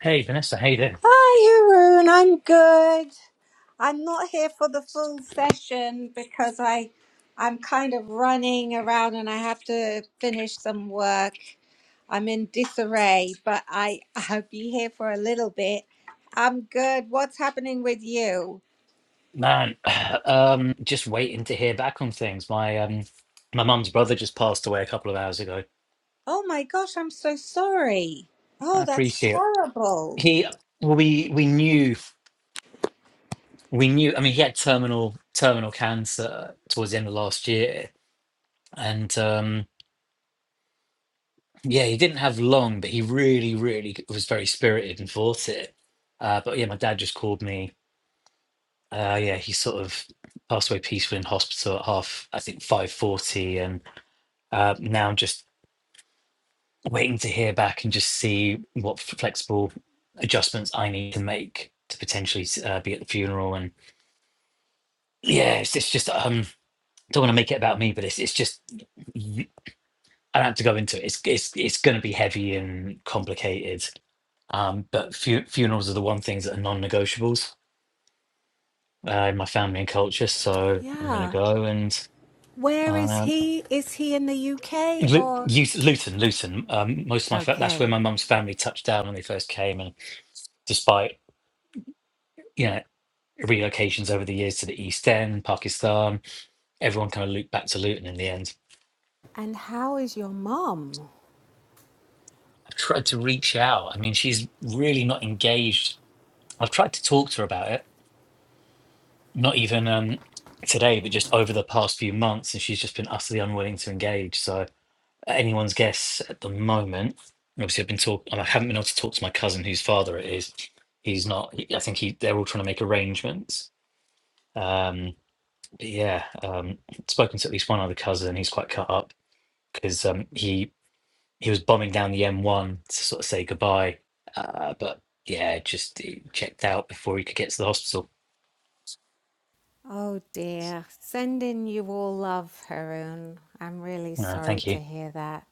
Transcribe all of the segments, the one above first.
Hey Vanessa, how you doing? Hi, Haroon. I'm good. I'm not here for the full session because I, I'm kind of running around and I have to finish some work. I'm in disarray, but I I'll be here for a little bit. I'm good. What's happening with you? Man, um, just waiting to hear back on things. My um, my mum's brother just passed away a couple of hours ago. Oh my gosh, I'm so sorry. I Oh, that's appreciate it. terrible. He, well, we we knew we knew. I mean, he had terminal terminal cancer towards the end of last year, and um, yeah, he didn't have long, but he really, really was very spirited and fought it. Uh, but yeah, my dad just called me. Uh, yeah, he sort of passed away peacefully in hospital at half, I think, five forty, and uh, now just waiting to hear back and just see what f- flexible adjustments I need to make to potentially uh, be at the funeral. And yeah, it's, it's just um, don't want to make it about me, but it's it's just y- I don't have to go into it. It's it's it's going to be heavy and complicated. Um, but fu- funerals are the one things that are non-negotiables uh, in my family and culture. So I'm going to Yeah. go and. Where is Um, he? Is he in the UK Lu- or? Lut- Luton, Luton. Um, most of my fa- that's where Okay. my mum's family touched down when they first came, and despite you know. relocations over the years to the East End, Pakistan. Everyone kind of looped back to Luton in the end. And how is your mum? I've tried to reach out. I mean, she's really not engaged. I've tried to talk to her about it, not even um, today, but just over the past few months, and she's just been utterly unwilling to engage. So anyone's guess at the moment. Obviously, I've been talk. I haven't been able to talk to my cousin, whose father it is. He's not. I think he. They're all trying to make arrangements. Um, but yeah, um, spoken to at least one other cousin. He's quite cut up because um, he he was bombing down the M1 to sort of say goodbye. Uh, but yeah, just he checked out before he could get to the hospital. Oh dear, sending you all love, Haroon. I'm really Uh, sorry thank to you. hear that.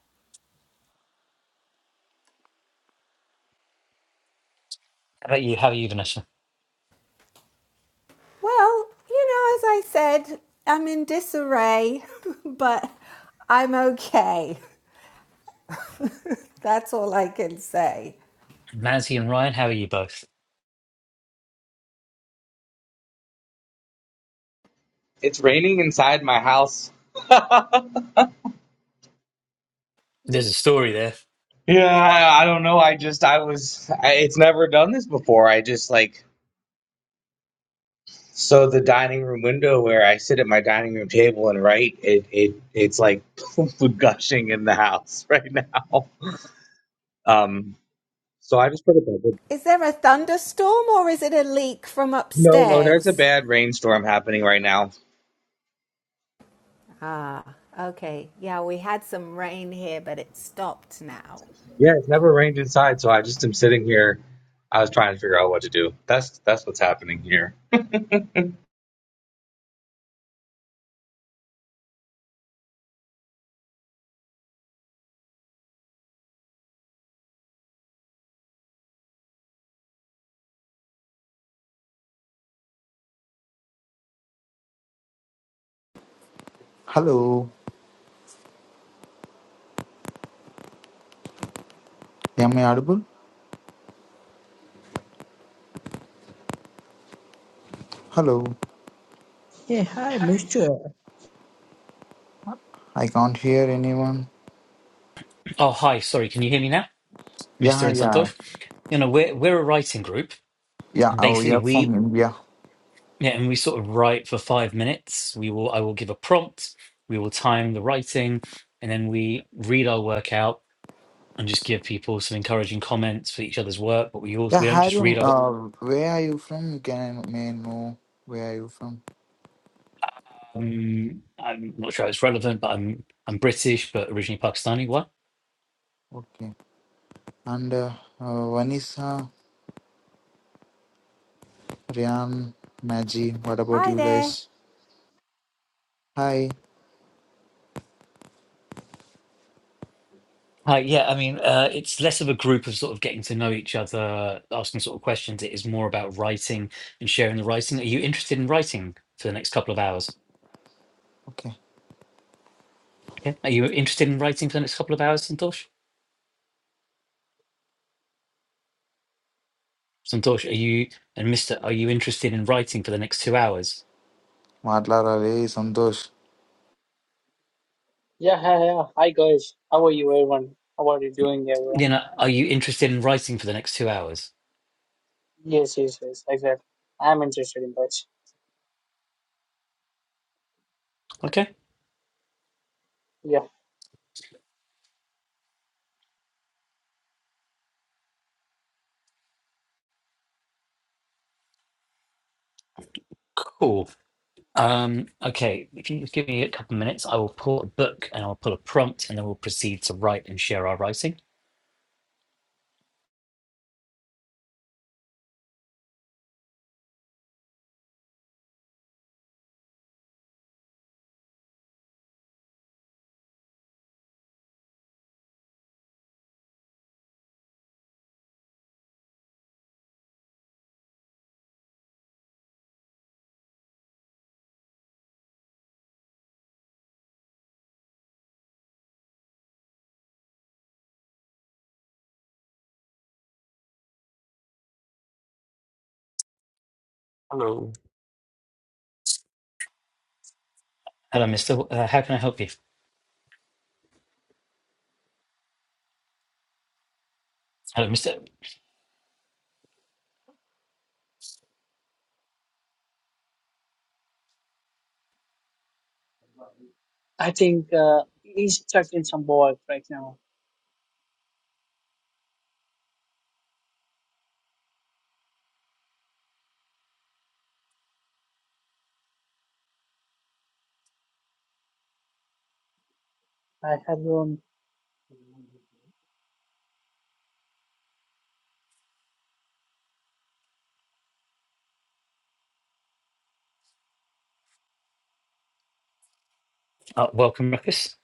How about you? How are you, Vanessa? Well, you know, as I said, I'm in disarray, but I'm okay. That's all I can say. Mazzy and Ryan, how are you both? It's raining inside my house. There's a story there. Yeah, I, I don't know. I just, I was, I, it's never done this before. I just like, so the dining room window where I sit at my dining room table and write, it, it, it's like gushing in the house right now. Um, so I just put it bed. Is there a thunderstorm or is it a leak from No, no, there's a upstairs? bad rainstorm happening right now. Ah, okay. Yeah, we had some rain here, but it stopped now. Yeah, it's never rained inside, so I just am sitting here. I was trying to figure out what to do. That's that's what's happening here. Hello, am I audible? Hello, Hey, hi, mister. I can't hear anyone. Oh, hi. Sorry, can you hear me now, Mister Yeah, and yeah, Santosh? You know, we're we're a writing group. yeah. And Oh, basically, you're from we India. yeah, and we sort of write for five minutes. We will I will give a prompt. We will time the writing, and then we read our work out and just give people some encouraging comments for each other's work. But we all Yeah, we don't just Harun, read. our- uh, where are you from? Can I may I know where are you from? Um, I'm not sure it's relevant, but I'm I'm British, but originally Pakistani. What? Okay. And uh, uh, Vanessa, Ryan, Maggie, what about Hi you guys? there. Hi. Uh, yeah, I mean, uh, it's less of a group of sort of getting to know each other, asking sort of questions. It is more about writing and sharing the writing. Are you interested in writing for the next couple of hours? Okay. Okay. Are you interested in writing for the next couple of hours, Santosh? Santosh, are you and Mister? Are you interested in writing for the next two hours? మాట్లాడాలి Yeah, hi, hi, hi, guys. How are you, everyone? How are you doing, everyone? You know, are you interested in writing for the next two hours? Yes, yes, yes, exactly. I'm interested in that. Okay. Yeah, Cool. Um, okay, if you just give me a couple of minutes, I will pull a book and I'll pull a prompt and then we'll proceed to write and share our writing. Hello. Hello, Mr. Uh, how can I help you? Hello, Mr. I think uh, he's stuck in some ball right now. I have um. Uh, welcome, Ruckus.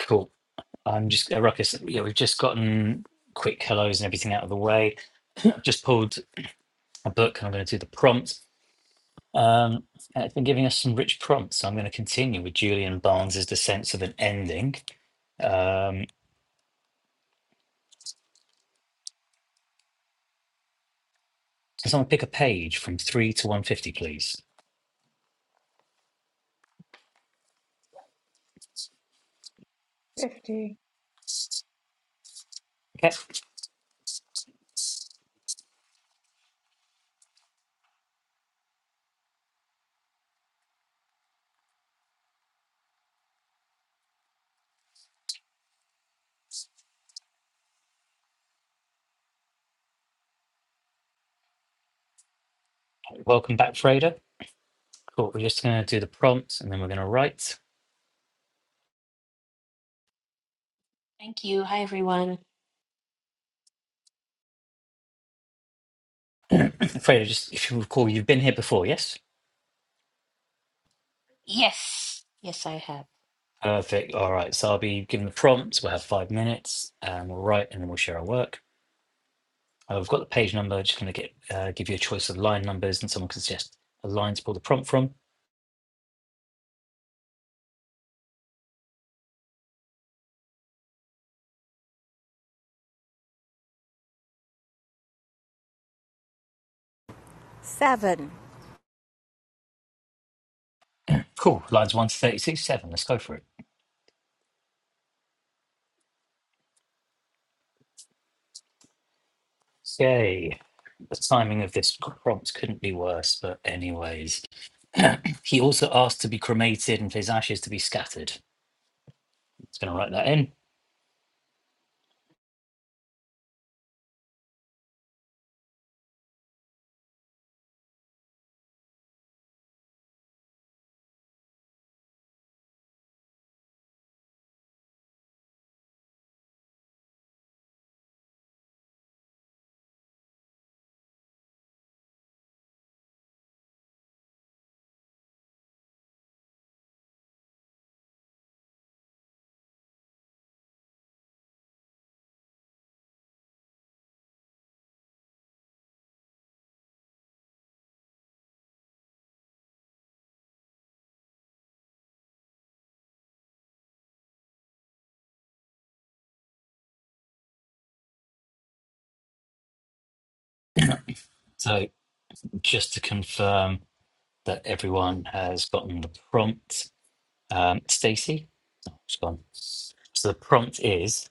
Cool. I'm just, uh, Ruckus, yeah, we've just gotten quick hellos and everything out of the way. I've just pulled a book and I'm going to do the prompt. Um, and it's been giving us some rich prompts, so I'm going to continue with Julian Barnes's The Sense of an Ending. Um, can someone pick a page from 3 to 150, please? 50. Okay, welcome back, Freda. Cool. We're just going to do the prompt, and then we're going to write. Thank you. Hi, everyone. Freda, just if you recall, you've been here before, yes? Yes, yes, I have. Perfect. All right. So I'll be giving the prompts. We'll have five minutes and we'll write and then we'll share our work. Uh, we've got the page number. Just going to get uh, give you a choice of line numbers and someone can suggest a line to pull the prompt from. Seven. Cool. Lines 1 to 36, 7. Let's go for it. Yay. The timing of this prompt couldn't be worse, but anyways. He also asked to be cremated and for his ashes to be scattered. It's going to write that in. So just to confirm. that everyone has gotten the prompt. Um, Stacy, oh, she's gone. So the prompt is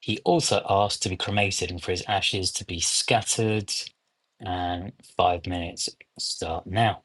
he also asked to be cremated and for his ashes to be scattered. And five minutes start now.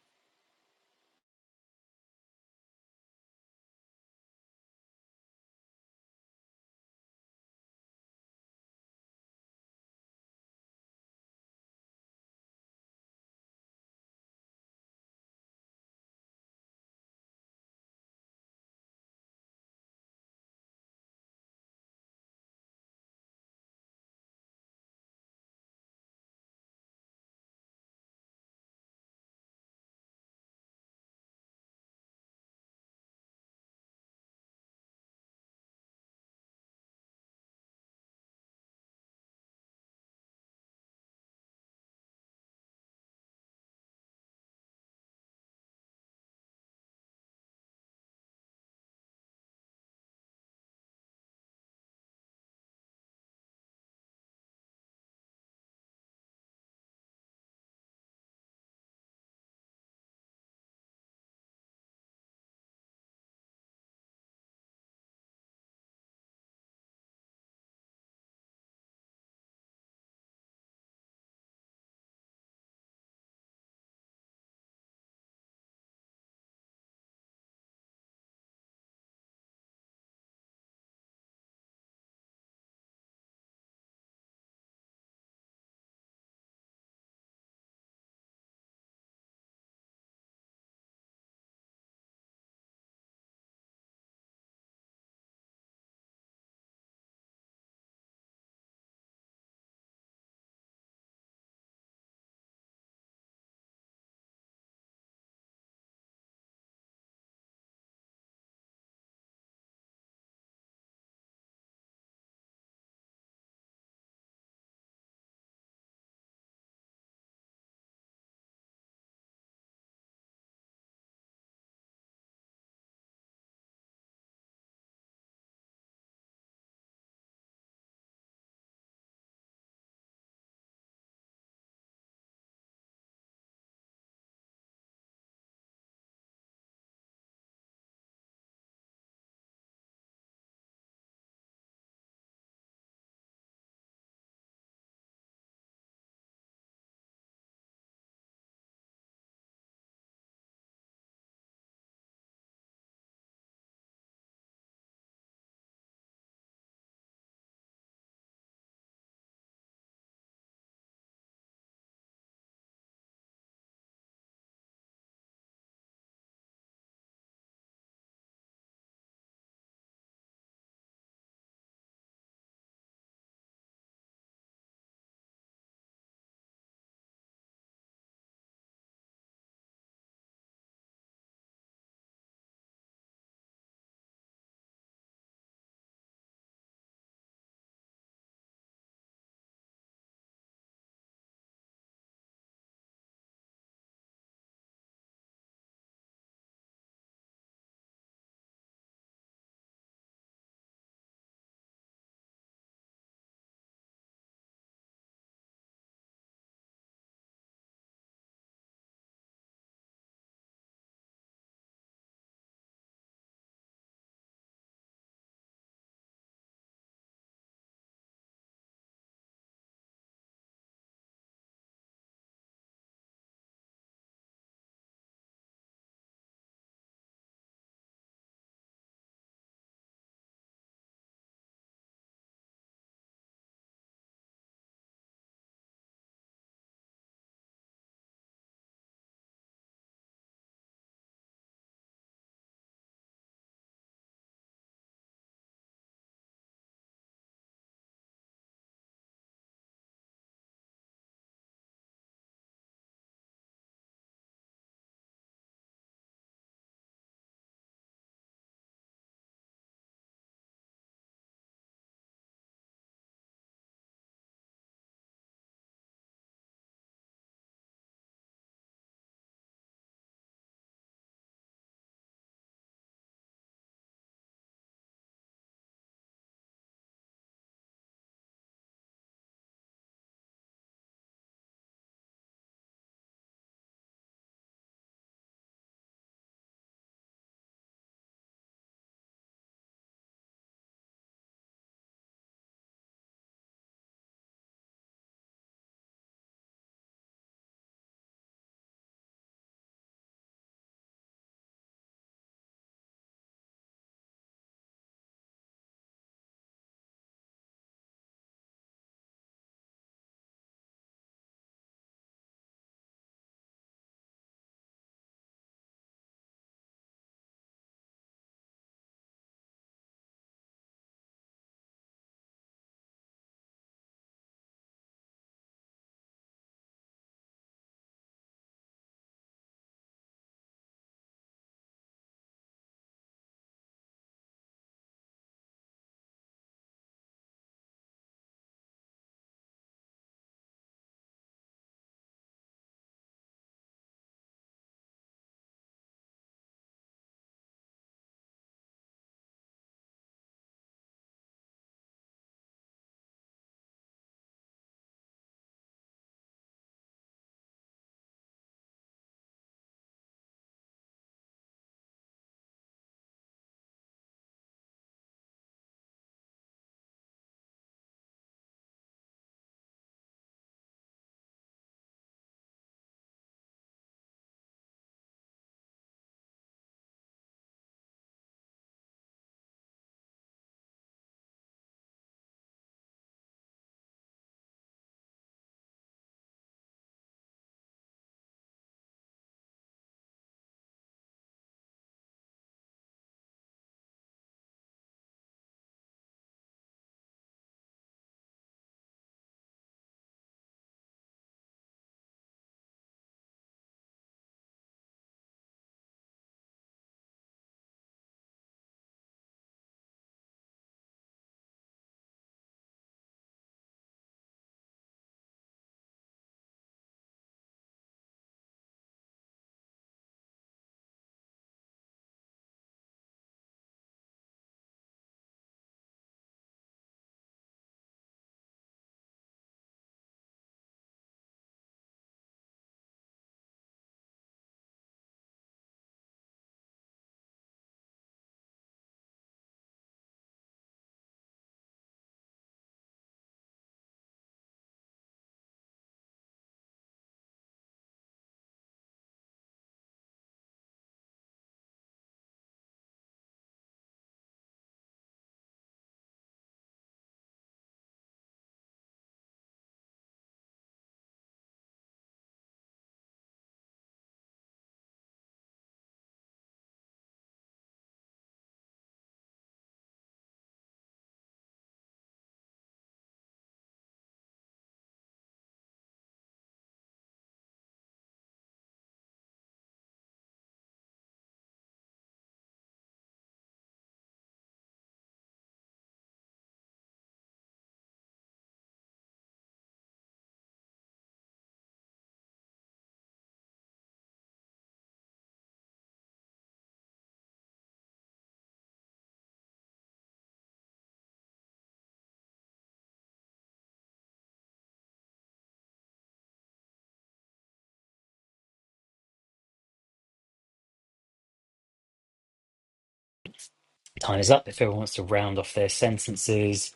Time is up. If everyone wants to round off their sentences,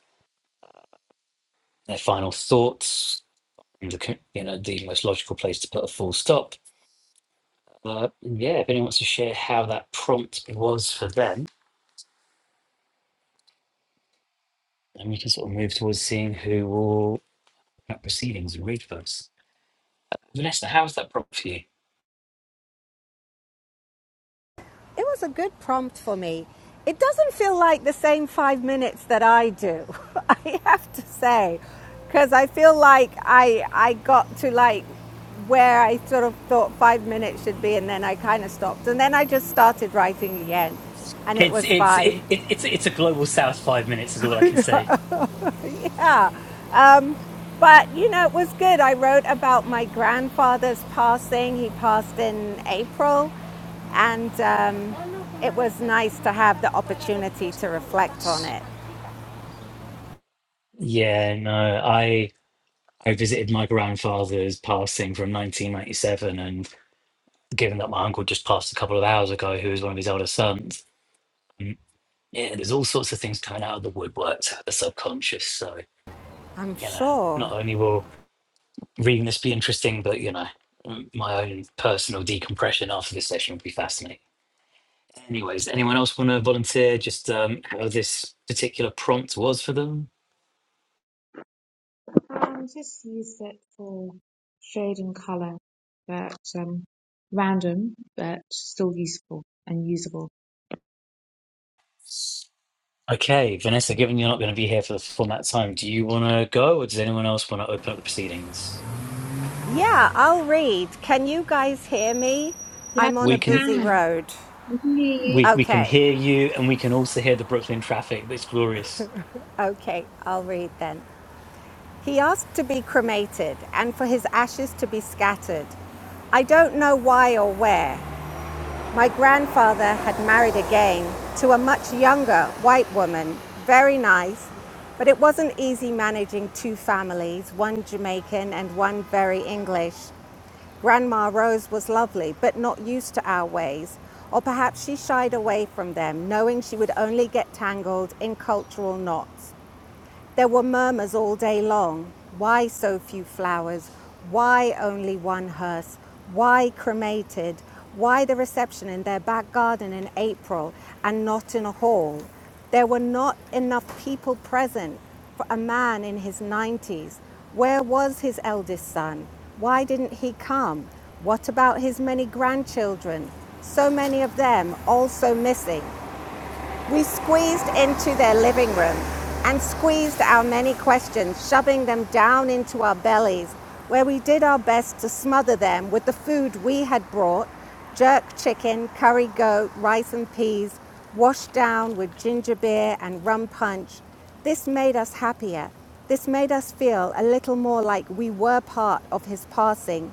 their final thoughts, and the, con- you know the most logical place to put a full stop. Uh, yeah, if anyone wants to share how that prompt was for them, then we can sort of move towards seeing who will have proceedings and read first. Vanessa, how's that prop for you? It was a good prompt for me. It doesn't feel like the same five minutes that I do, I have to say, because I feel like I, I got to like where I sort of thought five minutes should be, and then I kind of stopped. And then I just started writing again, and it It's was it's fine. it, it, it's it's a global south five minutes is all I can say. Um, but you know, it was good. I wrote about my grandfather's passing. He passed in April, and um, it was nice to have the opportunity to reflect on it. Yeah, no, I I visited my grandfather's passing from 1997, and given that my uncle just passed a couple of hours ago, who was one of his older sons, mm, yeah, there's all sorts of things coming out of the woodwork, to the subconscious. So I'm you know, not sure. only will reading this be interesting, but you know, mm, my own personal decompression after this session will be fascinating. Anyways, anyone else want to volunteer just um, how this particular prompt was for them? Um, just use it for shade and color, but um, random, but still useful and usable. Okay, Vanessa, given you're not going to be here for the full amount of time, do you want to go, or does anyone else want to open up the proceedings? Yeah, I'll read. Can you guys hear me? Yes, I'm on you a We can, busy can. road. We can hear we you. we can Okay, hear you, and we can also hear the Brooklyn traffic. it's glorious okay, I'll read then. He asked to be cremated and for his ashes to be scattered. I don't know why or where. My grandfather had married again to a much younger white woman, very nice, but it wasn't easy managing two families, one Jamaican and one very English. Grandma Rose was lovely, but not used to our ways, or perhaps she shied away from them, knowing she would only get tangled in cultural knots. There were murmurs all day long. Why so few flowers? Why only one hearse? Why cremated? Why the reception in their back garden in April and not in a hall? There were not enough people present for a man in his 90s. Where was his eldest son? Why didn't he come? What about his many grandchildren? So many of them also missing. We squeezed into their living room and squeezed our many questions, shoving them down into our bellies, where we did our best to smother them with the food we had brought jerk chicken, curry goat, rice and peas, washed down with ginger beer and rum punch. This made us happier. This made us feel a little more like we were part of his passing.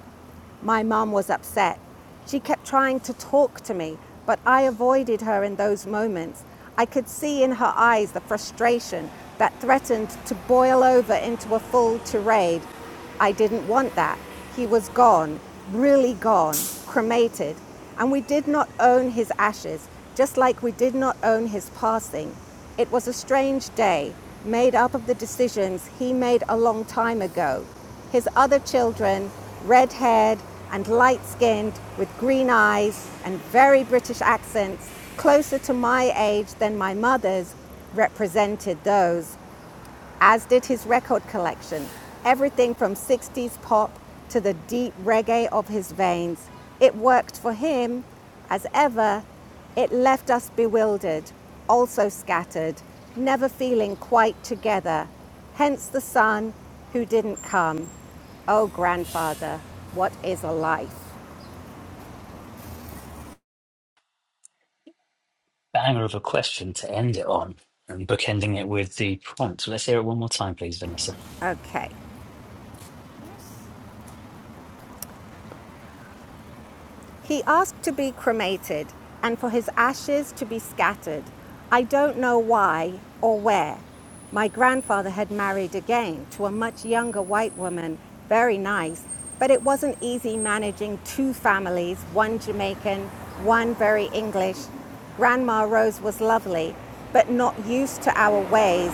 My mum was upset. She kept trying to talk to me, but I avoided her in those moments. I could see in her eyes the frustration that threatened to boil over into a full tirade. I didn't want that. He was gone, really gone, cremated, and we did not own his ashes, just like we did not own his passing. It was a strange day, made up of the decisions he made a long time ago his other children red haired and light skinned with green eyes and very British accents, closer to my age than my mother's, represented those as did his record collection. Everything from 60s pop to the deep reggae of his veins. It worked for him, as ever. It left us bewildered, also scattered, never feeling quite together. Hence the son who didn't come. Oh, grandfather, what is a life? banger of a question to end it on, and bookending it with the prompt. So let's hear it one more time, please, Vanessa. Okay. He asked to be cremated and for his ashes to be scattered. I don't know why or where. My grandfather had married again to a much younger white woman, very nice, but it wasn't easy managing two families one Jamaican, one very English. Grandma Rose was lovely, but not used to our ways,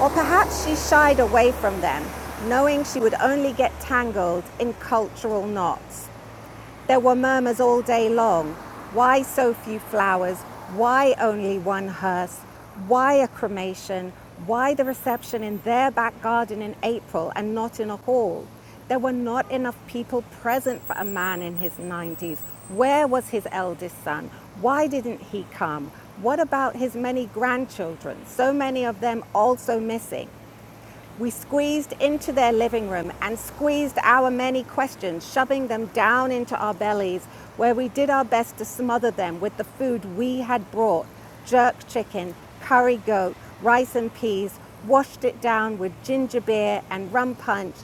or perhaps she shied away from them, knowing she would only get tangled in cultural knots. There were murmurs all day long. Why so few flowers? Why only one hearse? Why a cremation? Why the reception in their back garden in April and not in a hall? There were not enough people present for a man in his 90s. Where was his eldest son? Why didn't he come? What about his many grandchildren? So many of them also missing. We squeezed into their living room and squeezed our many questions, shoving them down into our bellies, where we did our best to smother them with the food we had brought jerk chicken, curry goat, rice and peas, washed it down with ginger beer and rum punch.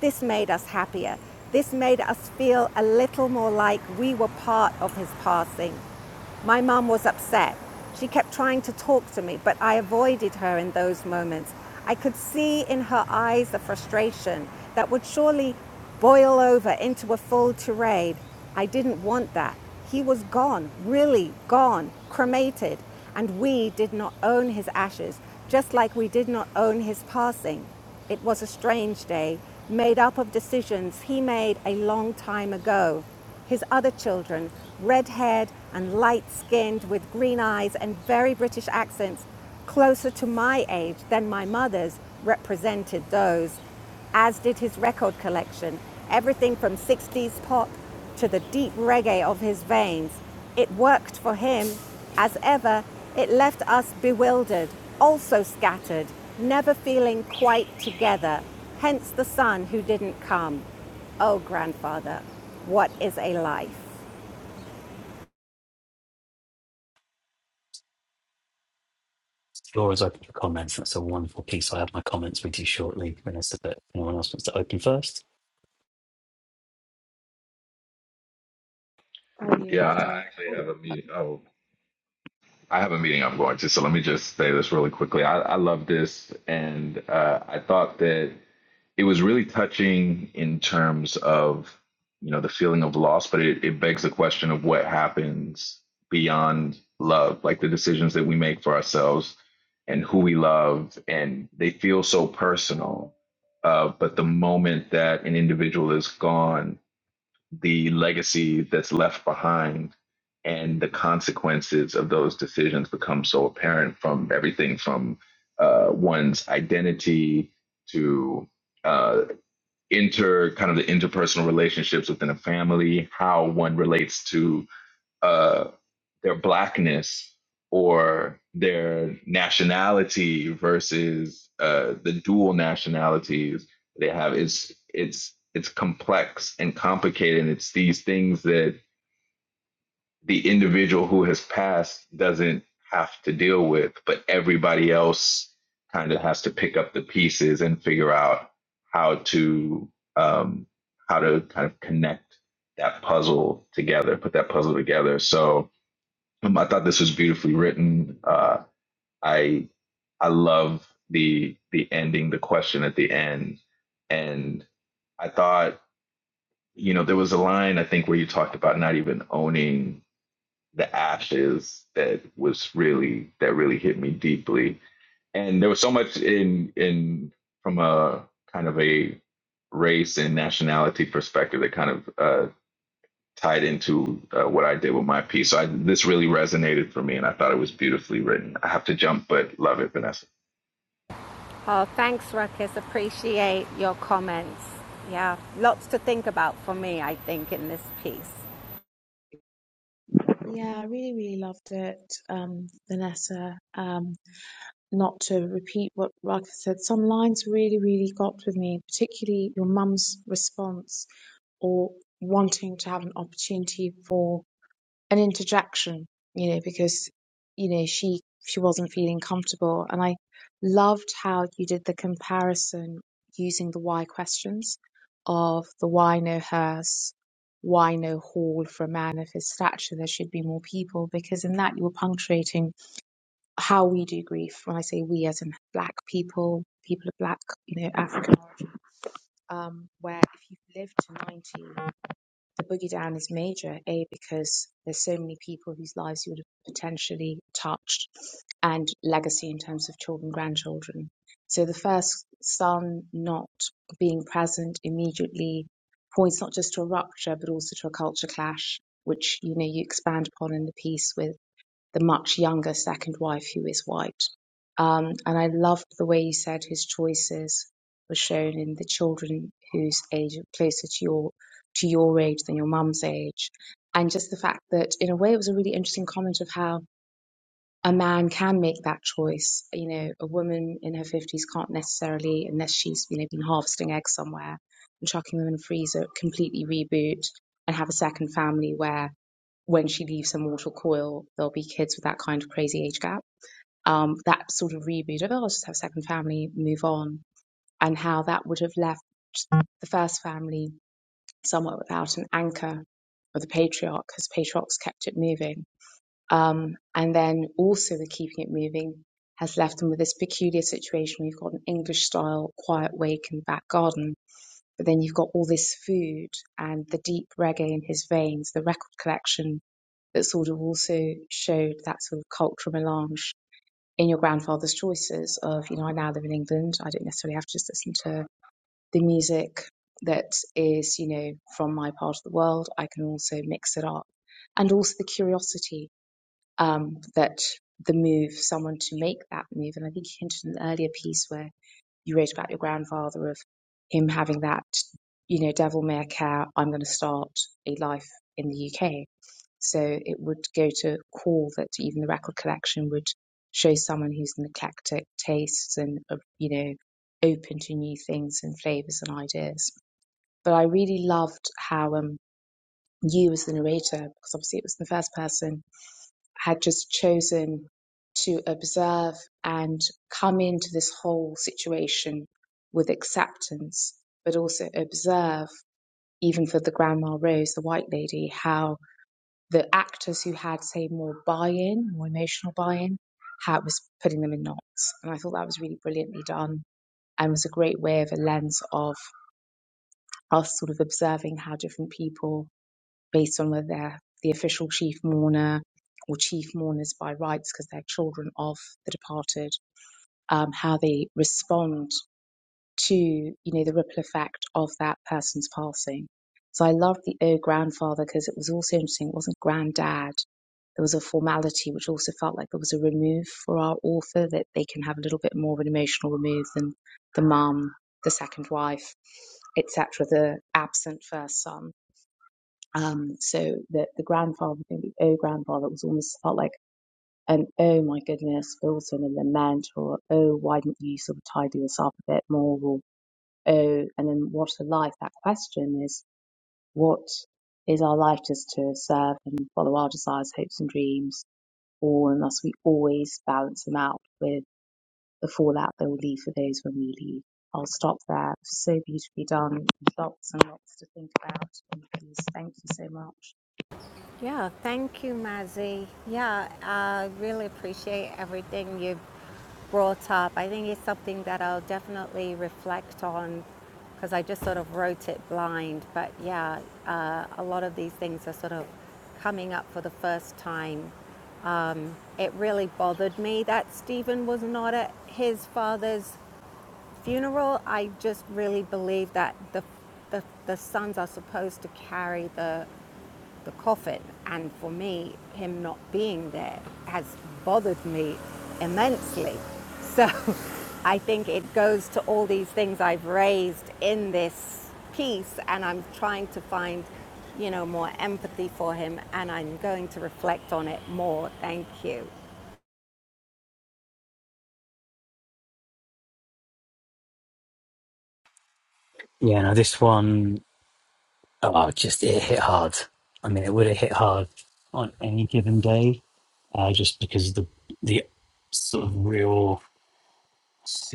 This made us happier. This made us feel a little more like we were part of his passing. My mum was upset. She kept trying to talk to me, but I avoided her in those moments. I could see in her eyes the frustration that would surely boil over into a full tirade. I didn't want that. He was gone, really gone, cremated, and we did not own his ashes, just like we did not own his passing. It was a strange day, made up of decisions he made a long time ago his other children, red haired and light skinned with green eyes and very British accents, closer to my age than my mother's, represented those, as did his record collection, everything from 60s pop to the deep reggae of his veins. It worked for him. As ever, it left us bewildered, also scattered, never feeling quite together, hence the son who didn't come. Oh, grandfather, what is a life? The floor is open for comments. That's a wonderful piece. I have my comments with you shortly, Vanessa. But anyone else wants to open first? I really Yeah, loved I it. actually have a meeting. Oh, I have a meeting I'm going to. So let me just say this really quickly. I, I love this, and uh, I thought that it was really touching in terms of you know the feeling of loss, but it, it begs the question of what happens beyond love, like the decisions that we make for ourselves and who we love, and they feel so personal. Uh, but the moment that an individual is gone, the legacy that's left behind and the consequences of those decisions become so apparent from everything from uh, one's identity to uh, inter kind of the interpersonal relationships within a family, how one relates to uh, their blackness or their nationality versus uh, the dual nationalities they have it's it's it's complex and complicated and it's these things that the individual who has passed doesn't have to deal with but everybody else kind of has to pick up the pieces and figure out how to um, how to kind of connect that puzzle together put that puzzle together so um, I thought this was beautifully written. Uh, I I love the the ending, the question at the end, and I thought you know there was a line I think where you talked about not even owning the ashes that was really that really hit me deeply, and there was so much in in from a kind of a race and nationality perspective that kind of uh, tied into uh, what I did with my piece. So I, this really resonated for me, and I thought it was beautifully written. I have to jump, but love it, Vanessa. Oh, thanks, Ruckus. Appreciate your comments. Yeah, lots to think about for me, I think, in this piece. Yeah, I really, really loved it, um, Vanessa. Um, not to repeat what Raka said, some lines really, really got with me, particularly your mum's response or wanting to have an opportunity for. an interjection, you know, because you know she she wasn't feeling comfortable, and I loved how you did the comparison using the why questions of the why no hearse, why no hall for a man of his stature. There should be more people, because in that you were punctuating how we do grief. When I say we, as in black people, people of black, you know, African origin, um, where if you've lived to ninety the boogie down is major, A, because there's so many people whose lives you would have potentially touched, and legacy in terms of children, grandchildren. So the first son not being present immediately points not just to a rupture, but also to a culture clash, which you know you expand upon in the piece with the much younger second wife who is white. Um, and I loved the way you said his choices were shown in the children whose age are closer to your to your age than your mum's age. And just the fact that in a way it was a really interesting comment of how a man can make that choice. You know, a woman in her fifties can't necessarily, unless she's you know been harvesting eggs somewhere and chucking them in a freezer, completely reboot and have a second family where when she leaves her mortal coil, there'll be kids with that kind of crazy age gap. Um, that sort of reboot of, oh, I'll just have a second family, move on, and how that would have left the first family somewhat without an anchor of the patriarch, because patriarchs kept it moving. Um, and then also the keeping it moving has left them with this peculiar situation where you've got an English style quiet wake in the back garden, but then you've got all this food and the deep reggae in his veins, the record collection that sort of also showed that sort of cultural melange in your grandfather's choices of, you know, I now live in England. I don't necessarily have to just listen to the music that is, you know, from my part of the world. I can also mix it up. And also the curiosity um, that the move, someone to make that move. And I think you hinted in an earlier piece where you wrote about your grandfather of him having that, you know, devil may I care, I'm going to start a life in the UK so it would go to call that even the record collection would show someone who's an eclectic tastes and, uh, you know, open to new things and flavors and ideas. But I really loved how um, you, as the narrator, because obviously it was the first person, had just chosen to observe and come into this whole situation with acceptance, but also observe, even for the Grandma Rose, the white lady, how the actors who had, say, more buy-in, more emotional buy-in, how it was putting them in knots. And I thought that was really brilliantly done and was a great way of a lens of us sort of observing how different people, based on whether they're the official chief mourner or chief mourners by rights because they're children of the departed, um, how they respond to you know the ripple effect of that person's passing. So I loved the oh grandfather because it was also interesting. It wasn't granddad. There was a formality which also felt like there was a remove for our author that they can have a little bit more of an emotional remove than the mum, the second wife, etc. The absent first son. Um, so the the grandfather thing, the oh grandfather, was almost felt like an oh my goodness, but also in a lament or oh why didn't you sort of tidy this up a bit more or Oh, and then what's a life. That question is what is our life just to serve and follow our desires, hopes, and dreams, or unless we always balance them out with the fallout that will leave for those when we leave. I'll stop there. So beautifully done. Lots and lots to think about on the Thank you so much. Yeah, thank you, Mazzy. Yeah, I really appreciate everything you've brought up. I think it's something that I'll definitely reflect on because I just sort of wrote it blind. But yeah, uh, a lot of these things are sort of coming up for the first time. Um, it really bothered me that Stephen was not at his father's funeral, I just really believe that the, the, the sons are supposed to carry the, the coffin. And for me, him not being there has bothered me immensely. So I think it goes to all these things I've raised in this piece, and I'm trying to find, you know, more empathy for him, and I'm going to reflect on it more. Thank you. Yeah, no, this one. Oh, just it hit hard. I mean, it would have hit hard on any given day, uh, just because of the the sort of real,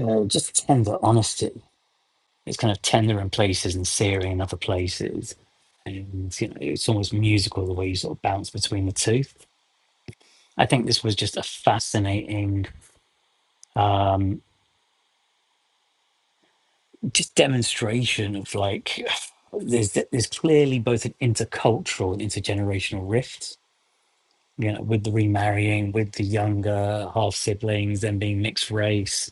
uh, just tender honesty. It's kind of tender in places and searing in other places, and you know, it's almost musical the way you sort of bounce between the two. I think this was just a fascinating, um, just demonstration of like there's there's clearly both an intercultural and intergenerational rift you know, with the remarrying, with the younger half siblings, then being mixed race,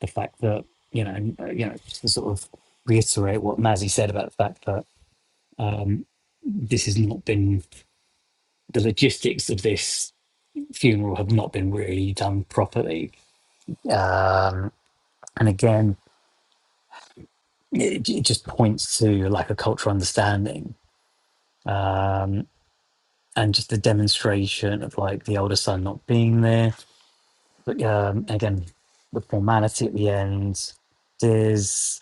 the fact that you know, uh, you know, just to sort of reiterate what Mazzy said about the fact that um, this has not been the logistics of this funeral have not been really done properly, um, and again, it, it just points to like a cultural understanding um, and just the demonstration of like the older son not being there But um, again, the formality at the end, there's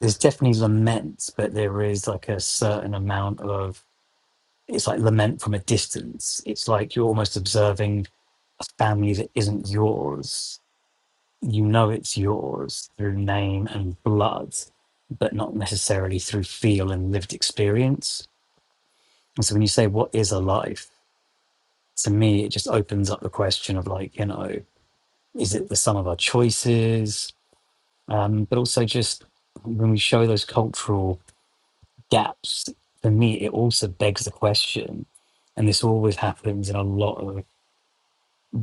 there's definitely lament, but there is like a certain amount of it's like lament from a distance. It's like you're almost observing a family that isn't yours. You know it's yours through name and blood, but not necessarily through feel and lived experience. And so when you say what is a life, to me it just opens up the question of like, you know, is it the sum of our choices? Um, but also, just when we show those cultural gaps, for me, it also begs the question, and this always happens in a lot of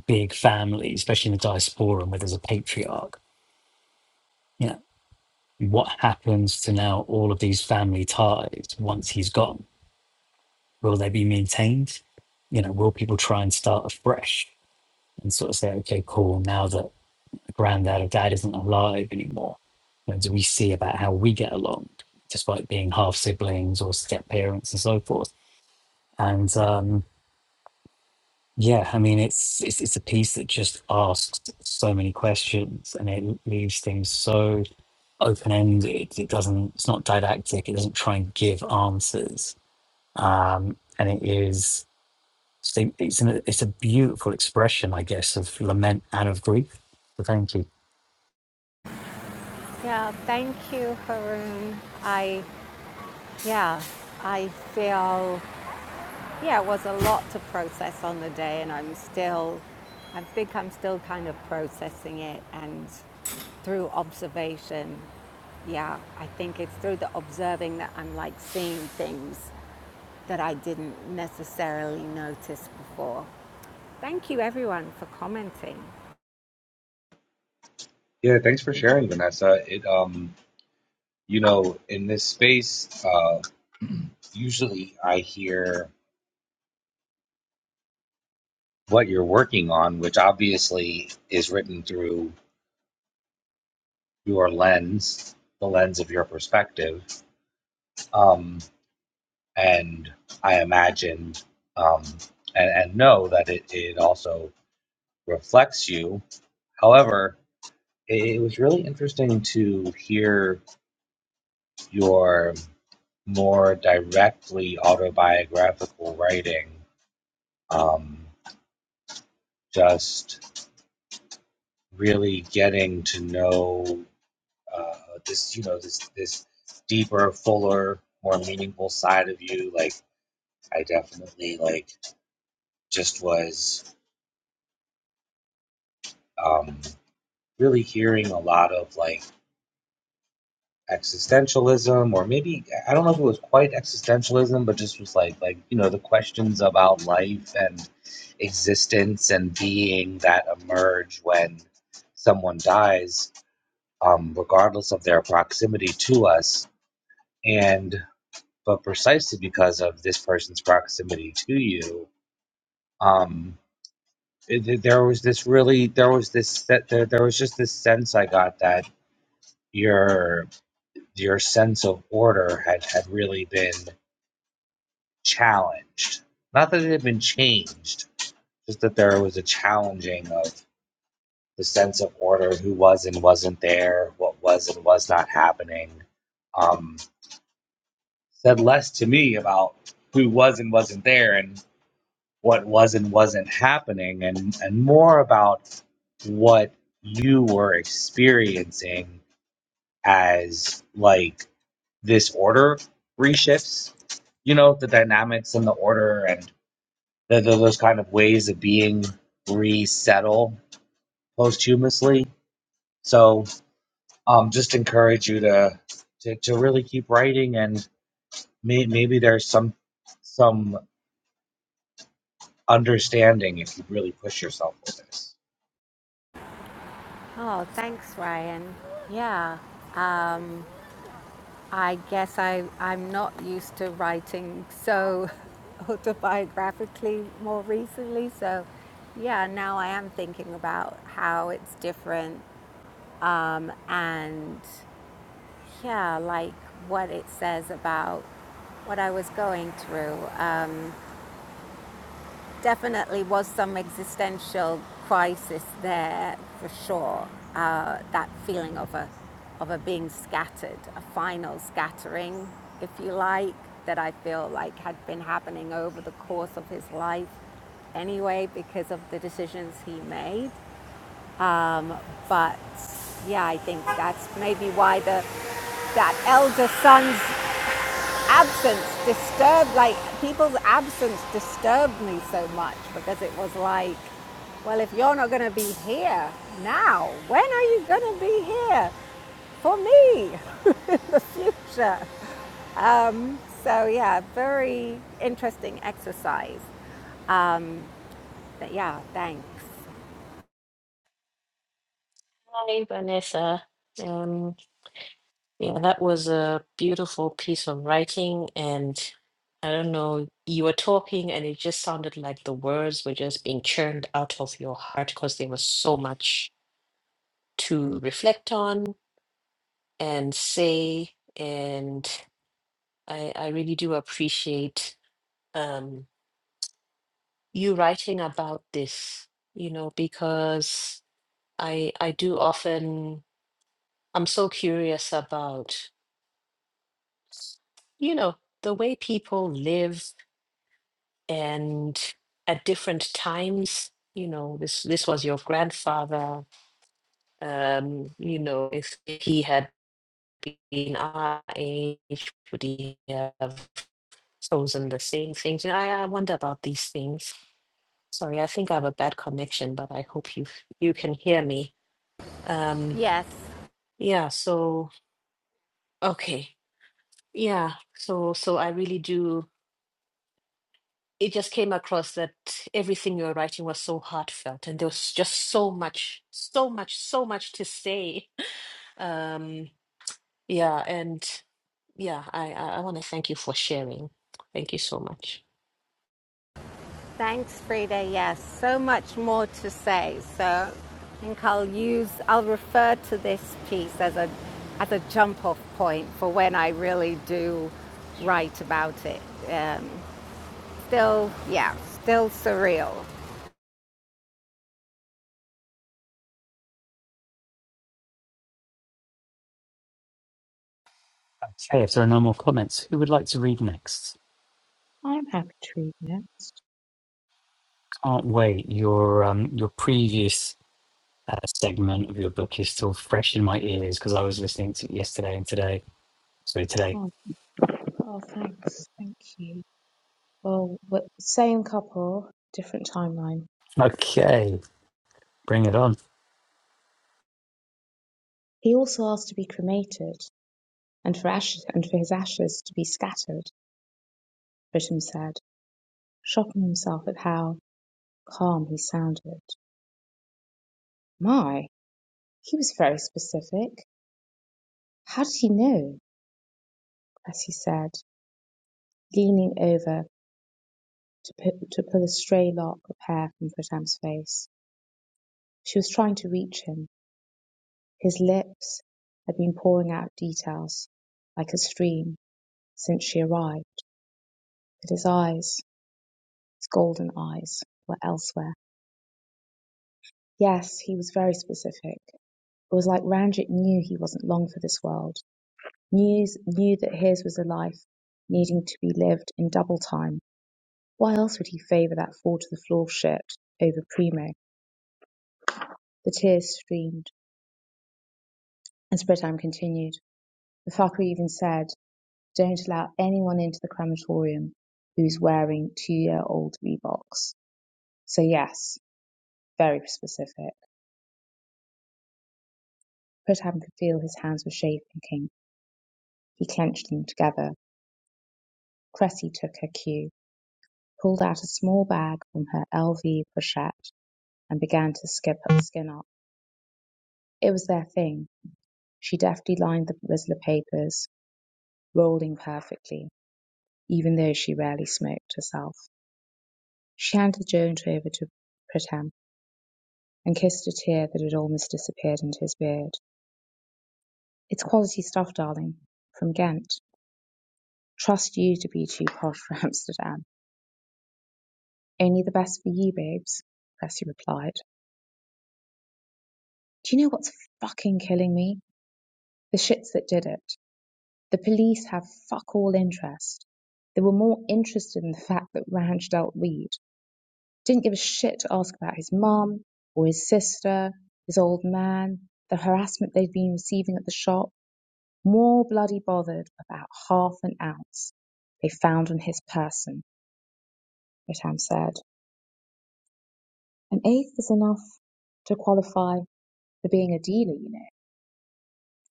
big families, especially in the diaspora, where there's a patriarch. You know, what happens to now all of these family ties once he's gone? Will they be maintained? You know, will people try and start afresh and sort of say, okay, cool, now that granddad or dad isn't alive anymore. And we see about how we get along, despite being half siblings or step parents and so forth. And um, yeah, I mean, it's, it's it's a piece that just asks so many questions, and it leaves things so open ended. It doesn't. It's not didactic. It doesn't try and give answers. Um, and it is. It's, a- it's, an, it's a beautiful expression, I guess, of lament and of grief. So thank you. Yeah, thank you, Haroon. I Yeah, I feel, yeah, it was a lot to process on the day, and I'm still, I think I'm still kind of processing it. And through observation, yeah, I think it's through the observing that I'm like seeing things that I didn't necessarily notice before. Thank you, everyone, for commenting. Yeah, thanks for sharing, Vanessa. It um You know, in this space, uh, usually I hear what you're working on, which obviously is written through your lens, the lens of your perspective. Um, and I imagine um, and, and know that it, it also reflects you. However, it, it was really interesting to hear your more directly autobiographical writing. Um, just really getting to know uh, this, you know, this this deeper, fuller, more meaningful side of you. Like I definitely like just was um, really hearing a lot of like existentialism, or maybe I don't know if it was quite existentialism, but just was like like you know the questions about life and existence and being that emerge when someone dies, um, regardless of their proximity to us and but precisely because of this person's proximity to you um it, there was this really there was this that there, there was just this sense i got that your your sense of order had had really been challenged not that it had been changed just that there was a challenging of the sense of order who was and wasn't there what was and was not happening um said less to me about who was and wasn't there and. what was and wasn't happening and and more about what you were experiencing as like this order reshifts you know the dynamics and the order and the, the, those kind of ways of being resettle posthumously so um just encourage you to to, to really keep writing and may, maybe there's some some understanding if you really push yourself with this Oh, thanks, Ryan. Yeah. I guess I, I'm not used to writing so autobiographically more recently. So, yeah, now I am thinking about how it's different and, yeah, like what it says about what I was going through Definitely was some existential crisis there for sure. Uh, that feeling of a of a being scattered, a final scattering, if you like, that I feel like had been happening over the course of his life anyway because of the decisions he made. But yeah, I think that's maybe why the that elder son's absence disturbed like people's absence disturbed me so much because it was like well if you're not going to be here now when are you going to be here for me future um so yeah very interesting exercise but yeah thanks Hi, Vanessa. Um, yeah, that was a beautiful piece of writing, and I don't know, you were talking, and it just sounded like the words were just being churned out of your heart because there was so much to reflect on and say, and I I really do appreciate um you writing about this, you know, because I I do often. I'm so curious about, you know, the way people live and at different times. You know, this this was your grandfather. Um, you know, if he had been our age, would he have chosen the same things? You know, I, I wonder about these things. Sorry, I think I have a bad connection, but I hope you you can hear me. Um, yes yeah. So okay. Yeah. So so I really do. it just came across that everything you were writing was so heartfelt and there was just so much so much so much to say um yeah and yeah i i, I want to thank you for sharing thank you so much Thanks, Frida. Yes, so much more to say. So I think I'll use, I'll refer to this piece as a, as a jump off point for when I really do write about it. Um, still, yeah, still surreal. Okay, if there are no more comments, who would like to read next? I'm happy to read next. Can't wait. Your um your previous uh, segment of your book is still fresh in my ears because I was listening to it yesterday and today. Sorry, today. Oh, oh thanks. Thank you. Well, w- same couple, different timeline. Okay, bring it on. He also asked to be cremated. and for, ashes, and for his ashes to be scattered, Britain said, shocking himself at how calm he sounded. My, he was very specific. How did he know? Cressy said, leaning over to, pu- to pull a stray lock of hair from Pritam's face. She was trying to reach him. His lips had been pouring out details like a stream since she arrived, but his eyes, his golden eyes, were elsewhere. Yes, he was very specific. It was like Ranjit knew he wasn't long for this world, knew, knew that his was a life needing to be lived in double time. Why else would he favour that fall to the floor shirt over Primo? The tears streamed, and Spreadtime continued. The fucker even said, Don't allow anyone into the crematorium who's wearing two year old Reeboks. So, yes, very specific. Spreadtime could feel his hands were shaking. He clenched them together. Cressy took her cue. pulled out a small bag from her LV pochette and began to skip up, skin up. It was their thing. She deftly lined the Rizzler papers, rolling perfectly, even though she rarely smoked herself. She handed Jones over to Pritam and kissed a tear that had almost disappeared into his beard. It's quality stuff, darling. From Ghent. Trust you to be too posh for Amsterdam. Only the best for you, babes, Cressy replied. Do you know what's fucking killing me? The shits that did it. The police have fuck all interest. They were more interested in the fact that Ranch dealt weed. Didn't give a shit to ask about his mum or his sister, his old man, the harassment they'd been receiving at the shop. More bloody bothered about half an ounce they found on his person, Ritam said. An eighth is enough to qualify for being a dealer, you know.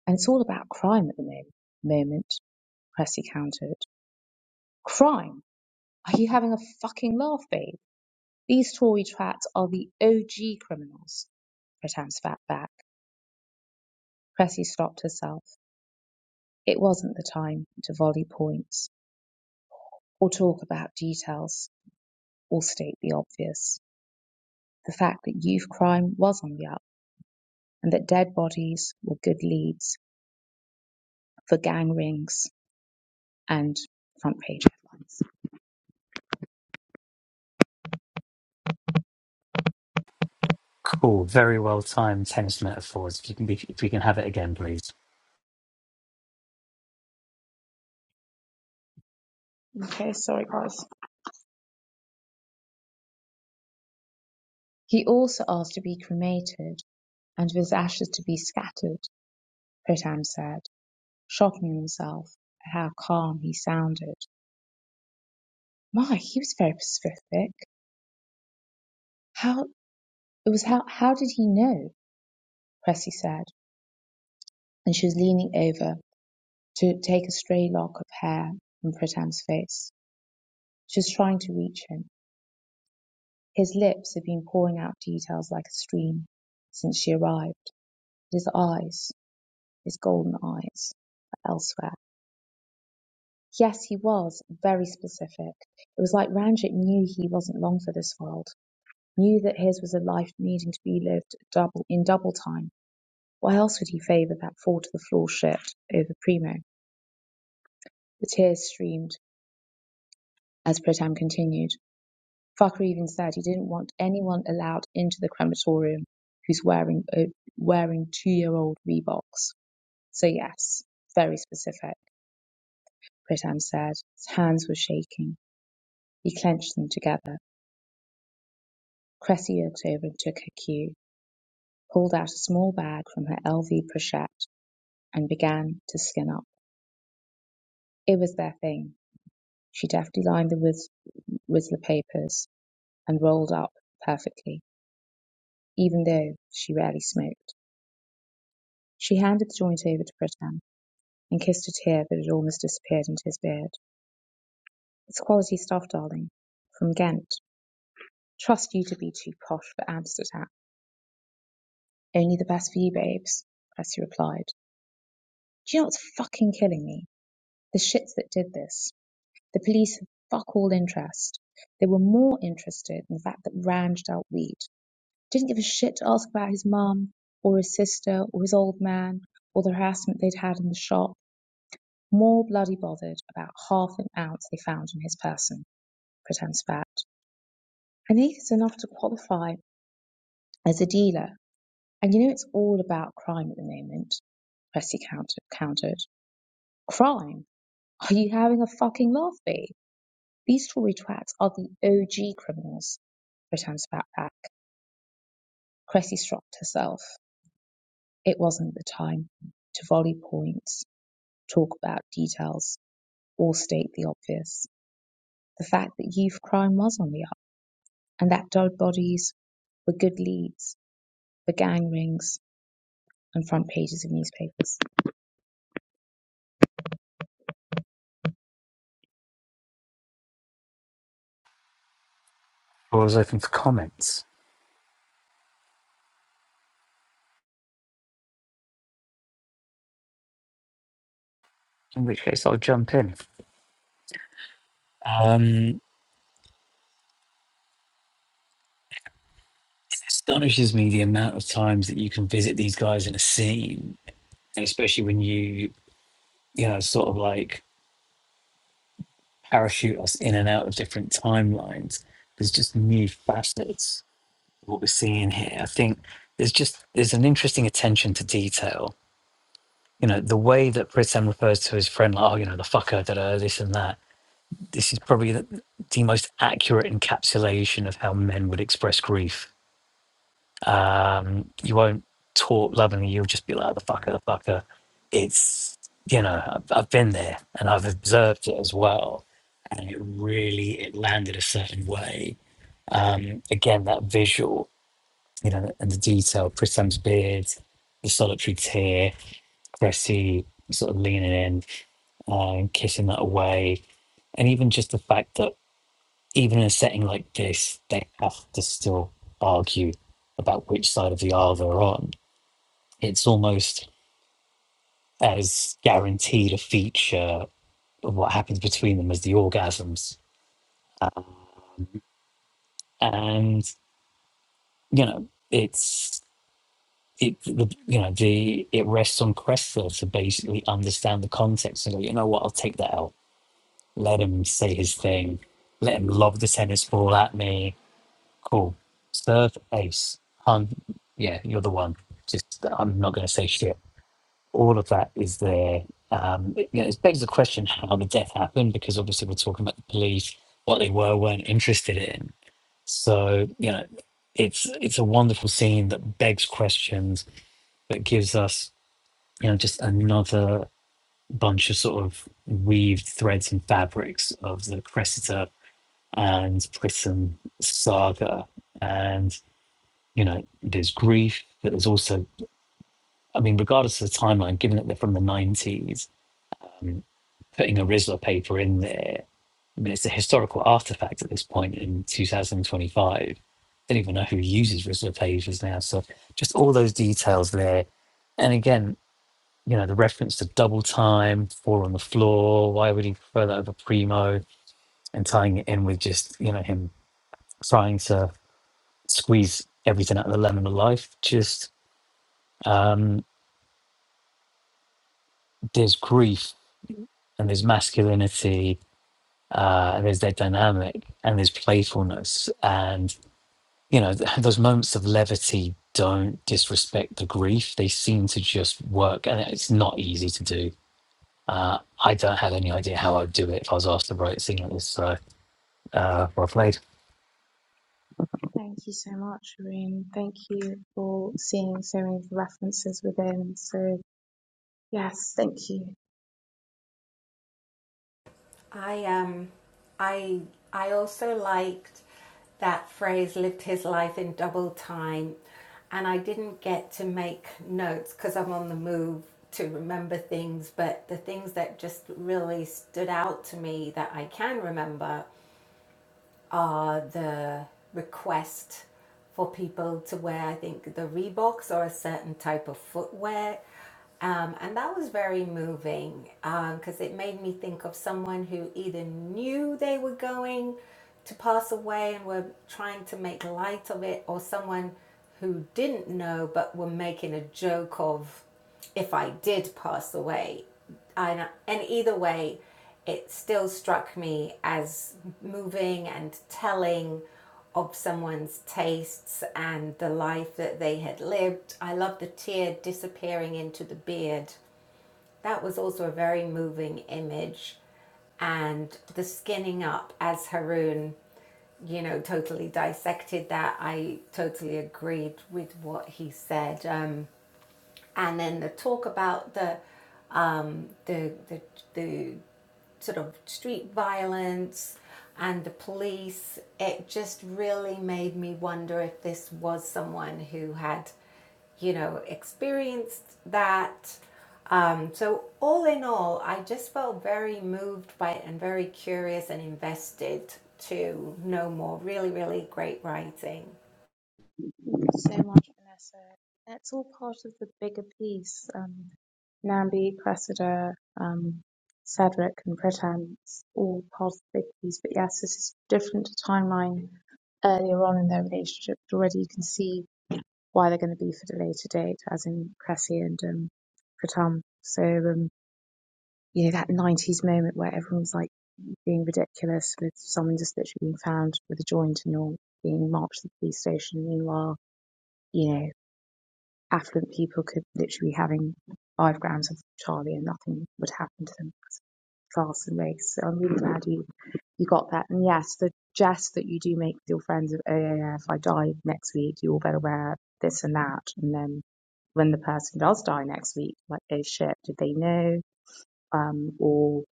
And it's all about crime at the mo- moment, Cressy countered. Crime? Are you having a fucking laugh, babe? These Tory twats are the OG criminals. Pratam spat back. Cressy stopped herself. It wasn't the time to volley points or talk about details or state the obvious. The fact that youth crime was on the up and that dead bodies were good leads for gang rings and front page headlines. Cool. Very well timed tennis metaphors. If you can be, if we can have it again, please. Okay, sorry guys. He also asked to be cremated and for his ashes to be scattered, Pratam said, shocking himself at how calm he sounded. My, he was very specific. How it was how how did he know? Cressy said, and she was leaning over to take a stray lock of hair from Pritam's face. She was trying to reach him. His lips had been pouring out details like a stream since she arrived. his eyes, his golden eyes, were elsewhere. Yes, he was very specific. It was like Ranjit knew he wasn't long for this world, knew that his was a life needing to be lived double in double time Why else would he favour that fall-to-the-floor shirt over Primo? The tears streamed as Pritam continued. Farquhar even said he didn't want anyone allowed into the crematorium who's wearing a, wearing two-year-old Reeboks. So yes, very specific, Pritam said. His hands were shaking. He clenched them together. Cressy looked over and took her cue, pulled out a small bag from her LV pochette and began to skin up. It was their thing. She deftly lined the whiz- Whistler papers and rolled up perfectly, even though she rarely smoked. She handed the joint over to Pritam and kissed a tear that had almost disappeared into his beard. "It's quality stuff, darling. From Ghent. Trust you to be too posh for Amsterdam. Only the best for you babes," Cressy replied. "Do you know what's fucking killing me? The shits that did this. The police have fuck all interest. They were more interested in the fact that Range dealt weed. Didn't give a shit to ask about his mum or his sister or his old man or the harassment they'd had in the shop. More bloody bothered about half an ounce they found in his person, pretends Fat. And Heath enough to qualify as a dealer. And you know it's all about crime at the moment, Cressy counter- countered. Crime? Are you having a fucking laugh, B? These Tory twats are the OG criminals, returned Spat back. Cressy struck herself. It wasn't the time to volley points talk about details or state the obvious. The fact that youth crime was on the up and that dead bodies were good leads for gang rings and front pages of newspapers. Floor is open for comments. In which case, I'll jump in. Um, it astonishes me the amount of times that you can visit these guys in a scene, and especially when you you know sort of like parachute us in and out of different timelines. There's just new facets of what we're seeing here. I think there's just there's an interesting attention to detail. You know, the way that Pritam refers to his friend, like, oh, you know, the fucker, da, da, this and that. This is probably the, the most accurate encapsulation of how men would express grief um, you won't talk lovingly. You'll just be like, the fucker, the fucker. It's, you know, I've, I've been there and I've observed it as well. And it really, it landed a certain way. Um, again, that visual, you know, and the detail, Prissam's beard, the solitary tear, Cressy sort of leaning in uh, and kissing that away. And even just the fact that even in a setting like this, they have to still argue about which side of the aisle they're on it's almost as guaranteed a feature of what happens between them as the orgasms. Um, and you know, it's it the, you know the it rests on Cresswell to basically understand the context and go, you know what, I'll take that out. Let him say his thing. Let him lob the tennis ball at me. Cool. Serve ace. Hun, yeah, you're the one. Just I'm not gonna say shit. all of that is there. Um, it, you know, it begs the question how the death happened, because obviously we're talking about the police, what they were weren't interested in. So you know, it's it's a wonderful scene that begs questions, but gives us you know just another bunch of sort of weaved threads and fabrics of the Cressida and Prism saga, and you know, there's grief, but there's also I mean, regardless of the timeline, given that they're from the 90s, um, putting a RISLA paper in there. I mean, it's a historical artifact at this point in 2025. Don't even know who uses RISLA pages now. So just all those details there. And again, you know, the reference to double time, four on the floor, why would he prefer that over primo? And tying it in with just, you know, him trying to squeeze everything out of the lemon of life. Just um, there's grief and there's masculinity uh, there's their dynamic and there's playfulness and you know th- those moments of levity don't disrespect the grief they seem to just work and it's not easy to do uh, i don't have any idea how i'd do it if i was asked to write a scene like this so uh, well played Thank you so much, Irene. Thank you for seeing so many references within. So, yes, thank you I um I I also liked that phrase lived his life in double time and I didn't get to make notes because I'm on the move to remember things but the things that just really stood out to me that I can remember are the request for people to wear, I think, the Reeboks or a certain type of footwear. Um, and that was very moving because um, it made me think of someone who either knew they were going to pass away and were trying to make light of it, or someone who didn't know but were making a joke of if I did pass away and, and either way, it still struck me as moving and telling of someone's tastes and the life that they had lived. I love the tear disappearing into the beard. That was also a very moving image. And the skinning up as Haroon, you know, totally dissected that. I totally agreed with what he said. Um, and then the talk about the um, the, the the sort of street violence and the police. It just really made me wonder if this was someone who had, you know, experienced that. Um, so all in all, I just felt very moved by it and very curious and invested to know more. Really, really great writing. so much, Vanessa. That's all part of the bigger piece. Um, Nambi, Cressida, um, Cedric, and Pritam. It's all part of the big piece. But yes, this is different to timeline earlier on in their relationship. But already you can see why they're going to be for the later date, as in Cressy and um, Pritam. So, um, you know, that 90s moment where everyone's like being ridiculous with someone just literally being found with a joint and you're being marched to the police station. Meanwhile, you know affluent people could literally be having five grams of Charlie and nothing would happen to them class and race. So I'm really glad you, you got that. And yes, the jest that you do make with your friends of, oh, yeah, yeah, if I die next week, you all better wear this and that. And then when the person does die next week, like, oh shit, did they know? Um, or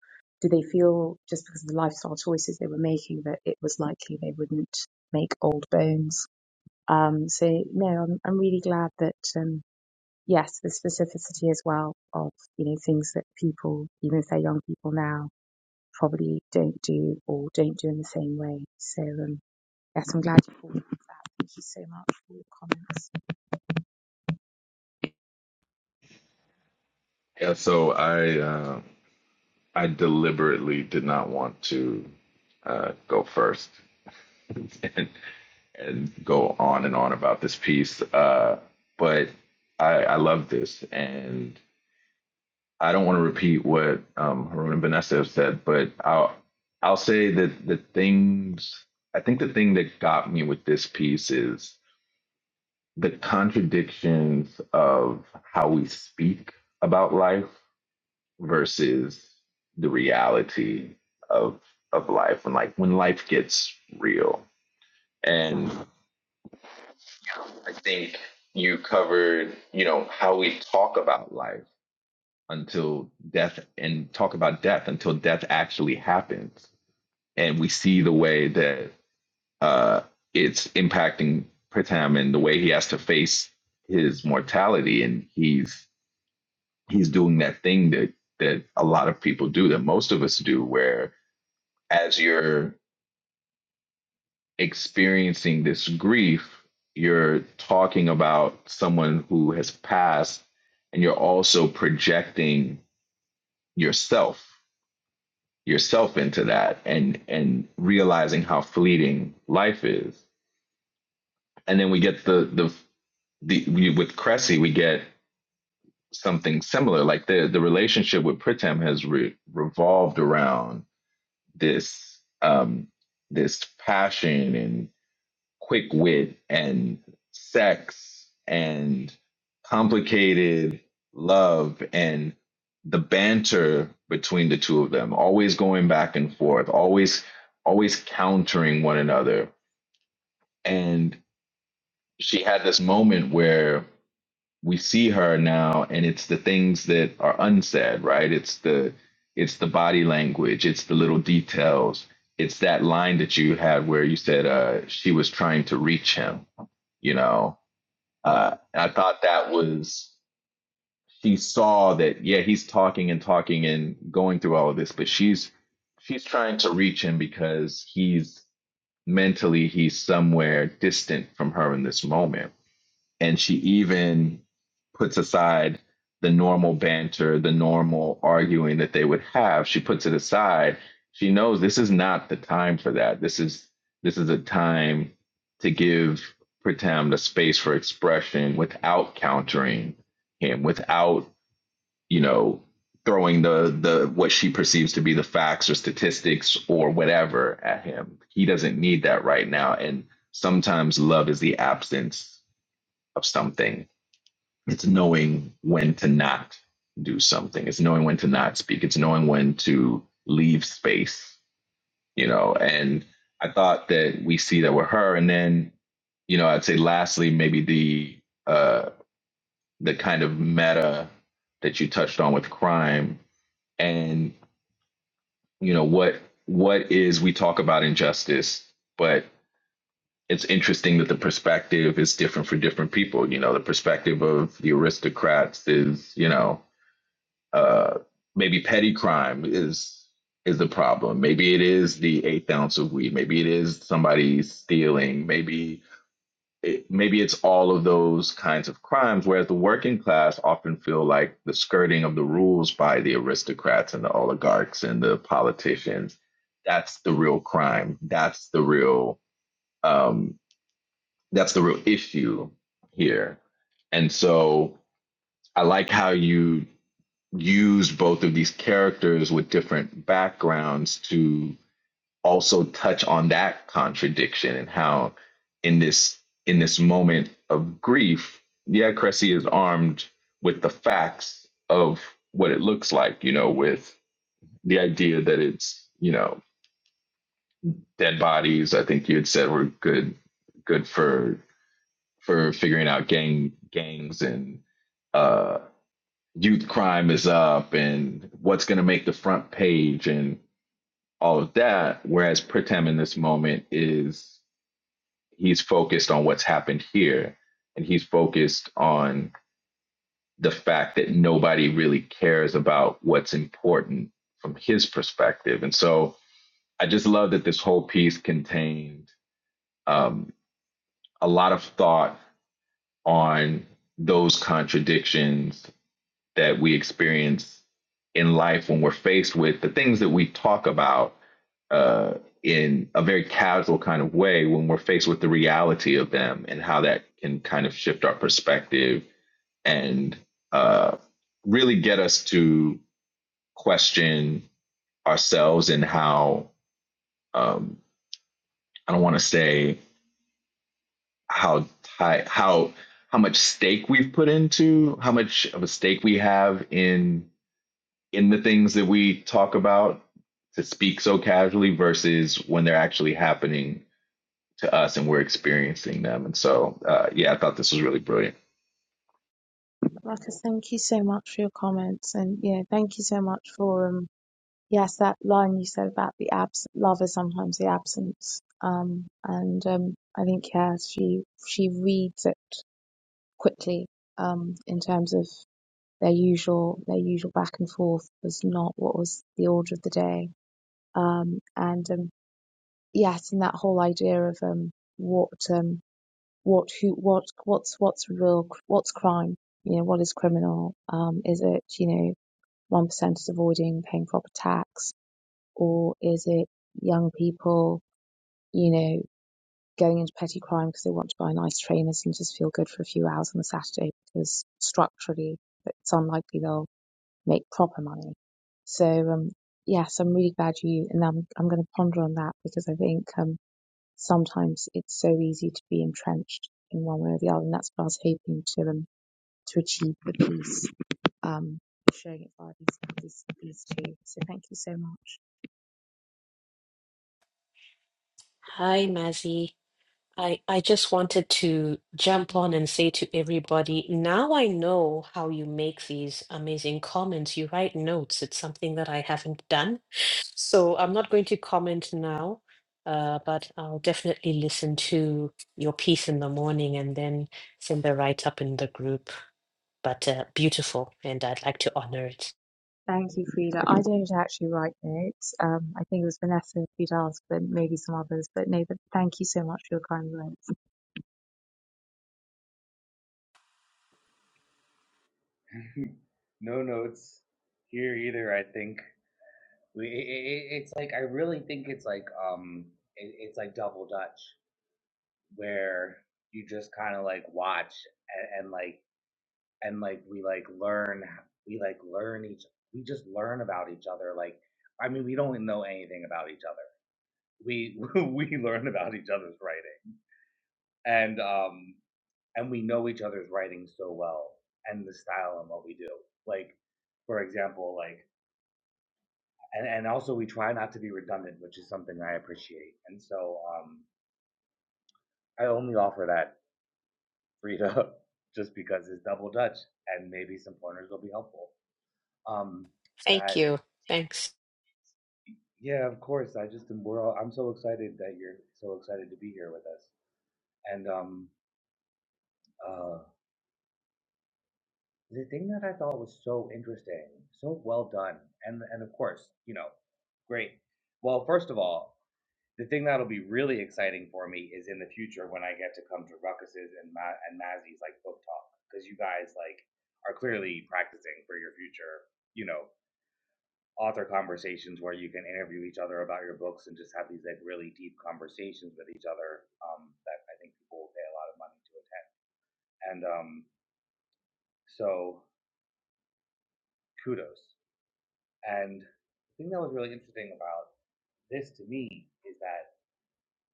do they feel just because of the lifestyle choices they were making that it was likely they wouldn't make old bones? Um, so no, I'm, I'm really glad that, um, yes, the specificity as well of, you know, things that people, even if they're young people now, probably don't do or don't do in the same way. So, um, yes, I'm glad you called. Thank you so much for your comments. Yeah, so I uh, I deliberately did not want to uh, go first and, and go on and on about this piece, uh, but I, I love this, and I don't want to repeat what um, Harun and Vanessa have said, but I'll I'll say that the things I think the thing that got me with this piece is the contradictions of how we speak about life versus the reality of of life when like when life gets real and i think you covered you know how we talk about life until death and talk about death until death actually happens and we see the way that uh it's impacting pritam and the way he has to face his mortality and he's he's doing that thing that that a lot of people do that most of us do where as you're experiencing this grief you're talking about someone who has passed and you're also projecting yourself yourself into that and and realizing how fleeting life is and then we get the the the we, with Cressy we get something similar like the the relationship with Pritam has re- revolved around this um, this passion and quick wit and sex and complicated love and the banter between the two of them always going back and forth always always countering one another and she had this moment where we see her now and it's the things that are unsaid right it's the it's the body language it's the little details it's that line that you had where you said uh she was trying to reach him you know uh i thought that was she saw that yeah he's talking and talking and going through all of this but she's she's trying to reach him because he's mentally he's somewhere distant from her in this moment and she even puts aside the normal banter, the normal arguing that they would have. She puts it aside. She knows this is not the time for that. This is this is a time to give Pritam the space for expression without countering him, without, you know, throwing the the what she perceives to be the facts or statistics or whatever at him. He doesn't need that right now. And sometimes love is the absence of something it's knowing when to not do something. It's knowing when to not speak. It's knowing when to leave space, you know. And I thought that we see that with her. And then, you know, I'd say lastly, maybe the uh the kind of meta that you touched on with crime and you know what what is we talk about injustice, but it's interesting that the perspective is different for different people. You know, the perspective of the aristocrats is, you know, Uh, maybe petty crime is is the problem. Maybe it is the eighth ounce of weed. Maybe it is somebody stealing. Maybe it, maybe it's all of those kinds of crimes. Whereas the working class often feel like the skirting of the rules by the aristocrats and the oligarchs and the politicians. That's the real crime. That's the real um, that's the real issue here. And so I like how you used both of these characters with different backgrounds to also touch on that contradiction and how in this in this moment of grief yeah cressy is armed with the facts of what it looks like you know with the idea that it's you know dead bodies i think you had said were good good for for figuring out gang gangs and uh youth crime is up and what's going to make the front page and all of that. Whereas Pritam in this moment is he's focused on what's happened here and he's focused on the fact that nobody really cares about what's important from his perspective. And so I just love that this whole piece contained um, a lot of thought on those contradictions that we experience in life when we're faced with the things that we talk about uh, in a very casual kind of way when we're faced with the reality of them and how that can kind of shift our perspective and uh, really get us to question ourselves and how um, I don't want to say how how how much stake we've put into how much of a stake we have in in the things that we talk about to speak so casually versus when they're actually happening to us and we're experiencing them. And so, uh, yeah, I thought this was really brilliant. Marcus, thank you so much for your comments, and yeah, thank you so much for um, yes, that line you said about the abs love is sometimes the absence, um, and um, I think yeah, she she reads it quickly, um, in terms of Their usual their usual back and forth was not what was the order of the day. Um, and um, yes, and that whole idea of um, what um, what who what what's what's real what's crime, you know, what is criminal? Um, is it you know one percenters avoiding paying proper tax, or is it young people you know going into petty crime because they want to buy nice trainers and just feel good for a few hours on a Saturday because structurally it's unlikely they'll make proper money. So um, yes, I'm really glad you and I'm I'm going to ponder on that because I think um, sometimes it's so easy to be entrenched in one way or the other, and that's what I was hoping to um, to achieve with these um, showing it via these, these these two. So thank you so much. hi mazzy I, I just wanted to jump on and say to everybody, now I know how you make these amazing comments. You write notes. It's something that I haven't done. So I'm not going to comment now, uh, but I'll definitely listen to your piece in the morning and then send the write up in the group. But uh, beautiful, and I'd like to honor it. Thank you, Frida. I don't actually write notes. Um, I think it was Vanessa who does, but maybe some others. But no, but thank you so much for your kind words. No notes here either. I think we. It, it, it's like I really think it's like um, it, it's like double dutch where you just kind of like watch and, and like and like we like learn we like learn each we just learn about each other like I mean we don't know anything about each other we we learn about each other's writing and um and we know each other's writing so well and the style and what we do. Like, for example, like, and, and also we try not to be redundant, which is something I appreciate. And so um, I only offer that free to just because it's double dutch and maybe some pointers will be helpful. Um, Thank that, you. Thanks. yeah, of course. I just, we're all, I'm so excited that you're so excited to be here with us. And um, uh, The thing that I thought was so interesting, so well done, and and of course, you know, great. Well, first of all, the thing that'll be really exciting about conversations where you can just have a receiver. Um, this to me is that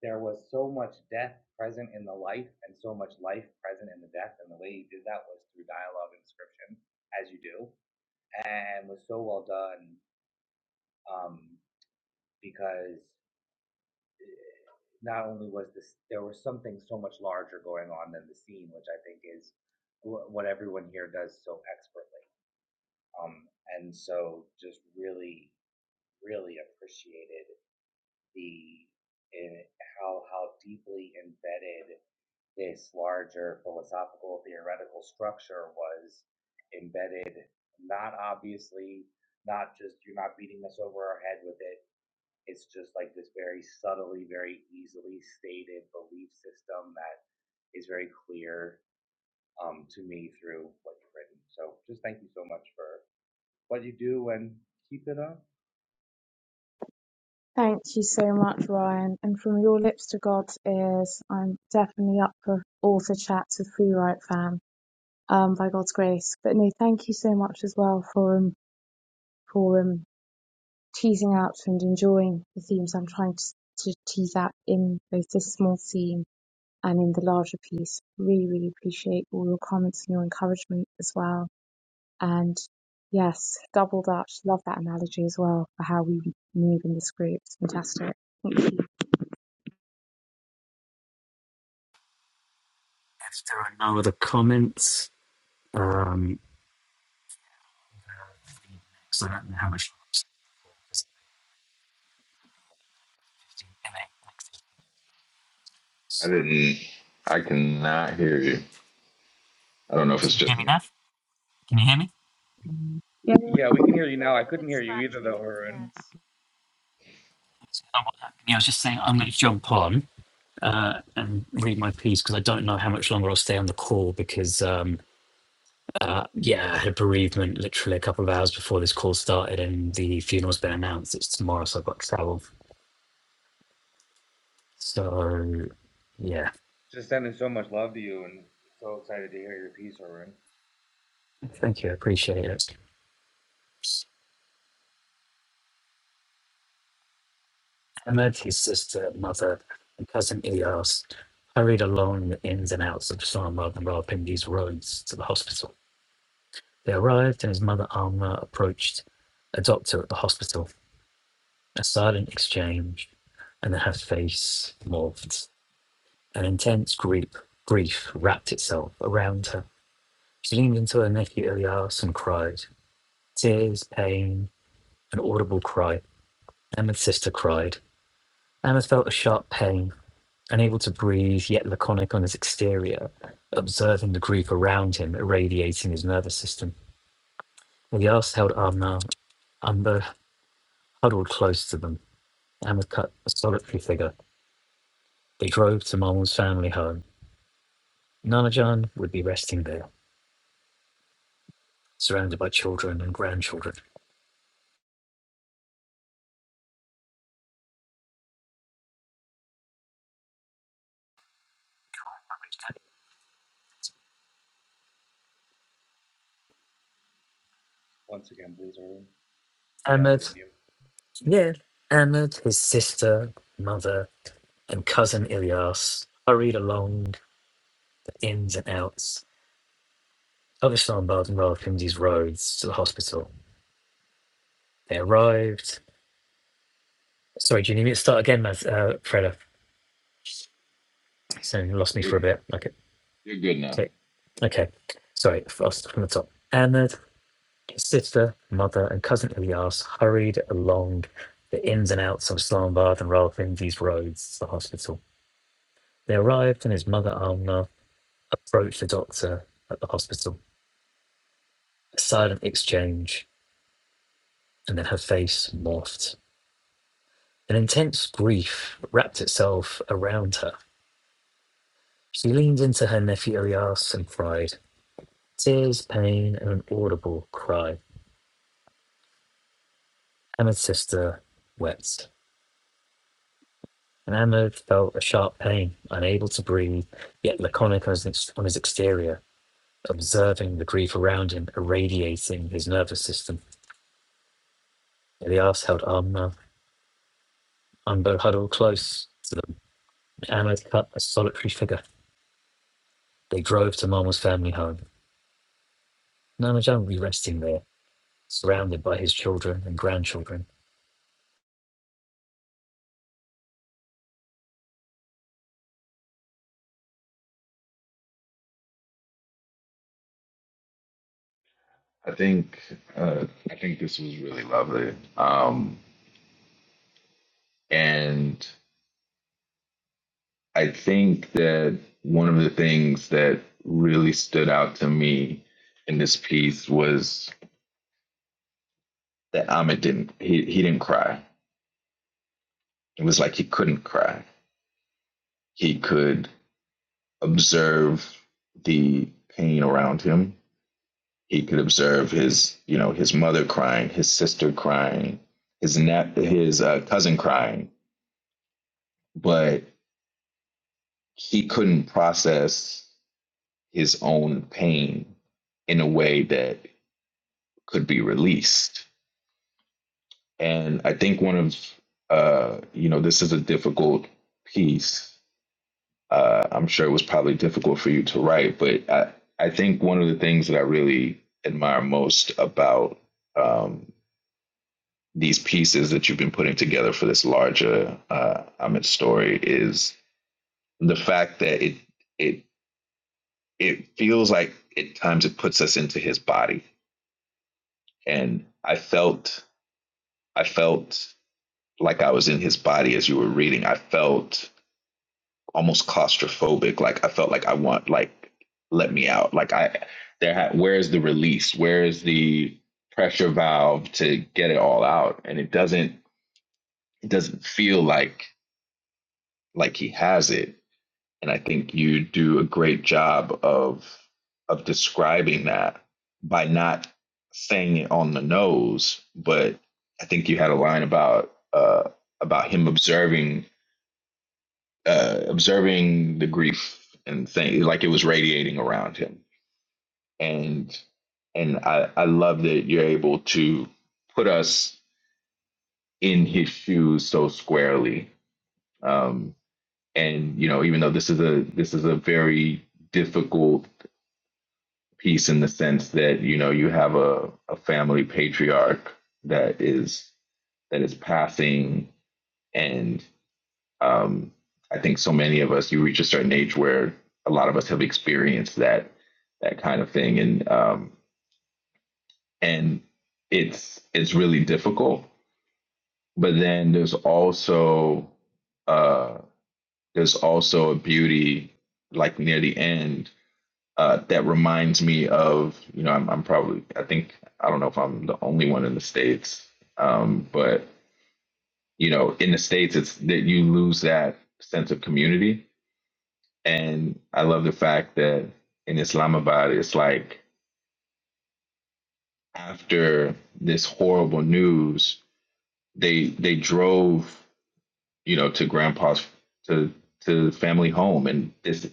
there was so much death present in the life, and so much life present in the death, and the way he did that was through dialogue and description, as you do, and was so well done. Um, because not only was this, there was something so much larger going on than the scene, which I think is wh- what everyone here does so expertly. Um, and so just, Thank you so much, Ryan. And from your lips to God's ears, I'm definitely up for author chats with Free Write Fam, um, by God's grace. But no, thank you so much as well for um, for um, teasing out and enjoying the themes I'm trying to, to tease out in both this small scene and in the larger piece. Really, really appreciate all your comments and your encouragement as well. And yes, double Dutch. Love that analogy as well for how we move in this group. It's fantastic. Thank you. if there are no other comments um so i don't know how much I didn't, I cannot hear you. I don't know if it's So, can you just hear me me. now can you hear me Mm. Yeah, you're a yeah, we can little, hear you you're now. a I little bit couldn't hear you either though, scratchy. Yes. Haroon. can you hear me? Oh, yeah, I was just saying I'm going to jump on uh, and read my piece because I don't know how much longer I'll stay on the call because, um, uh, yeah, I had a bereavement literally a couple of hours before this call started and the funeral's been announced. It's tomorrow, so I've got to travel. So, yeah, thank you. I appreciate it. Ahmed, his sister, mother, and cousin Ilyas hurried along the ins and outs of Sama and Rawalpindi's roads to the hospital. They arrived and his mother Alma approached a doctor at the hospital. A silent exchange, and then her face morphed. An intense grief, grief wrapped itself around her. She leaned into her nephew Ilyas and cried. Tears, pain, an audible cry. Emma's sister cried. Emma felt a sharp pain, unable to breathe, yet laconic on his exterior, observing the grief around him irradiating his nervous system. Ilyas held Amna, Umber huddled close to them. Emma cut a solitary figure. They drove to Marmal's family home. Nanajan would be resting there, surrounded by children and grandchildren. Ahmed, yeah, Ahmed, his sister, mother, and cousin Ilyas hurried along the ins and outs of Islamabad and Rawalpindi's roads to the hospital. They arrived. Sorry, do you need me to start again, Maz, uh, Freda? So you lost me You're, for a bit. Okay, you're good now. okay, okay. Sorry, I'll start from the top. Ahmed His Sister, mother, and cousin Ilyas hurried along the ins and outs of Islamabad and Rawalpindi's roads to the hospital. They arrived, and his mother Amna approached the doctor at the hospital. A silent exchange, and then her face morphed. An intense grief wrapped itself around her. She leaned into her nephew Ilyas and cried. Tears, pain, and an audible cry. Hamid's sister wept. And Hammer felt a sharp pain, unable to breathe, yet laconic on his, ex- on his exterior, observing the grief around him irradiating his nervous system. Elias held Amna Umbo huddled close to them. Hammer cut a solitary figure. They drove to Marmal's family home. Namajan will be resting there, surrounded by his children and grandchildren. I think, uh, I think this was really lovely. Um, and I think that one of the things that really stood out to me in this piece was that Amit didn't, he, he didn't cry It was like he couldn't cry. He could observe the pain around him. He could observe his, you know, his mother crying, his sister crying, his nep- his uh, cousin crying, but he couldn't process his own pain in a way that could be released. And I think one of, uh, you know, this is a difficult piece Uh, I'm sure it was probably difficult for you to write, but I, I think one of the things that I really admire most about um, these pieces that you've been putting together for this larger uh, Amit story is the fact that it it it feels like at times it puts us into his body, and I felt I felt like I was in his body as you were reading. I felt almost claustrophobic. Like I felt like I want like let me out. Like I there ha- where's the release? Where's the pressure valve to get it all out? And it doesn't it doesn't feel like like he has it. And I think you do a great job of of describing that by not saying it on the nose, but I think you had a line about uh about him observing uh, observing the grief and things like it was radiating around him. And and I, I love that you're able to put us in his shoes so squarely. Um, and you know, even though this is a this is a very difficult piece in the sense that you know you have a, a family patriarch that is that is passing and Um, I think so many of us, you reach a certain age where a lot of us have experienced that that kind of thing, and um, and it's it's really difficult. But then there's also uh, there's also a beauty like near the end uh, that reminds me of you know I'm, I'm probably I think I don't know if I'm the only one in the states, um, but you know in the states it's that you lose that sense of community And I love the fact that in Islamabad, it's like after this horrible news, they they drove, you know, to grandpa's to to family home and this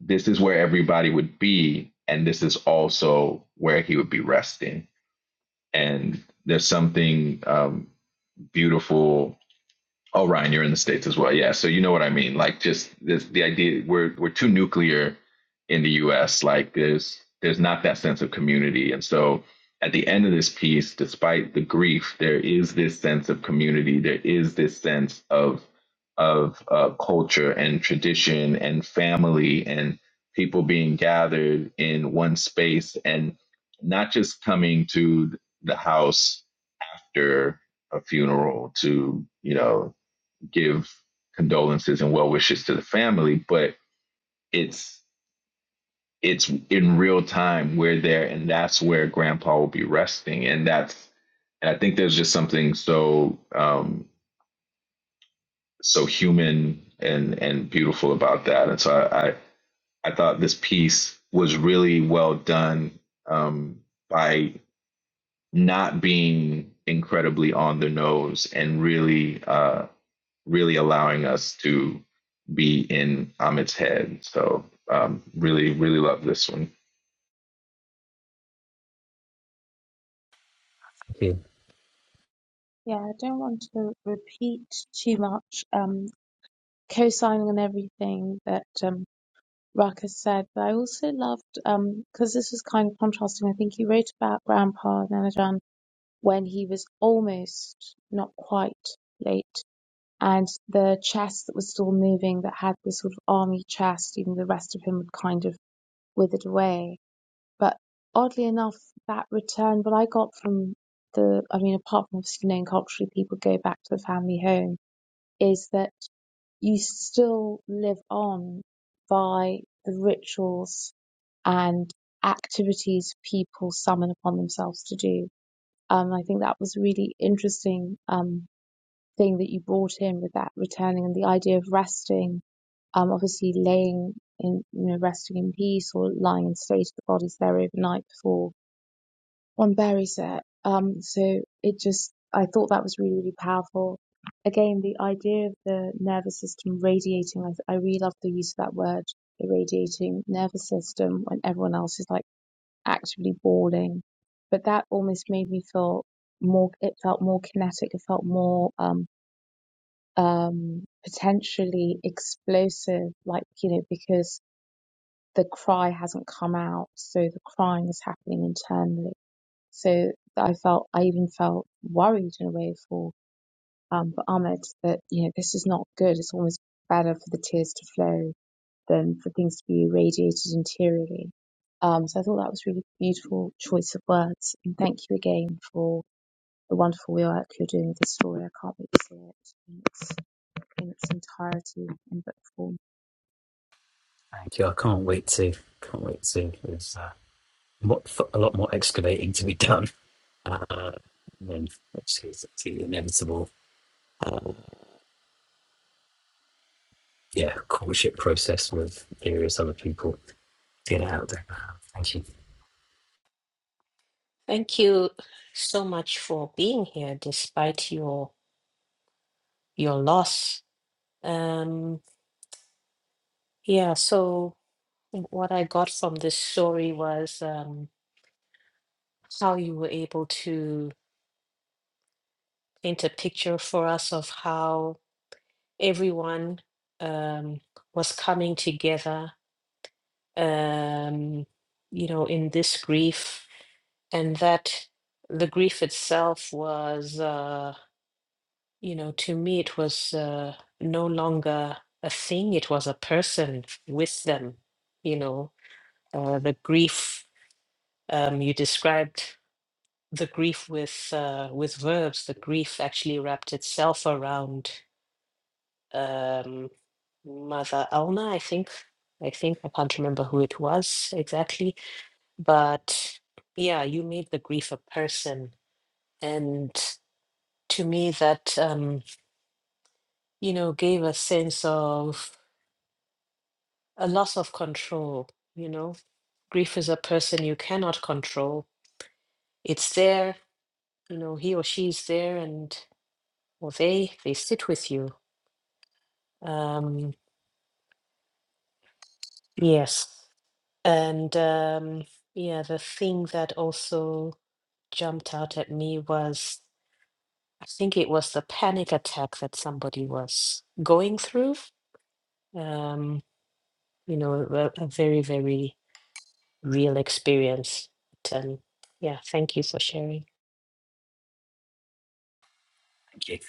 this is where everybody would be and this is also where he would be resting. And there's something um, beautiful Oh, Ryan, you're in the States as well. Yeah. So you know what I mean. Like just this the idea we're we're too nuclear in the US. Like there's there's not that sense of community. And so at the end of this piece, despite the grief, there is this sense of community. There is this sense of of uh, culture and tradition and family and people being gathered in one space and not just coming to the house after a funeral to you know give condolences and well wishes to the family, but it's it's in real time. We're there, and that's where Grandpa will be resting, and that's and I think there's just something so um, so human and and beautiful about that. And so I I, I thought this piece was really well done um, by not being incredibly on the nose and really uh, really allowing us to be in Amit's head. So um, really, really love this one. Here, Yeah, I don't want to repeat too much, um, co-signing on everything that um, Ruckus said, but I also loved, because this was kind of contrasting, I think he wrote about Grandpa Nanajan when he was almost, not quite, late, and the chest that was still moving that had this sort of army chest, even the rest of him had kind of withered away. But oddly enough, that return, what I got from the, I mean, apart from obviously knowing culturally people go back to the family home, is that you still live on by the rituals and activities people summon upon themselves to do. Um, I think that was really interesting. Um, thing that you brought in with that returning and the idea of resting um, obviously laying in, you know, resting in peace or lying in state of the bodies there overnight before one buries it. Um, so it just, I thought that was really, really powerful. Again, the idea of the nervous system radiating, I, I really love the use of that word, irradiating nervous system when everyone else is like actively bawling. But that almost made me feel more, it felt more kinetic, it felt more, um, um, potentially explosive, like, you know, because the cry hasn't come out. So the crying is happening internally. So I felt, I even felt worried in a way for, um, for Ahmed that, you know, this is not good. It's almost better for the tears to flow than for things to be irradiated interiorly. Um, so I thought that was really beautiful choice of words. And thank you again for the wonderful work you're doing with this story. I can't wait to see it. Thanks in its entirety in book form. thank you. I can't wait to. Can't wait to. There's uh, mo- a lot more excavating to be done. Uh, and then, obviously, it's the inevitable yeah, courtship process with various other people get it out there. Thank you. Thank you so much for being here despite your your loss. Um, Yeah, so what I got from this story was um, how you were able to paint a picture for us of how everyone um, was coming together, um, you know, in this grief, and that the grief itself was, uh, you know, to me, it was uh, no longer a thing, it was a person with them, you know, uh, the grief um, you described. the grief with uh, with verbs, the grief actually wrapped itself around um, Mother Alna, I think. I think I can't remember who it was exactly, but yeah, you made the grief a person, and to me that um, you know gave a sense of a loss of control. You know, grief is a person you cannot control. It's there. You know, he or she's there, and or they they sit with you. Um, Yes. And um, yeah, the thing that also jumped out at me was I think it was the panic attack that somebody was going through. Um, you know, a, a very, very real experience. But, um, yeah, thank you for sharing. Thank you.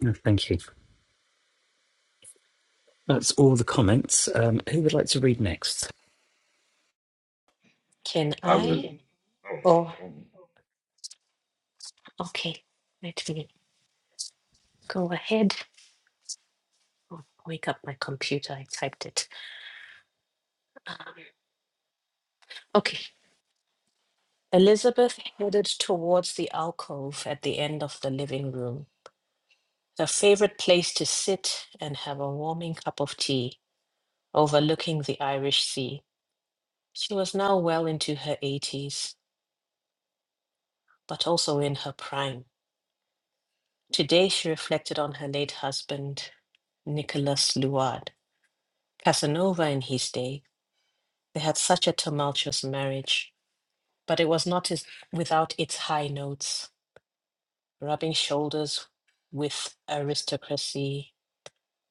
No, Thank you. That's all the comments. Um, who would like to read next? Can I was I? Oh, okay. Let me go ahead. Oh, wake up my computer. I typed it. Um, okay. Elizabeth headed towards the alcove at the end of the living room, her favorite place to sit and have a warming cup of tea, overlooking the Irish Sea. She was now well into her 80s, but also in her prime. Today she reflected on her late husband, Nicholas Luard. Casanova in his day, they had such a tumultuous marriage, but it was not as, without its high notes, rubbing shoulders with aristocracy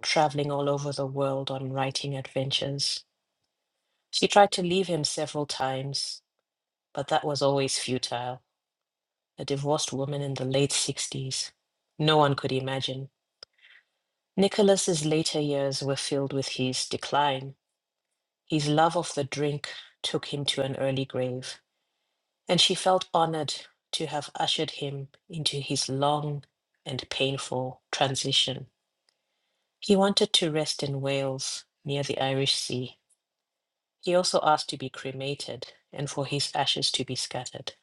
traveling all over the world on writing adventures. She tried to leave him several times, but that was always futile. A divorced woman in the late 60s. No one could imagine. Nicholas's later years were filled with his decline. His love of the drink took him to an early grave, and she felt honored to have ushered him into his long and painful transition. He wanted to rest in Wales near the Irish Sea He also asked to be cremated and for his ashes to be scattered.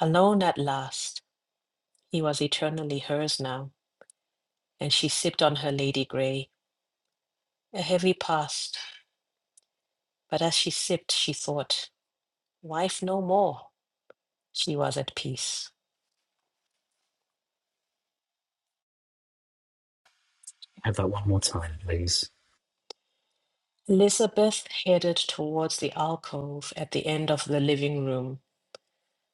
Alone at last, he was eternally hers now, and she sipped on her Lady Grey, a heavy past, but as she sipped, she thought, wife no more. She was at peace. Have that one more time, please. Elizabeth headed towards the alcove at the end of the living room,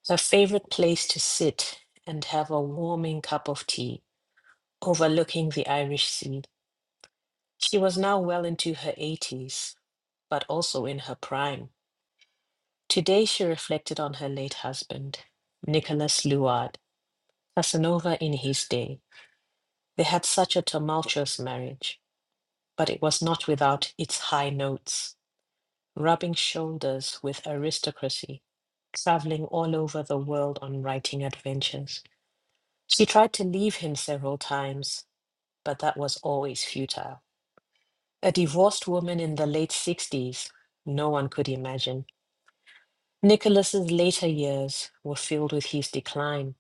her favorite place to sit and have a warming cup of tea, overlooking the Irish Sea. She was now well into her 80s, but also in her prime. Today, she reflected on her late husband, Nicholas Luard, Casanova in his day. They had such a tumultuous marriage, but it was not without its high notes. Rubbing shoulders with aristocracy, traveling all over the world on writing adventures. She tried to leave him several times, but that was always futile. A divorced woman in the late 60s, no one could imagine. Nicholas's later years were filled with his decline.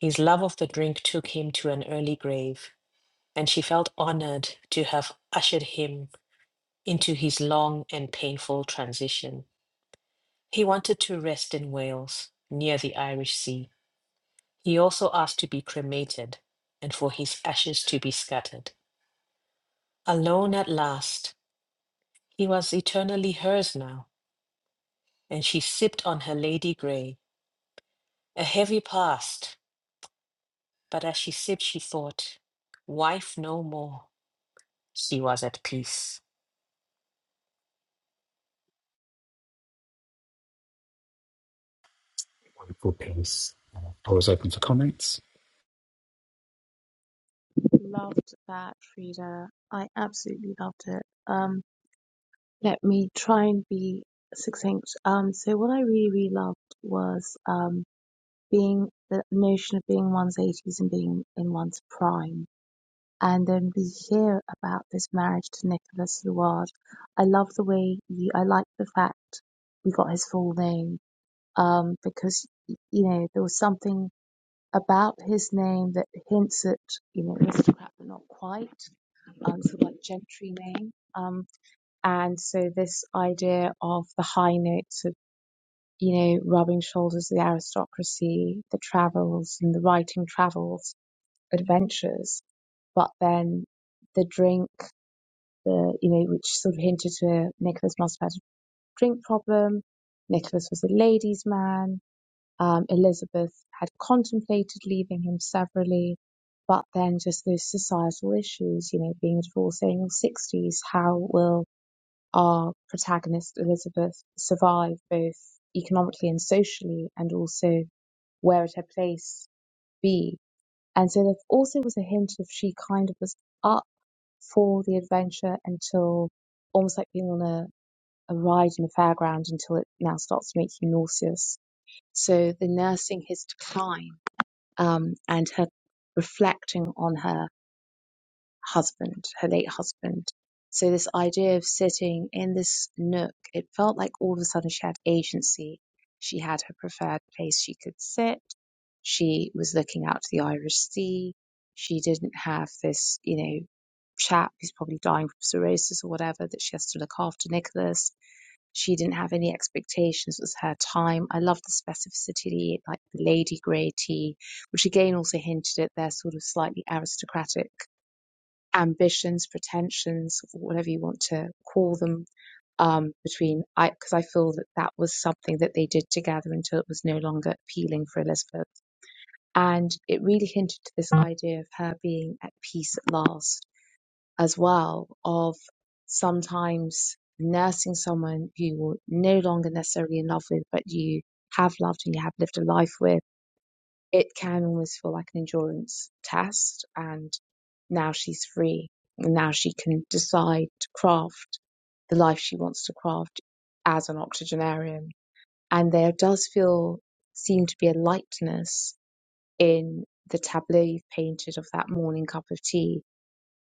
His love of the drink took him to an early grave, and she felt honored to have ushered him into his long and painful transition. He wanted to rest in Wales, near the Irish Sea. He also asked to be cremated and for his ashes to be scattered. Alone at last, he was eternally hers now and she sipped on her lady grey, a heavy past. But as she sipped, she thought, wife no more. She was at peace. Wonderful piece. Uh, Floor is open for comments. Loved that reader. I absolutely loved it. Um, let me try and be succinct. Um, so what I really, really loved was um, being the notion of being one's 80s and being in one's prime. And then we hear about this marriage to Nicholas Luard. I love the way you, I like the fact we got his full name um, because, you know, there was something about his name that hints at, you know, aristocrat but not quite, um, sort of like gentry name. Um, and so this idea of the high notes of, you know, rubbing shoulders with the aristocracy, the travels and the writing travels, adventures, but then the drink, the, you know, which sort of hinted to Nicholas must have had a drink problem. Nicholas was a ladies' man um, Elizabeth had contemplated leaving him severally, but then just those societal issues, you know, being divorced in your 60s, how will our protagonist Elizabeth survive both economically and socially, and also where would her place be? And so there also was a hint of she kind of was up for the adventure until almost like being on a, a ride in a fairground until it now starts to make you nauseous. So the nursing his decline um, and her reflecting on her husband, her late husband. So this idea of sitting in this nook, it felt like all of a sudden she had agency. She had her preferred place she could sit. She was looking out to the Irish Sea. She didn't have this, you know, chap who's probably dying from cirrhosis or whatever that she has to look after, Nicholas she didn't have any expectations. It was her time. I love the specificity, like the Lady Grey tea, which again also hinted at their sort of slightly aristocratic ambitions, pretensions, whatever you want to call them. Um, between I, because I feel that that was something that they did together until it was no longer appealing for Elizabeth, and it really hinted to this idea of her being at peace at last as well of sometimes nursing someone who you're no longer necessarily in love with, but you have loved and you have lived a life with, it can almost feel like an endurance test. And now she's free. And now she can decide to craft the life she wants to craft as an octogenarian. And there does feel, seem to be a lightness in the tableau you've painted of that morning cup of tea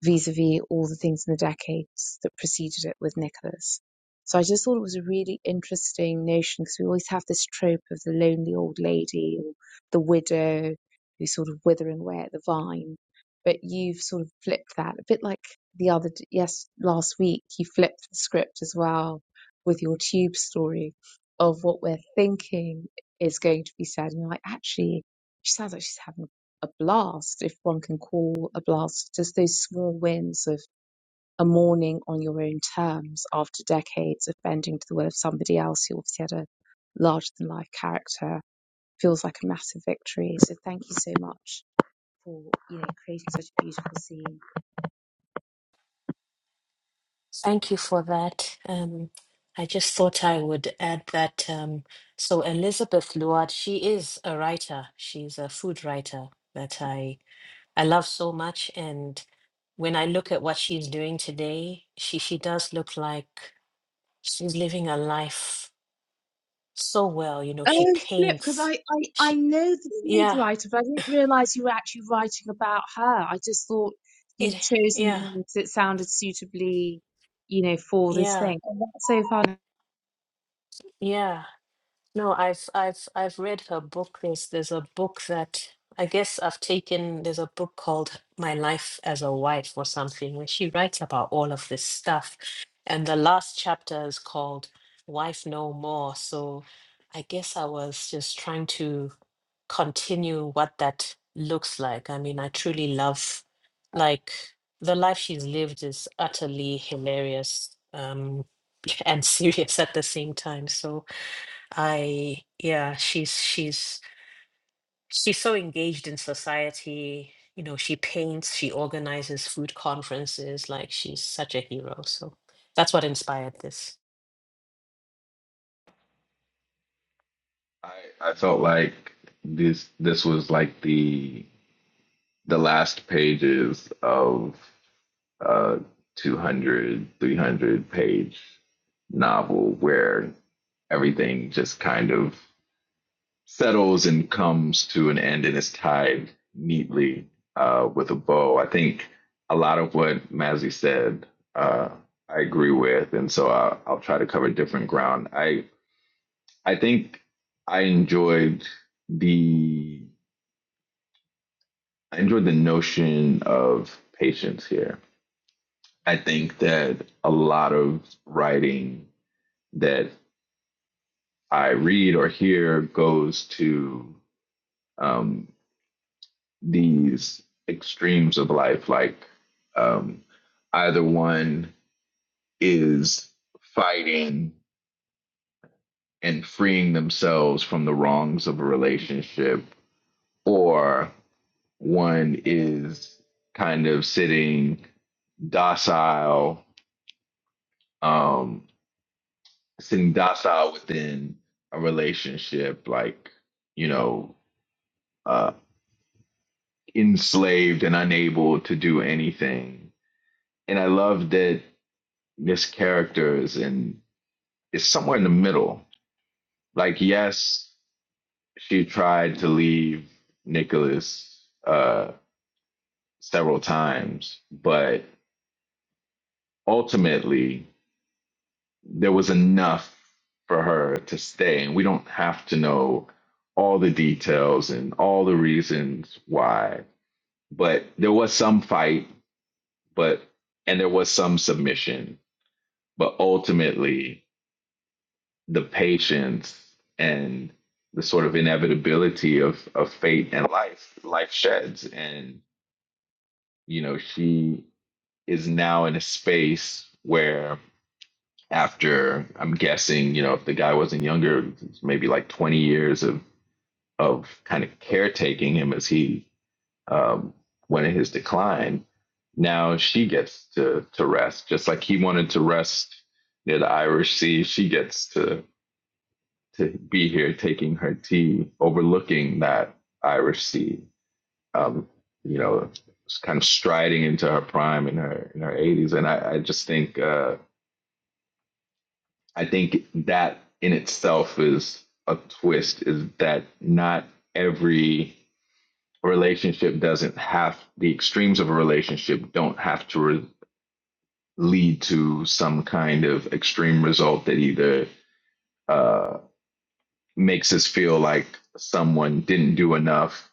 vis-a-vis all the things in the decades that preceded it with Nicholas. So I just thought it was a really interesting notion because we always have this trope of the lonely old lady or the widow who's sort of withering away at the vine. But you've sort of flipped that a bit like the other, yes, last week you flipped the script as well with your tube story of what we're thinking is going to be said. And you're like, actually, she sounds like she's having a blast, if one can call a blast just those small wins of a morning on your own terms after decades of bending to the will of somebody else who obviously had a larger than life character feels like a massive victory. So thank you so much for you know creating such a beautiful scene. Thank you for that. Um, I just thought I would add that. Um, so Elizabeth Luard, she is a writer. She's a food writer that I I love so much. And when I look at what she's doing today, she she does look like she's living a life so well. You know, she Oh flip, because I, paints. I I She know the food yeah writer, but I didn't realise you were actually writing about her. I just thought It, you'd chosen the yeah, names that sounded suitably, you know, for this yeah, thing. And that's so fun. yeah. No, I've I've I've read her book. There's there's a book that I guess I've taken. There's a book called My Life as a Wife or something, where she writes about all of this stuff. And the last chapter is called Wife No More. So I guess I was just trying to continue what that looks like. I mean, I truly love like the life she's lived is utterly hilarious. Um and serious at the same time. So I, yeah, she's she's she's so engaged in society. You know, she paints, she organizes food conferences. Like she's such a hero. So that's what inspired this. I, I felt like this this was like the the last pages of a 200, 300 page novel where everything just kind of settles and comes to an end and is tied neatly uh, with a bow. I think a lot of what Mazzy said uh, I agree with, and so I'll, I'll try to cover different ground. I I think I enjoyed the I enjoyed the notion of patience here. I think that a lot of writing that I read or hear goes to um, these extremes of life like um, either one is fighting and freeing themselves from the wrongs of a relationship or one is kind of sitting docile um, sitting docile within a relationship like you know uh, enslaved and unable to do anything and i love that mischaracters and it's somewhere in the middle. Like, yes, she tried to leave Nicholas uh, several times, but ultimately there was enough for her to stay. And we don't have to know all the details and all the reasons why, but there was some fight, but and there was some submission, but ultimately the patience and the sort of inevitability of of fate and life life sheds and you know she is now in a space where after i'm guessing you know if the guy wasn't younger maybe like 20 years of of kind of caretaking him as he um, went in his decline now she gets to to rest just like he wanted to rest near the irish sea she gets to to be here taking her tea, overlooking that Irish Sea. Um, you know, kind of striding into her prime in her in her eighties, and I, I just think uh, I think that in itself is a twist. Is that not every relationship doesn't have the extremes of a relationship don't have to re- lead to some kind of extreme result that either uh, makes us feel like someone didn't do enough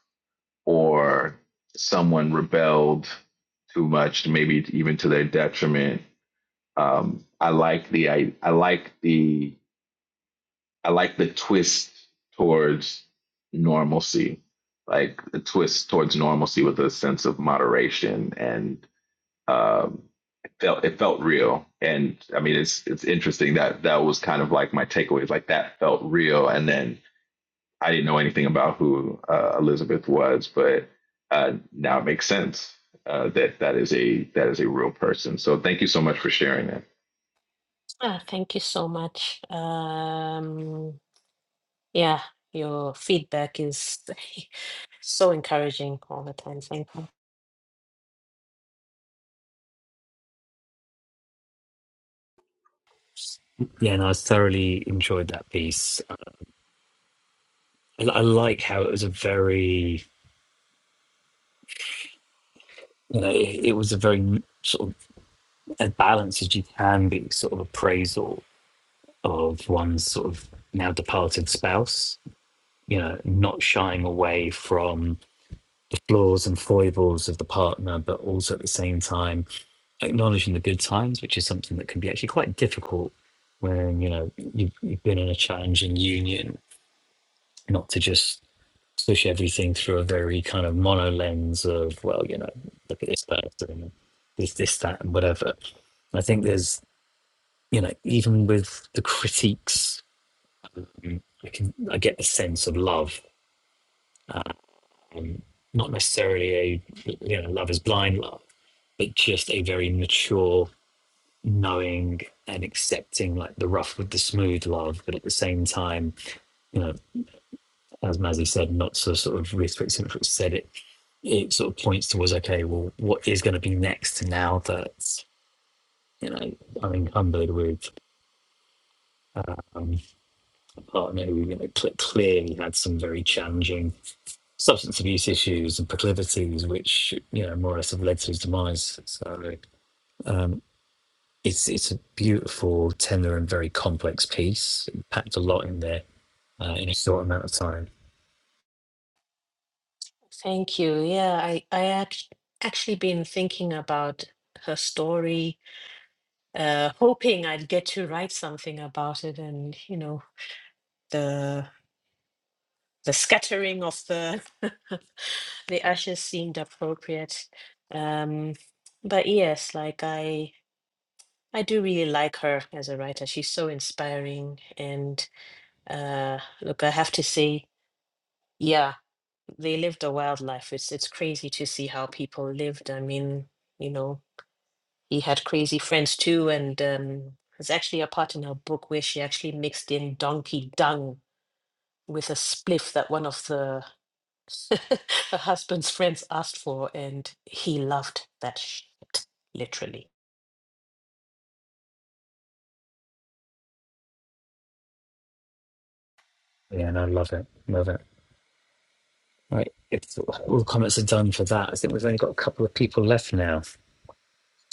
or someone rebelled too much, maybe even to their detriment. Um, I like the I, I like the I like the twist towards normalcy, like the twist towards normalcy with a sense of moderation, and um, it felt it felt real. And I mean, it's it's interesting that that was kind of like my takeaways, like that felt real, and then I didn't know anything about who uh, Elizabeth was, but uh, now it makes sense uh, that that is a that is a real person. So thank you so much for sharing that. Ah, thank you so much. Um, yeah, your feedback is so encouraging all the time. Thank you. Yeah, and I thoroughly enjoyed that piece. I, I like how it was a very, you know, it, it was a very sort of as balanced as you can be, sort of appraisal of one's sort of now departed spouse. You know, not shying away from the flaws and foibles of the partner, but also at the same time acknowledging the good times, which is something that can be actually quite difficult when you know you've, you've been in a challenging union. Not to just push everything through a very kind of mono lens of well, you know, look at this person, this, this, that, and whatever. I think there's you know even with the critiques, I can I get the sense of love um, not necessarily a you know love is blind love, but just a very mature, knowing and accepting like the rough with the smooth love, but at the same time, you know, as Mazzy said, not so sort of restrict centric said it. It sort of points towards okay, well, what is going to be next now that you know I'm encumbered with um, a partner who you know cl- clearly had some very challenging substance abuse issues and proclivities, which you know more or less have led to his demise. So Um, it's it's a beautiful, tender, and very complex piece. It packed a lot in there uh, in a short amount of time. Thank you. Yeah, I I act- actually been thinking about her story uh, hoping I'd get to write something about it, and you know the the scattering of the the ashes seemed appropriate. Um, but yes, like I I do really like her as a writer. She's so inspiring, and uh, look, I have to say, yeah, they lived a wild life. It's it's crazy to see how people lived. I mean, you know. he had crazy friends too and um there's actually a part in her book where she actually mixed in donkey dung with a spliff that one of the her husband's friends asked for and he loved that shit literally Yeah, and I love it. Love it. Right, it's, all the comments are done for that. I think we've only got a couple of people left now.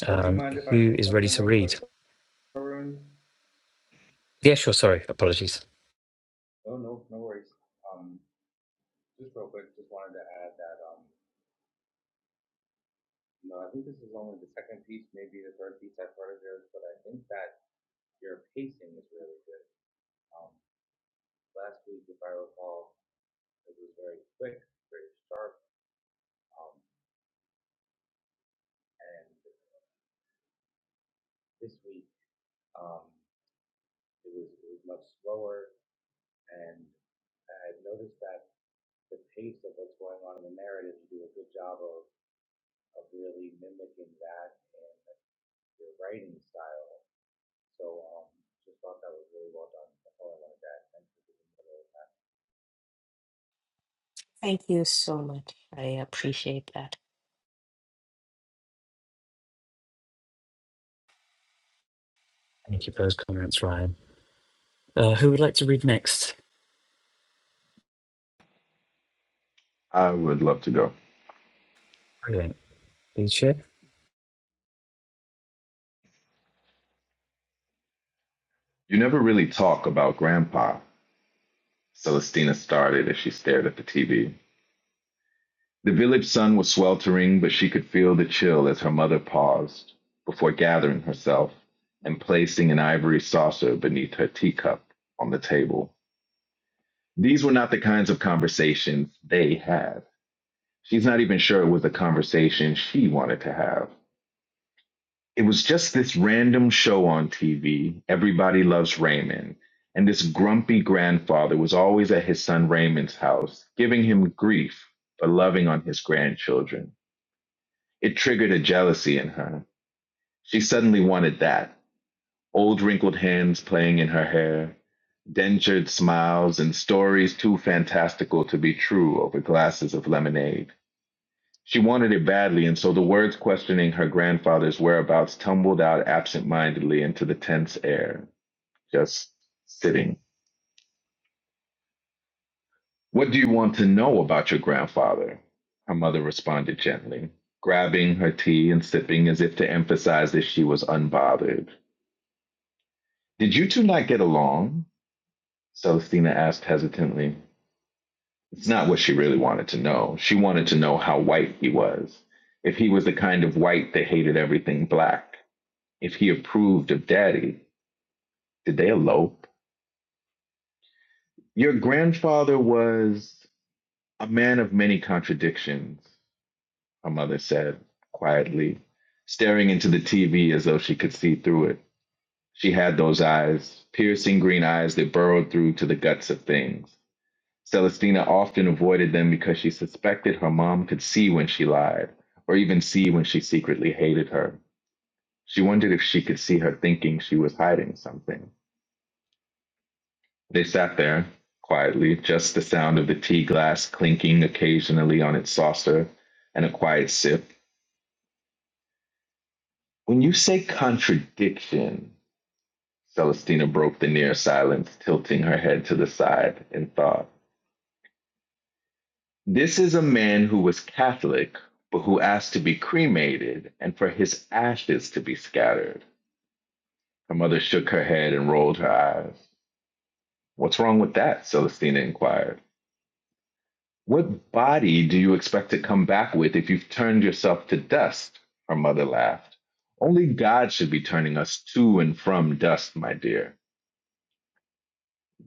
Um, who is ready to read? Yeah, sure. Sorry, apologies. thank you so much i appreciate that Thank you for those comments, Ryan. Uh, who would like to read next? I would love to go. Brilliant. Please share. You never really talk about Grandpa. Celestina started as she stared at the TV. The village sun was sweltering, but she could feel the chill as her mother paused before gathering herself and placing an ivory saucer beneath her teacup on the table. These were not the kinds of conversations they had. She's not even sure it was a conversation she wanted to have. It was just this random show on TV, Everybody Loves Raymond, and this grumpy grandfather was always at his son Raymond's house, giving him grief for loving on his grandchildren. It triggered a jealousy in her. She suddenly wanted that. Old wrinkled hands playing in her hair, dentured smiles, and stories too fantastical to be true over glasses of lemonade. She wanted it badly, and so the words questioning her grandfather's whereabouts tumbled out absent-mindedly into the tense air, just sitting. What do you want to know about your grandfather? Her mother responded gently, grabbing her tea and sipping as if to emphasize that she was unbothered. Did you two not get along? Celestina asked hesitantly. It's not what she really wanted to know. She wanted to know how white he was, if he was the kind of white that hated everything black. if he approved of daddy, did they elope? Your grandfather was a man of many contradictions, her mother said quietly, staring into the TV as though she could see through it. She had those eyes, piercing green eyes that burrowed through to the guts of things. Celestina often avoided them because she suspected her mom could see when she lied, or even see when she secretly hated her. She wondered if she could see her thinking she was hiding something. They sat there quietly, just the sound of the tea glass clinking occasionally on its saucer and a quiet sip. When you say contradiction, Celestina broke the near silence, tilting her head to the side in thought. This is a man who was Catholic, but who asked to be cremated and for his ashes to be scattered. Her mother shook her head and rolled her eyes. What's wrong with that? Celestina inquired. What body do you expect to come back with if you've turned yourself to dust? Her mother laughed. Only God should be turning us to and from dust, my dear.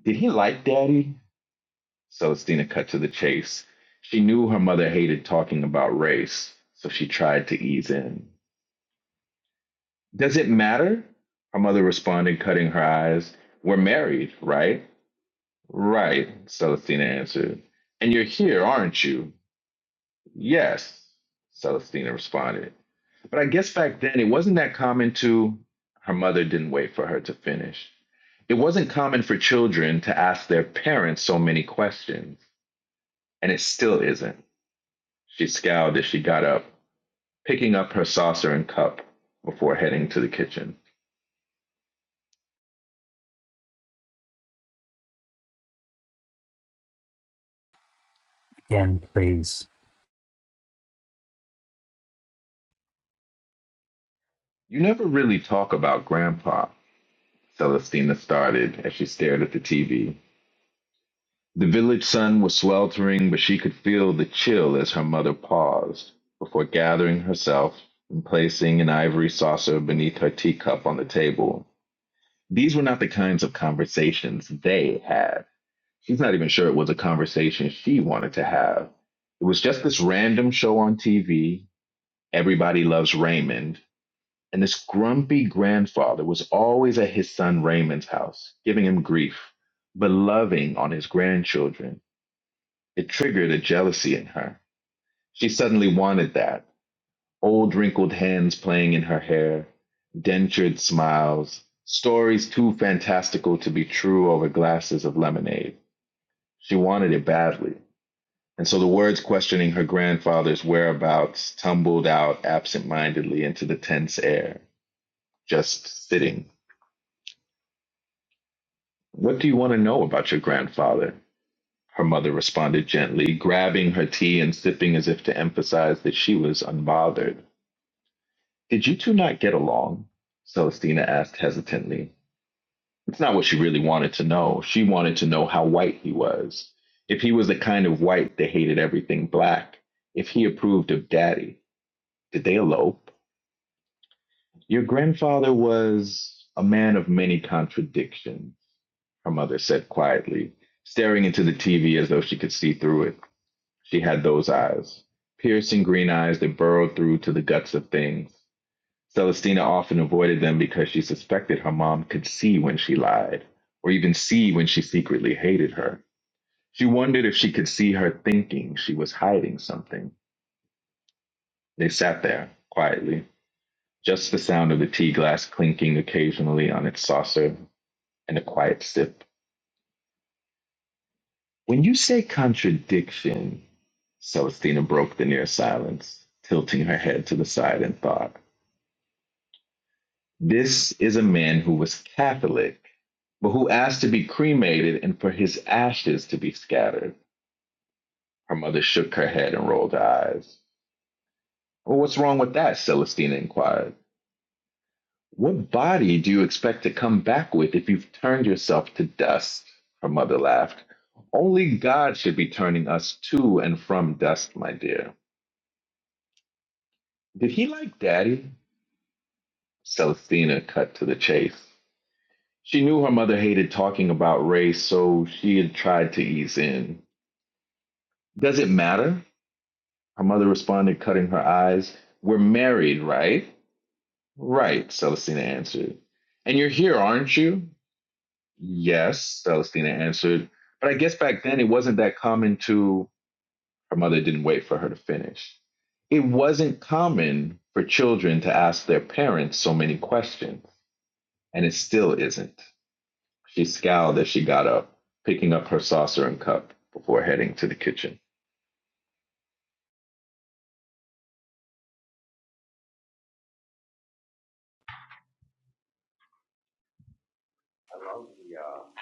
Did he like daddy? Celestina cut to the chase. She knew her mother hated talking about race, so she tried to ease in. Does it matter? Her mother responded, cutting her eyes. We're married, right? Right, Celestina answered. And you're here, aren't you? Yes, Celestina responded. But I guess back then it wasn't that common to, her mother didn't wait for her to finish. It wasn't common for children to ask their parents so many questions, and it still isn't. She scowled as she got up, picking up her saucer and cup before heading to the kitchen. Again, please. You never really talk about Grandpa, Celestina started as she stared at the TV. The village sun was sweltering, but she could feel the chill as her mother paused before gathering herself and placing an ivory saucer beneath her teacup on the table. These were not the kinds of conversations they had. She's not even sure it was a conversation she wanted to have. It was just this random show on TV, Everybody Loves Raymond, and this grumpy grandfather was always at his son Raymond's house, giving him grief, but loving on his grandchildren. It triggered a jealousy in her. She suddenly wanted that. Old wrinkled hands playing in her hair, dentured smiles, stories too fantastical to be true over glasses of lemonade. She wanted it badly. And so the words questioning her grandfather's whereabouts tumbled out absent-mindedly into the tense air, just sitting. What do you want to know about your grandfather? Her mother responded gently, grabbing her tea and sipping as if to emphasize that she was unbothered. Did you two not get along? Celestina asked hesitantly. It's not what she really wanted to know. She wanted to know how white he was. If he was the kind of white that hated everything black. If he approved of daddy. Did they elope? Your grandfather was a man of many contradictions, her mother said quietly, staring into the TV as though she could see through it. She had those eyes, piercing green eyes that burrowed through to the guts of things. Celestina often avoided them because she suspected her mom could see when she lied, or even see when she secretly hated her. She wondered if she could see her thinking she was hiding something. They sat there, quietly, just the sound of the tea glass clinking occasionally on its saucer and a quiet sip. When you say contradiction, Celestina broke the near silence, tilting her head to the side in thought. This is a man who was Catholic, but who asked to be cremated and for his ashes to be scattered. Her mother shook her head and rolled her eyes. Well, what's wrong with that? Celestina inquired. What body do you expect to come back with if you've turned yourself to dust? Her mother laughed. Only God should be turning us to and from dust, my dear. Did he like daddy? Celestina cut to the chase. She knew her mother hated talking about race, so she had tried to ease in. Does it matter? Her mother responded, cutting her eyes. We're married, right? Right, Celestina answered. And you're here, aren't you? Yes, Celestina answered. But I guess back then it wasn't that common to. Her mother didn't wait for her to finish. It wasn't common for children to ask their parents so many questions, and it still isn't. She scowled as she got up, picking up her saucer and cup before heading to the kitchen.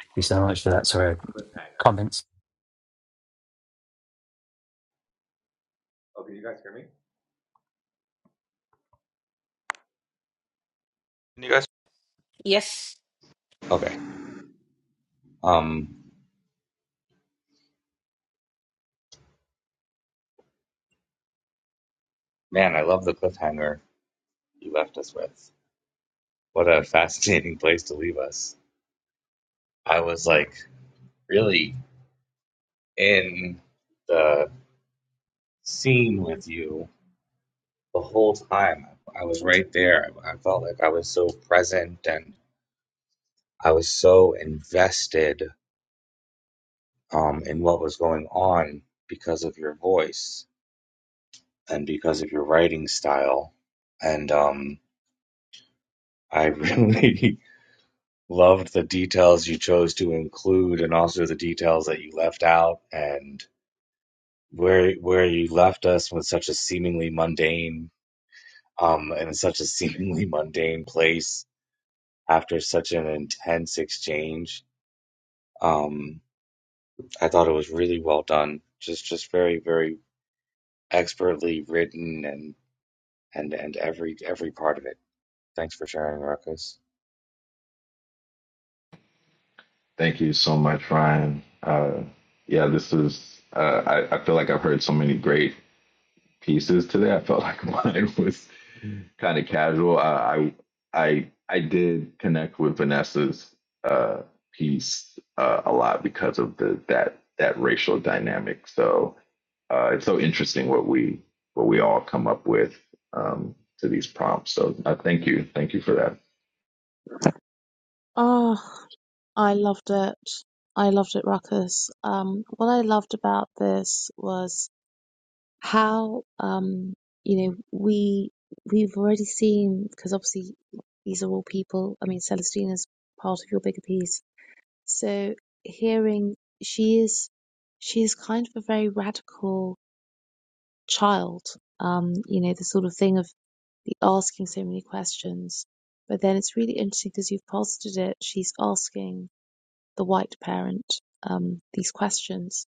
Thank you so much for that. Sorry, comments. Can you guys? yes Okay. Um, man, I love the cliffhanger you left us with. What a fascinating place to leave us. I was like really in the scene with you the whole time. I was right there. I felt like I was so present and. I was so invested um, in what was going on because of your voice and because of your writing style. And um, I really loved the details you chose to include and also the details that you left out and where where you left us with such a seemingly mundane um in such a seemingly mundane place after such an intense exchange. Um, I thought it was really well done. Just just very, very expertly written and and and every every part of it. Thanks for sharing, Ruckus. Thank you so much, Ryan. Uh, yeah, this is, uh, I, I feel like I've heard so many great pieces today. I felt like mine was kind of casual. I, I, I, I did connect with Vanessa's uh, piece uh, a lot because of the that that racial dynamic. So uh, it's so interesting what we what we all come up with um, to these prompts. So uh, thank you, thank you for that. Oh, I loved it. I loved it ruckus. Um, what I loved about this was how, um, you know, we, we've already seen, because obviously these are all people. I mean, Celestine is part of your bigger piece. So hearing she is, she is kind of a very radical child. Um, you know, the sort of thing of the asking so many questions. But then it's really interesting because you've posited it. She's asking the white parent um, these questions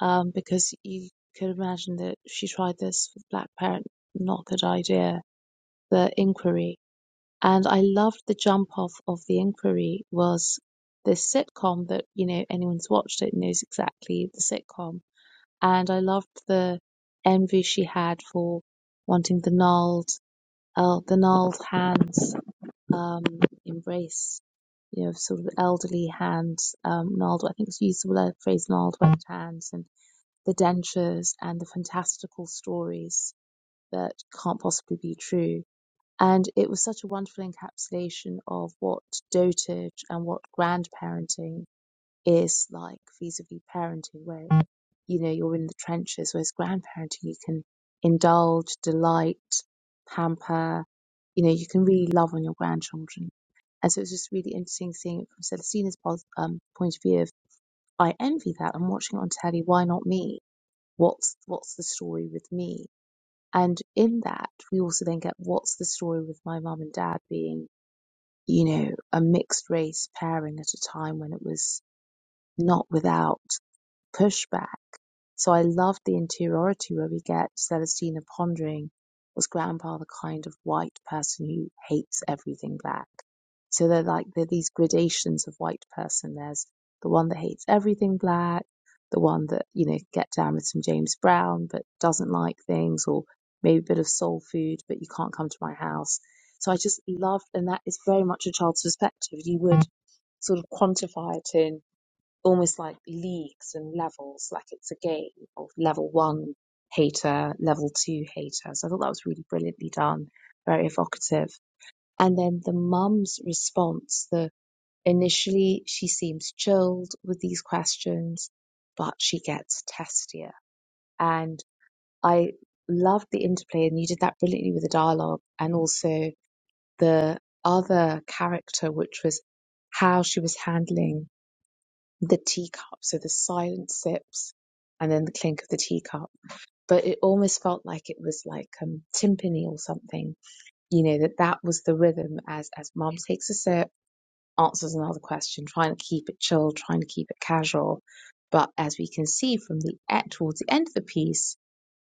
um, because you could imagine that if she tried this with the black parent, not a good idea. The inquiry, and I loved the jump off of the inquiry was this sitcom that you know anyone's watched it knows exactly the sitcom, and I loved the envy she had for wanting the gnarled, uh, the gnarled hands um, embrace, you know, sort of elderly hands, um, gnarled, I think it's used the phrase gnarled webbed hands and the dentures and the fantastical stories that can't possibly be true. And it was such a wonderful encapsulation of what dotage and what grandparenting is like vis-a-vis parenting, where you know, you're in the trenches. Whereas grandparenting, you can indulge, delight, pamper, you know, you can really love on your grandchildren. And so it's just really interesting seeing it from Celestina's pos- um, point of view of, I envy that. I'm watching it on telly. Why not me? What's, what's the story with me? And in that, we also then get what's the story with my mum and dad being, you know, a mixed race pairing at a time when it was not without pushback. So I love the interiority where we get Celestina pondering was grandpa the kind of white person who hates everything black? So they're like they're these gradations of white person. There's the one that hates everything black, the one that, you know, get down with some James Brown but doesn't like things or maybe a bit of soul food, but you can't come to my house. So I just love and that is very much a child's perspective. You would sort of quantify it in almost like leagues and levels, like it's a game of level one hater, level two hater. So I thought that was really brilliantly done, very evocative. And then the mum's response, the initially she seems chilled with these questions, but she gets testier. And I loved the interplay and you did that brilliantly with the dialogue and also the other character, which was how she was handling the teacup. So the silent sips and then the clink of the teacup. But it almost felt like it was like um, timpani or something, you know, that that was the rhythm as, as mum takes a sip, answers another question, trying to keep it chill, trying to keep it casual. But as we can see from the e- towards the end of the piece,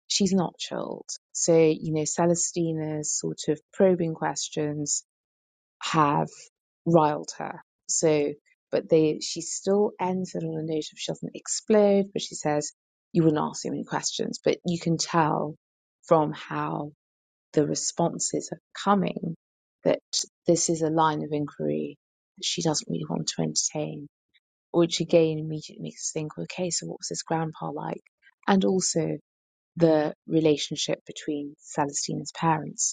she's not chilled. So, you know, Celestina's sort of probing questions have riled her. So, but they, she still ends it on a note of she doesn't explode, but she says, you wouldn't ask me many questions, but you can tell from how the responses are coming that this is a line of inquiry that she doesn't really want to entertain, which again immediately makes us think, okay, so what was this grandpa like? And also the relationship between Celestina's parents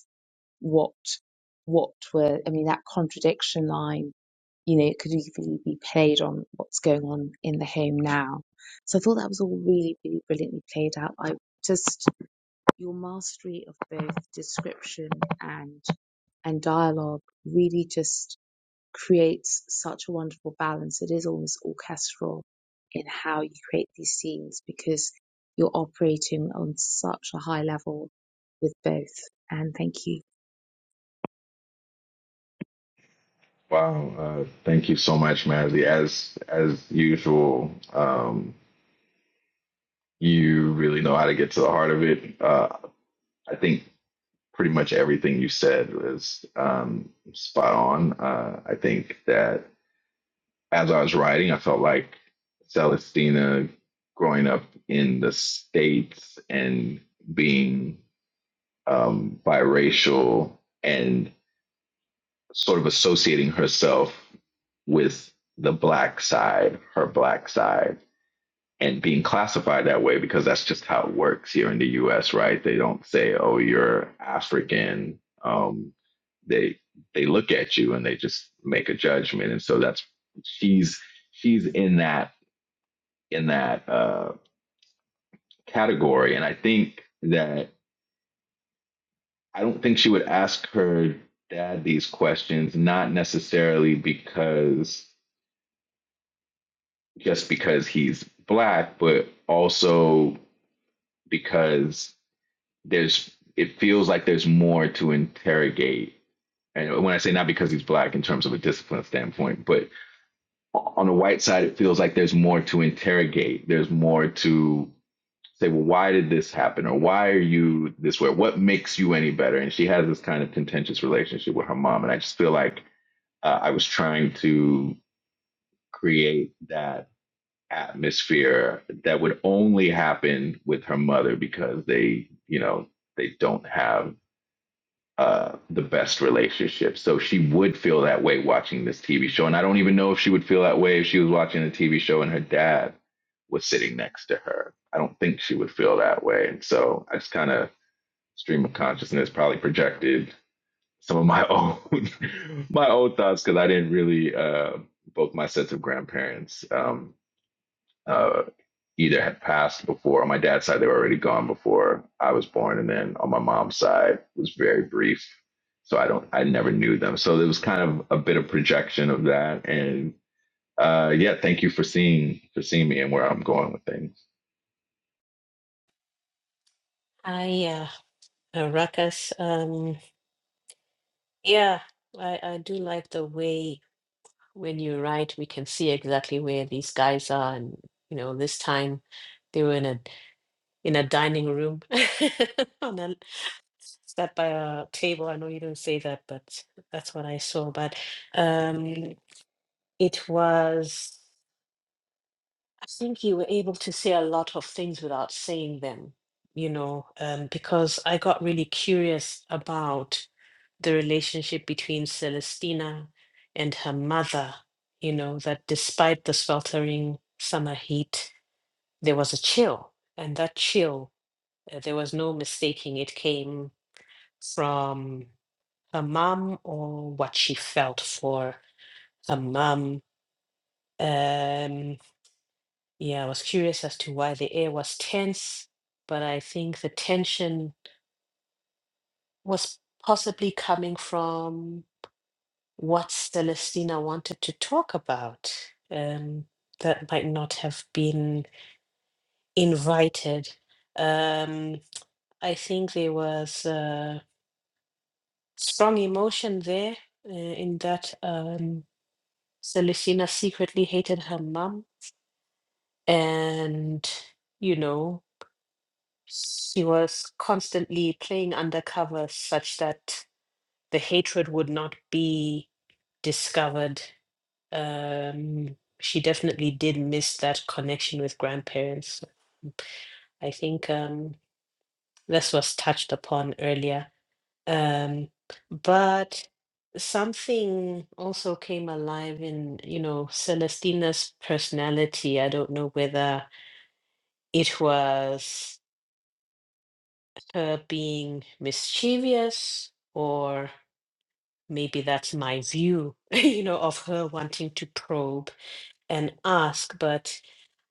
what what were I mean that contradiction line, you know, it could easily be played on what's going on in the home now. So I thought that was all really, really brilliantly played out. I just your mastery of both description and and dialogue really just creates such a wonderful balance. It is almost orchestral in how you create these scenes because you're operating on such a high level with both. And thank you. Wow, uh, thank you so much, Mazzy. As as usual, um, you really know how to get to the heart of it. Uh, I think pretty much everything you said was um, spot on. Uh, I think that as I was writing, I felt like Celestina growing up in the states and being um, biracial and sort of associating herself with the black side, her black side, and being classified that way because that's just how it works here in the US, right? They don't say, oh, you're African. Um, they they look at you and they just make a judgment. And so that's she's she's in that in that uh, category. And I think that I don't think she would ask her dad these questions, not necessarily because just because he's black, but also because there's it feels like there's more to interrogate. And when I say not because he's black in terms of a discipline standpoint, but on the white side, it feels like there's more to interrogate. There's more to say, well, why did this happen? Or why are you this way? What makes you any better? And she has this kind of contentious relationship with her mom. And I just feel like uh, I was trying to create that atmosphere that would only happen with her mother because they, you know, they don't have uh, the best relationship. So she would feel that way watching this TV show. And I don't even know if she would feel that way if she was watching a TV show and her dad was sitting next to her. I don't think she would feel that way. And so I just kind of stream of consciousness probably projected some of my own my own thoughts because I didn't really uh, both my sets of grandparents um, uh, either had passed before on my dad's side they were already gone before I was born and then on my mom's side it was very brief so I don't I never knew them so there was kind of a bit of projection of that and uh, yeah thank you for seeing for seeing me and where I'm going with things. i uh uh, ruckus um yeah i i do like the way when you write we can see exactly where these guys are and you know this time they were in a in a dining room on a sat by a table. I know you don't say that, but that's what I saw. But um, it was, I think you were able to say a lot of things without saying them, you know, um, because I got really curious about the relationship between Celestina and her mother, you know, that despite the sweltering summer heat, there was a chill. And that chill Uh, There was no mistaking it came from her mom or what she felt for her mom. Um, yeah, I was curious as to why the air was tense, but I think the tension was possibly coming from what Celestina wanted to talk about. Um, that might not have been invited. Um, I think there was. uh, strong emotion there uh, in that um, Celestina secretly hated her mom, and you know she was constantly playing undercover such that the hatred would not be discovered. Um, she definitely did miss that connection with grandparents. I think um, this was touched upon earlier um but something also came alive in you know celestina's personality i don't know whether it was her being mischievous or maybe that's my view you know of her wanting to probe and ask but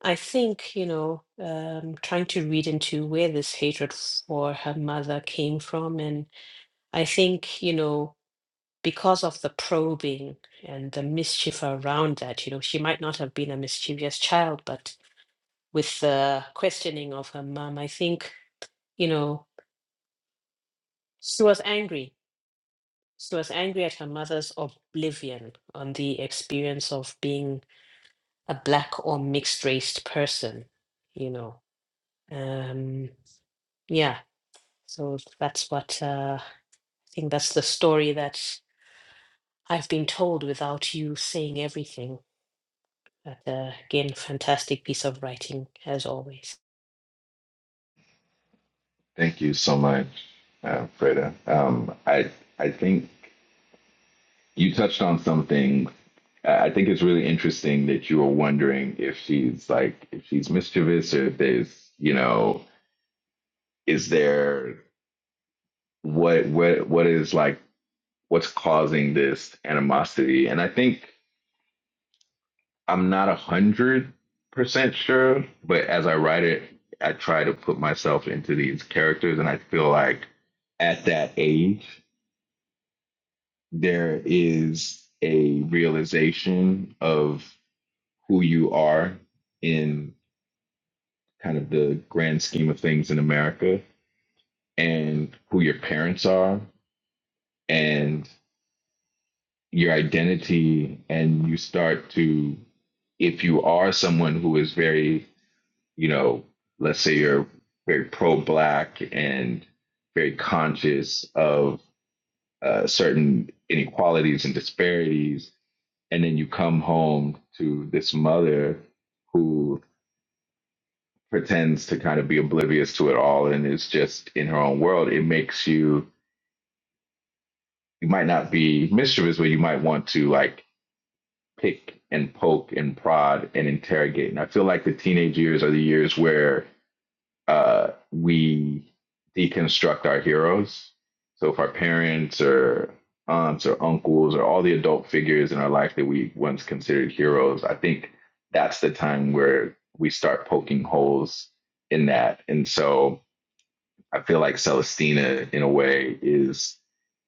i think you know um trying to read into where this hatred for her mother came from and i think you know because of the probing and the mischief around that, you know, she might not have been a mischievous child, but with the questioning of her mom, I think, you know, she was angry. She was angry at her mother's oblivion on the experience of being a black or mixed raced person, you know. Um, yeah, so that's what uh, I think that's the story that I've been told without you saying everything. But uh, again, fantastic piece of writing as always. Thank you so much, uh, Freda. Um, I I think. You touched on something. I I think it's really interesting that you were wondering if she's like if she's mischievous or if there's you know is there what what what is like what's causing this animosity? And I think I'm not a hundred percent sure, but as I write it, I try to put myself into these characters, and I feel like at that age there is a realization of who you are in kind of the grand scheme of things in America and who your parents are and your identity. And you start to, if you are someone who is very, you know, let's say you're very pro black and very conscious of uh, certain inequalities and disparities. And then you come home to this mother who. pretends to kind of be oblivious to it all and is just in her own world, it makes you you might not be mischievous, but you might want to like pick and poke and prod and interrogate. And I feel like the teenage years are the years where uh, we deconstruct our heroes. So if our parents or aunts or uncles or all the adult figures in our life that we once considered heroes, I think that's the time where we start poking holes in that. And so I feel like Celestina in a way is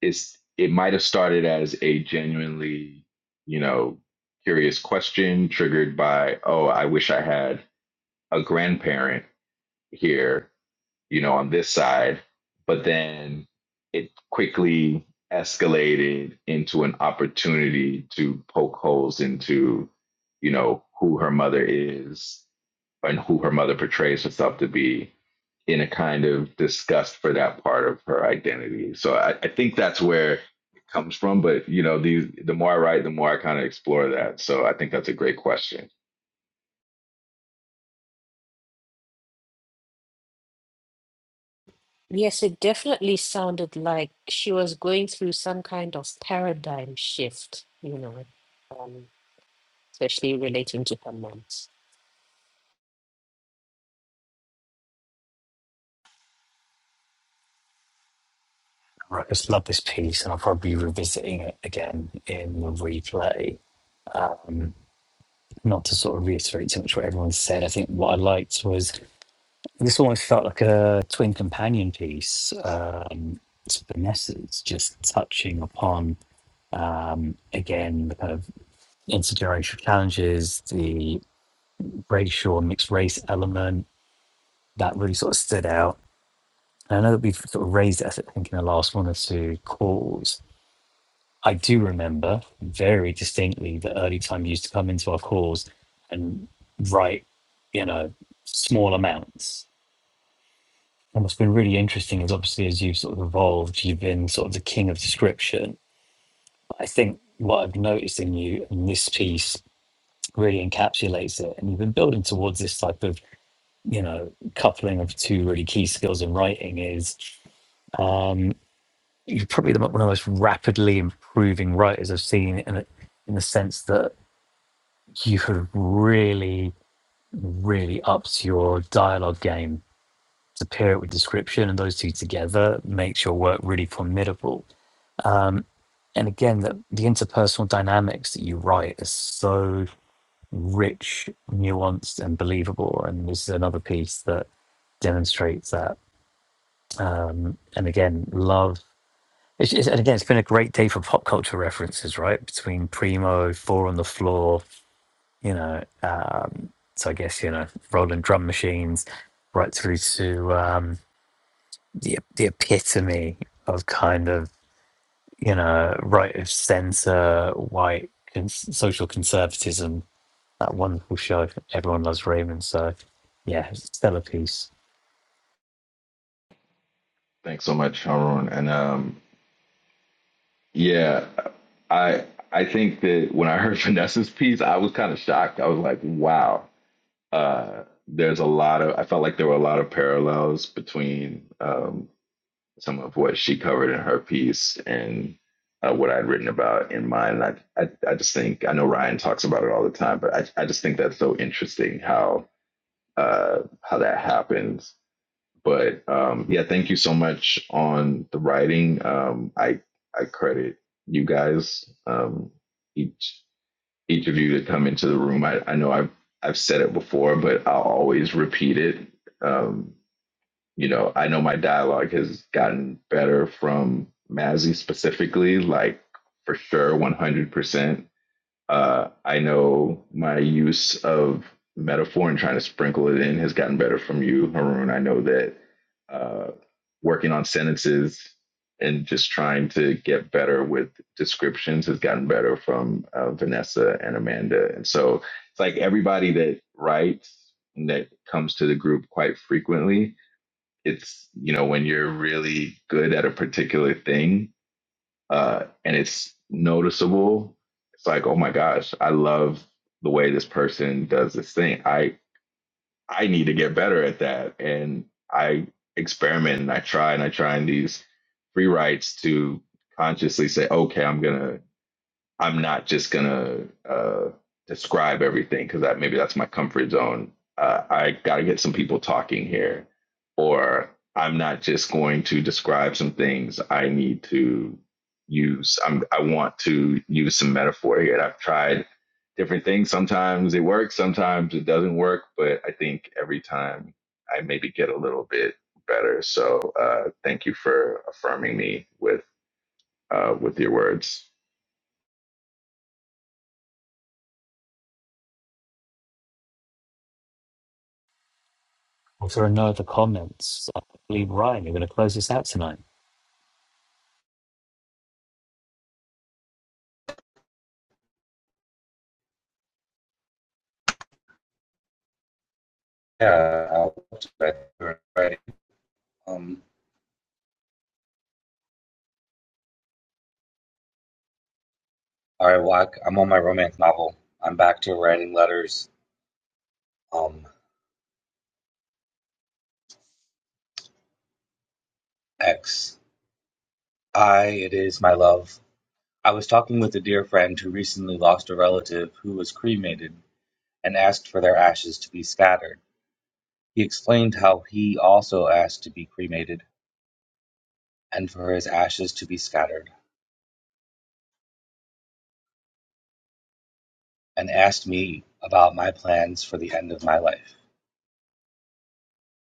is it might have started as a genuinely, you know, curious question triggered by, oh, I wish I had a grandparent here, you know, on this side, but then it quickly escalated into an opportunity to poke holes into, you know, who her mother is and who her mother portrays herself to be in a kind of disgust for that part of her identity. So I, I think that's where it comes from. But you know, these the more I write, the more I kind of explore that. So I think that's a great question. Yes, it definitely sounded like she was going through some kind of paradigm shift, you know, um, especially relating to her moms. Right, I just love this piece, and I'll probably be revisiting it again in the replay. not to sort of reiterate too much what everyone said, I think what I liked was this almost felt like a twin companion piece um, to Vanessa's, just touching upon um, again the kind of intergenerational challenges, the racial and mixed race element that really sort of stood out. And I know that we've sort of raised it, I think, in the last one or two calls, I do remember very distinctly the early time you used to come into our calls and write, you know, small amounts. And what's been really interesting is obviously as you've sort of evolved, you've been sort of the king of description. I think what I've noticed in you in this piece really encapsulates it. And you've been building towards this type of, you know, coupling of two really key skills in writing is um, you're probably the, mo- one of the most rapidly improving writers I've seen in, a, in the sense that you could really, really upped your dialogue game to pair it with description, and those two together makes your work really formidable. And again, that the interpersonal dynamics that you write is so rich, nuanced, and believable. And this is another piece that demonstrates that. Um, and again, love. It's, it's, and again, it's been a great day for pop culture references, right? Between Primo, Four on the Floor, you know. Um, so I guess you know, rolling drum machines, right through to um, the the epitome of kind of you know right of centre white con- social conservatism. That wonderful show, everyone loves Raymond. So yeah, stellar piece. Thanks so much, Haroon. And um, yeah, I I think that when I heard Vanessa's piece, I was kind of shocked. I was like, wow. Uh, there's a lot of I felt like there were a lot of parallels between um, some of what she covered in her piece and uh, what I'd written about in mine. And I, I, I just think I know Ryan talks about it all the time, but I, I just think that's so interesting how uh, how that happens. But um, yeah, thank you so much on the writing. Um, I I credit you guys um, each each of you to come into the room. I, I know I've I've said it before, but I'll always repeat it. Um, you know, I know my dialogue has gotten better from Mazzy specifically, like for sure, 100%. Uh, I know my use of metaphor and trying to sprinkle it in has gotten better from you, Haroon. I know that uh, working on sentences and just trying to get better with descriptions has gotten better from uh, Vanessa and Amanda. And so it's like everybody that writes and that comes to the group quite frequently it's you know when you're really good at a particular thing uh, and it's noticeable it's like oh my gosh i love the way this person does this thing i i need to get better at that and i experiment and i try and i try and these free writes to consciously say okay i'm gonna I'm not just gonna uh, describe everything because that maybe that's my comfort zone. Uh, I got to get some people talking here, or I'm not just going to describe some things. I need to use. I'm, I want to use some metaphor here, and I've tried different things. Sometimes it works, sometimes it doesn't work. But I think every time I maybe get a little bit better. So uh, thank you for affirming me with uh, with your words. Well, if there are no other comments, I believe Ryan, you're going to close this out tonight. Yeah, I'll we're Um, all right, well, I, am on my romance novel. I'm back to writing letters. Um, X. I, it is my love. I was talking with a dear friend who recently lost a relative who was cremated and asked for their ashes to be scattered. He explained how he also asked to be cremated and for his ashes to be scattered. and asked me about my plans for the end of my life.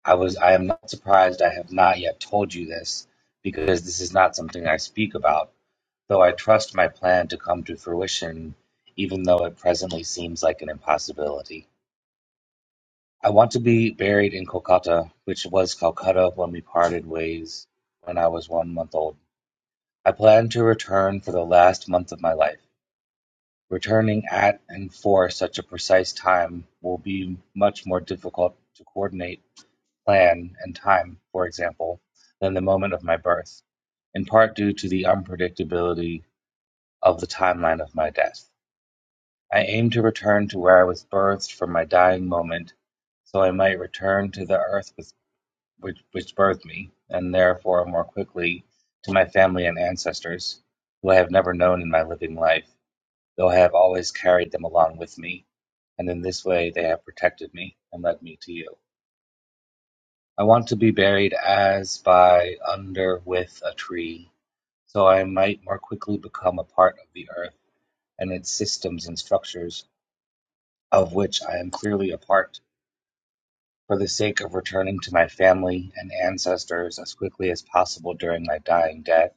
I was I am not surprised I have not yet told you this because this is not something I speak about, though I trust my plan to come to fruition even though it presently seems like an impossibility. I want to be buried in Kolkata, which was Calcutta when we parted ways when I was 1 month old. I plan to return for the last month of my life. Returning at and for such a precise time will be much more difficult to coordinate plan, and time, for example, than the moment of my birth, in part due to the unpredictability of the timeline of my death. I aim to return to where I was birthed from my dying moment, so I might return to the earth which, which birthed me, and therefore more quickly to my family and ancestors, who I have never known in my living life, though I have always carried them along with me, and in this way they have protected me and led me to you. I want to be buried as by under with a tree, so I might more quickly become a part of the earth and its systems and structures, of which I am clearly a part, for the sake of returning to my family and ancestors as quickly as possible during my dying death,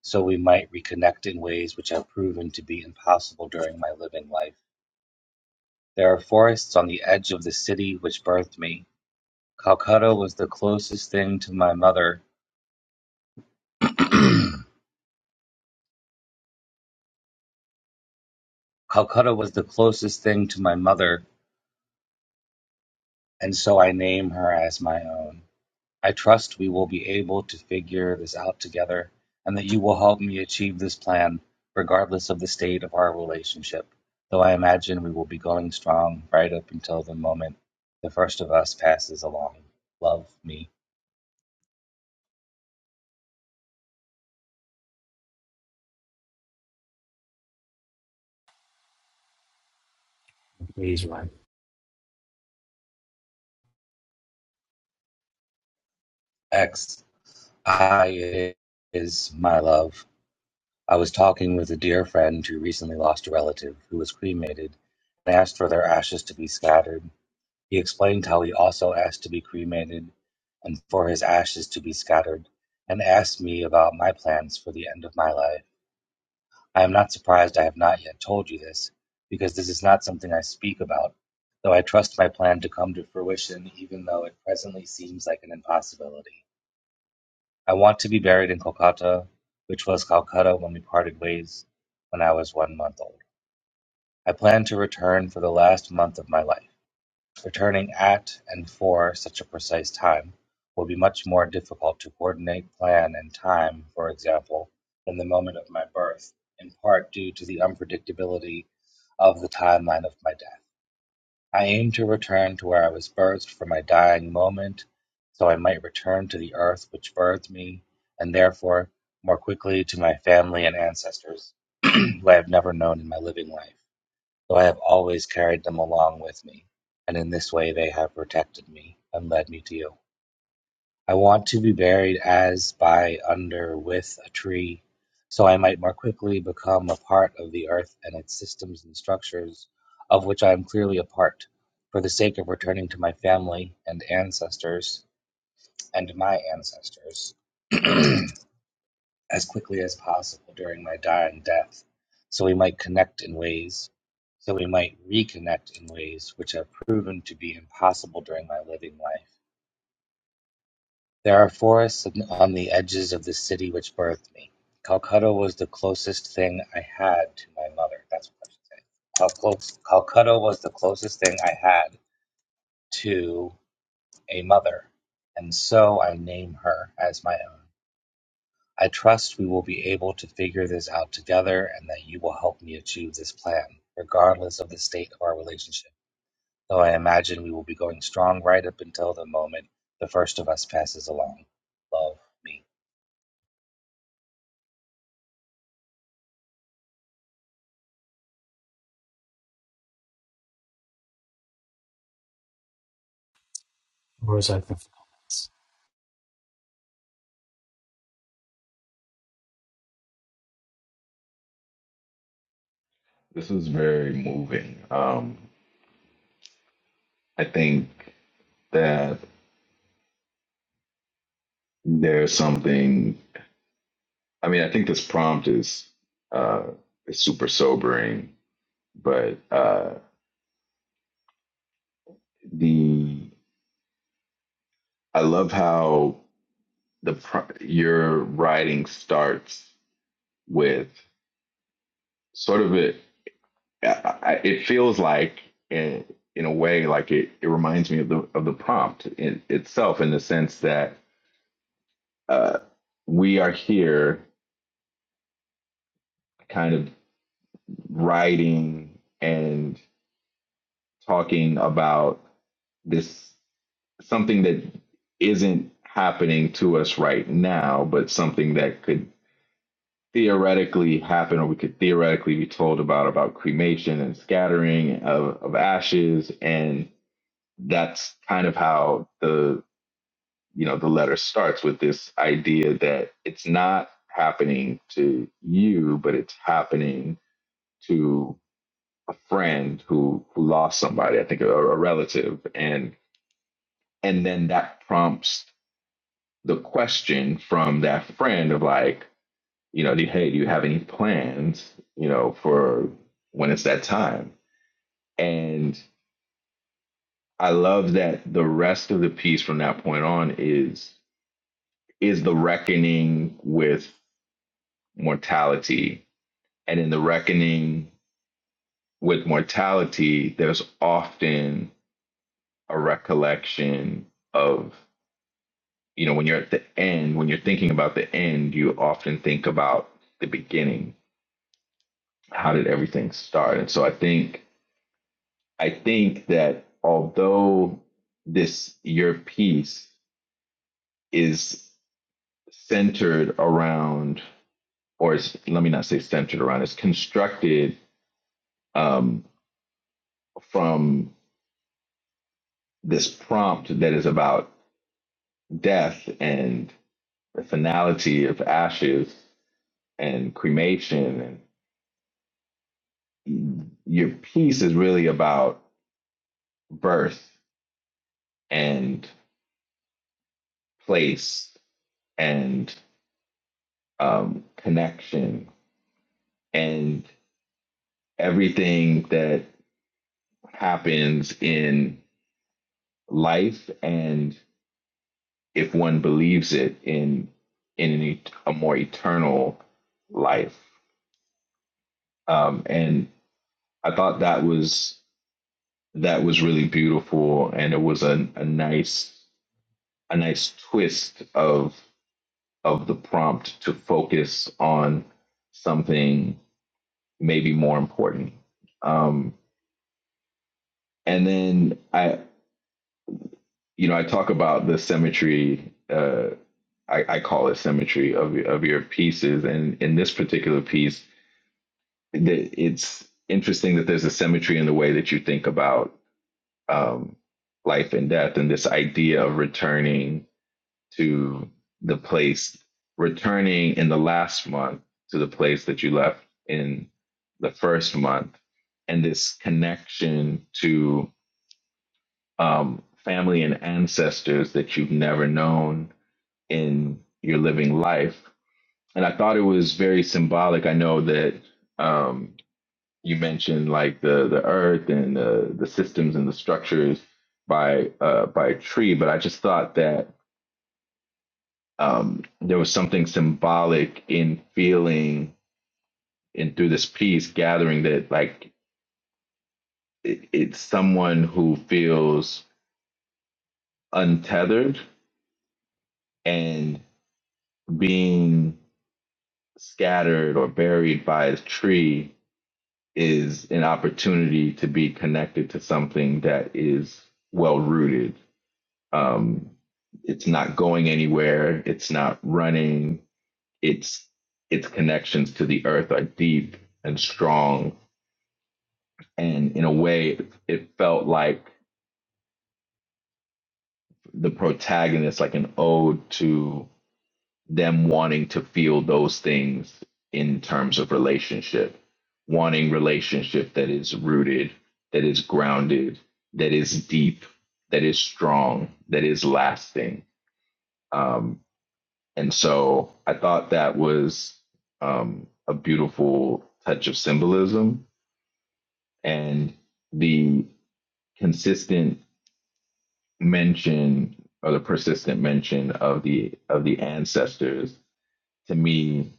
so we might reconnect in ways which have proven to be impossible during my living life. There are forests on the edge of the city which birthed me. Calcutta was the closest thing to my mother. Calcutta was the closest thing to my mother, and so I name her as my own. I trust we will be able to figure this out together, and that you will help me achieve this plan, regardless of the state of our relationship. Though I imagine we will be going strong right up until the moment the first of us passes along. Love me. Please, Ryan. X. I is my love. I was talking with a dear friend who recently lost a relative who was cremated and asked for their ashes to be scattered He explained how he also asked to be cremated and for his ashes to be scattered, and asked me about my plans for the end of my life. I am not surprised I have not yet told you this, because this is not something I speak about, though I trust my plan to come to fruition, even though it presently seems like an impossibility. I want to be buried in Kolkata, which was Calcutta when we parted ways when I was one month old. I plan to return for the last month of my life. Returning at and for such a precise time will be much more difficult to coordinate plan and time, for example, than the moment of my birth, in part due to the unpredictability of the timeline of my death. I aim to return to where I was birthed for my dying moment, so I might return to the earth which birthed me, and therefore more quickly to my family and ancestors, who I have never known in my living life. So I have always carried them along with me, and in this way they have protected me and led me to you. I want to be buried as by under with a tree, so I might more quickly become a part of the earth and its systems and structures, of which I am clearly a part, for the sake of returning to my family and ancestors and my ancestors. as quickly as possible during my dying death, so we might connect in ways, so we might reconnect in ways which have proven to be impossible during my living life. There are forests on the edges of the city which birthed me. Calcutta was the closest thing I had to my mother. That's what I should say. Cal- close- Calcutta was the closest thing I had to a mother, and so I name her as my own. I trust we will be able to figure this out together and that you will help me achieve this plan, regardless of the state of our relationship. Though I imagine we will be going strong right up until the moment the first of us passes along. Love me. Floor is open for us. This is very moving. Um, I think that there's something. I mean, I think this prompt is uh, is super sobering, but uh, the I love how the pro- your writing starts with sort of it. it feels like in in a way like it, it reminds me of the of the prompt in itself in the sense that uh, we are here kind of writing and talking about this something that isn't happening to us right now, but something that could theoretically happen or we could theoretically be told about about cremation and scattering of, of ashes and that's kind of how the you know the letter starts with this idea that it's not happening to you but it's happening to. a friend who who lost somebody, I think a, a relative, and and then that prompts the question from that friend of like, you know, hey, do you have any plans, you know, for when it's that time? And I love that the rest of the piece from that point on is is the reckoning with mortality. And in the reckoning with mortality, there's often a recollection of you know, when you're at the end, when you're thinking about the end, you often think about the beginning. How did everything start? And so I think I think that although this your piece is centered around, or is, let me not say centered around, it's constructed um, from this prompt that is about death and the finality of ashes and cremation and. your piece is really about birth and place and um, connection and everything that happens in life and if one believes it in in an, et- a more eternal life um, and I thought that was that was really beautiful and it was a, a nice a nice twist of of the prompt to focus on something maybe more important. Um, and then I, you know, I talk about the symmetry. Uh, I, I call it symmetry of of your pieces, and in this particular piece, that it's interesting that there's a symmetry in the way that you think about um, life and death, and this idea of returning to the place, returning in the last month to the place that you left in the first month, and this connection to um, family and ancestors that you've never known in your living life. And I thought it was very symbolic. I know that um, you mentioned like the the earth and the the systems and the structures by uh, by a tree, but I just thought that um, there was something symbolic in feeling and through this piece gathering that like it, it's someone who feels untethered and being scattered or buried by a tree is an opportunity to be connected to something that is well rooted um, it's not going anywhere it's not running it's its connections to the earth are deep and strong and in a way it, it felt like the protagonist like an ode to them wanting to feel those things in terms of relationship wanting relationship that is rooted that is grounded that is deep that is strong that is lasting um, and so i thought that was um, a beautiful touch of symbolism and the consistent mention or the persistent mention of the of the ancestors to me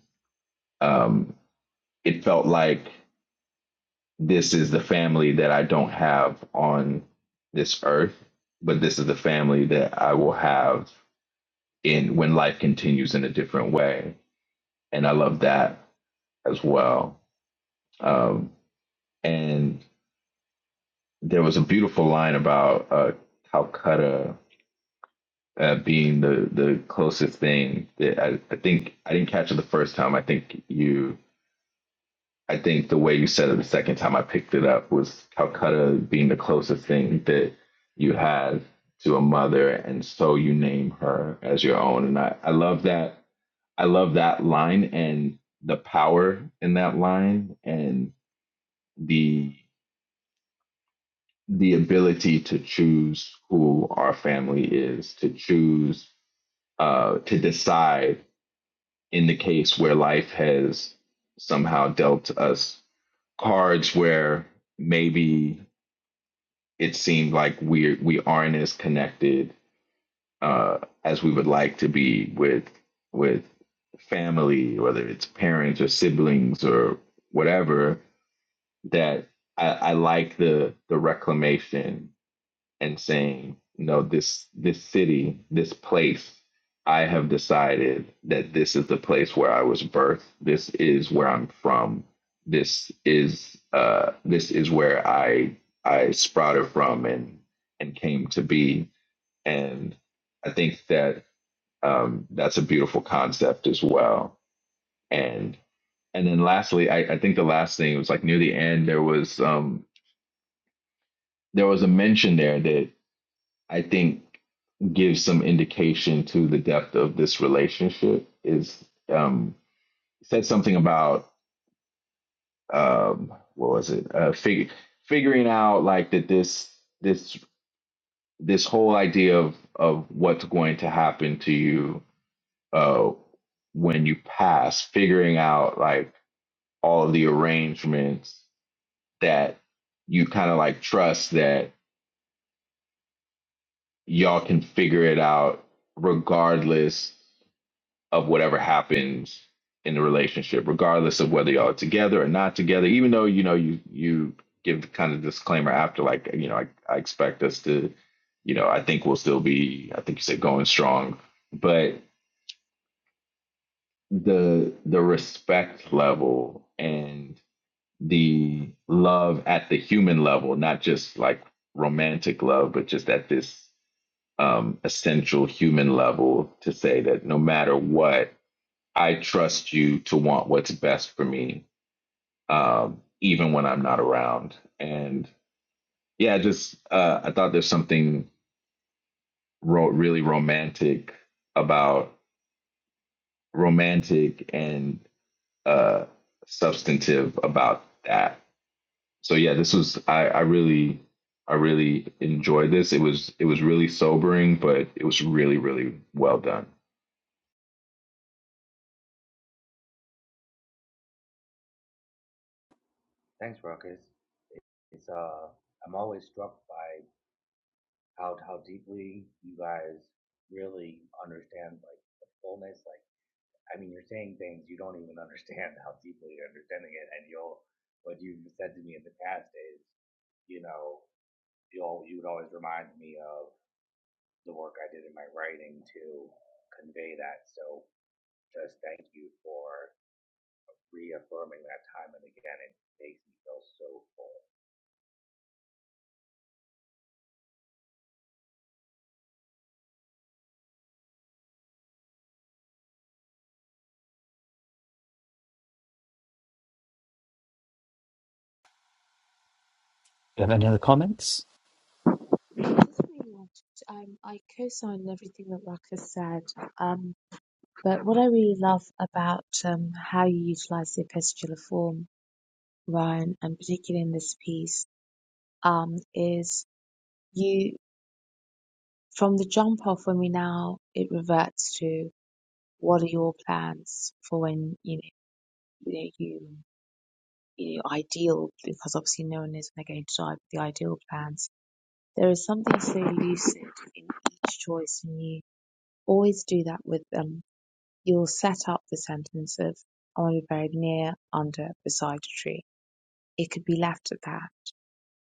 um it felt like this is the family that I don't have on this earth but this is the family that I will have in when life continues in a different way and I love that as well um and there was a beautiful line about uh Calcutta uh, being the the closest thing that I, I think I didn't catch it the first time. I think you I think the way you said it the second time I picked it up was Calcutta being the closest thing that you have to a mother, and so you name her as your own. And I I love that I love that line and the power in that line and the the ability to choose who our family is to choose uh, to decide in the case where life has somehow dealt us cards where maybe it seemed like we we aren't as connected uh, as we would like to be with with family, whether it's parents or siblings or whatever. That I, I like the the reclamation and saying, no, this this city, this place, I have decided that this is the place where I was birthed. This is where I'm from. This is uh, this is where I I sprouted from and and came to be. And I think that um, that's a beautiful concept as well. And and then lastly, I, I think the last thing was like near the end there was um, there was a mention there that I think. gives some indication to the depth of this relationship is um, said something about um, what was it uh, fig- figuring out like that this this this whole idea of of what's going to happen to you uh, when you pass figuring out like all of the arrangements that you kind of like trust that y'all can figure it out regardless of whatever happens in the relationship, regardless of whether y'all are together or not together. Even though you know you you give the kind of disclaimer after, like you know, I, I expect us to, you know, I think we'll still be, I think you said going strong, but the the respect level and the love at the human level, not just like romantic love, but just at this um essential human level to say that no matter what I trust you to want what's best for me, um, even when I'm not around. And yeah, just uh, I thought there's something ro- really romantic about romantic and uh, substantive about that. So yeah, this was I, I really I really enjoyed this. It was it was really sobering, but it was really really well done. Do you have any other comments? Pretty much. Um, I co-sign everything that Ruck said. Um, but what I really love about um, how you utilize the epistolar form, Ryan, and particularly in this piece, um, is you from the jump off when we now it reverts to what are your plans for when you know you know you you know, ideal because obviously no one is when they're going to die, but the ideal plans. There is something so lucid in each choice, and you always do that with them You'll set up the sentence of I want to be buried near, under, beside a tree. It could be left at that.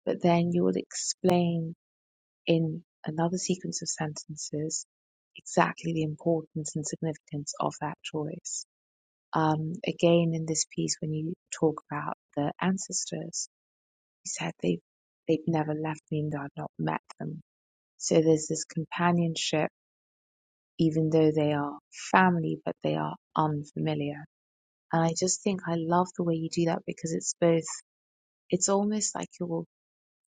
But then you will explain in another sequence of sentences exactly the importance and significance of that choice. Um, again, in this piece, when you talk about the ancestors, you said they've, they've never left me and I've not met them. So there's this companionship, even though they are family, but they are unfamiliar And I just think I love the way you do that because it's both, it's almost like your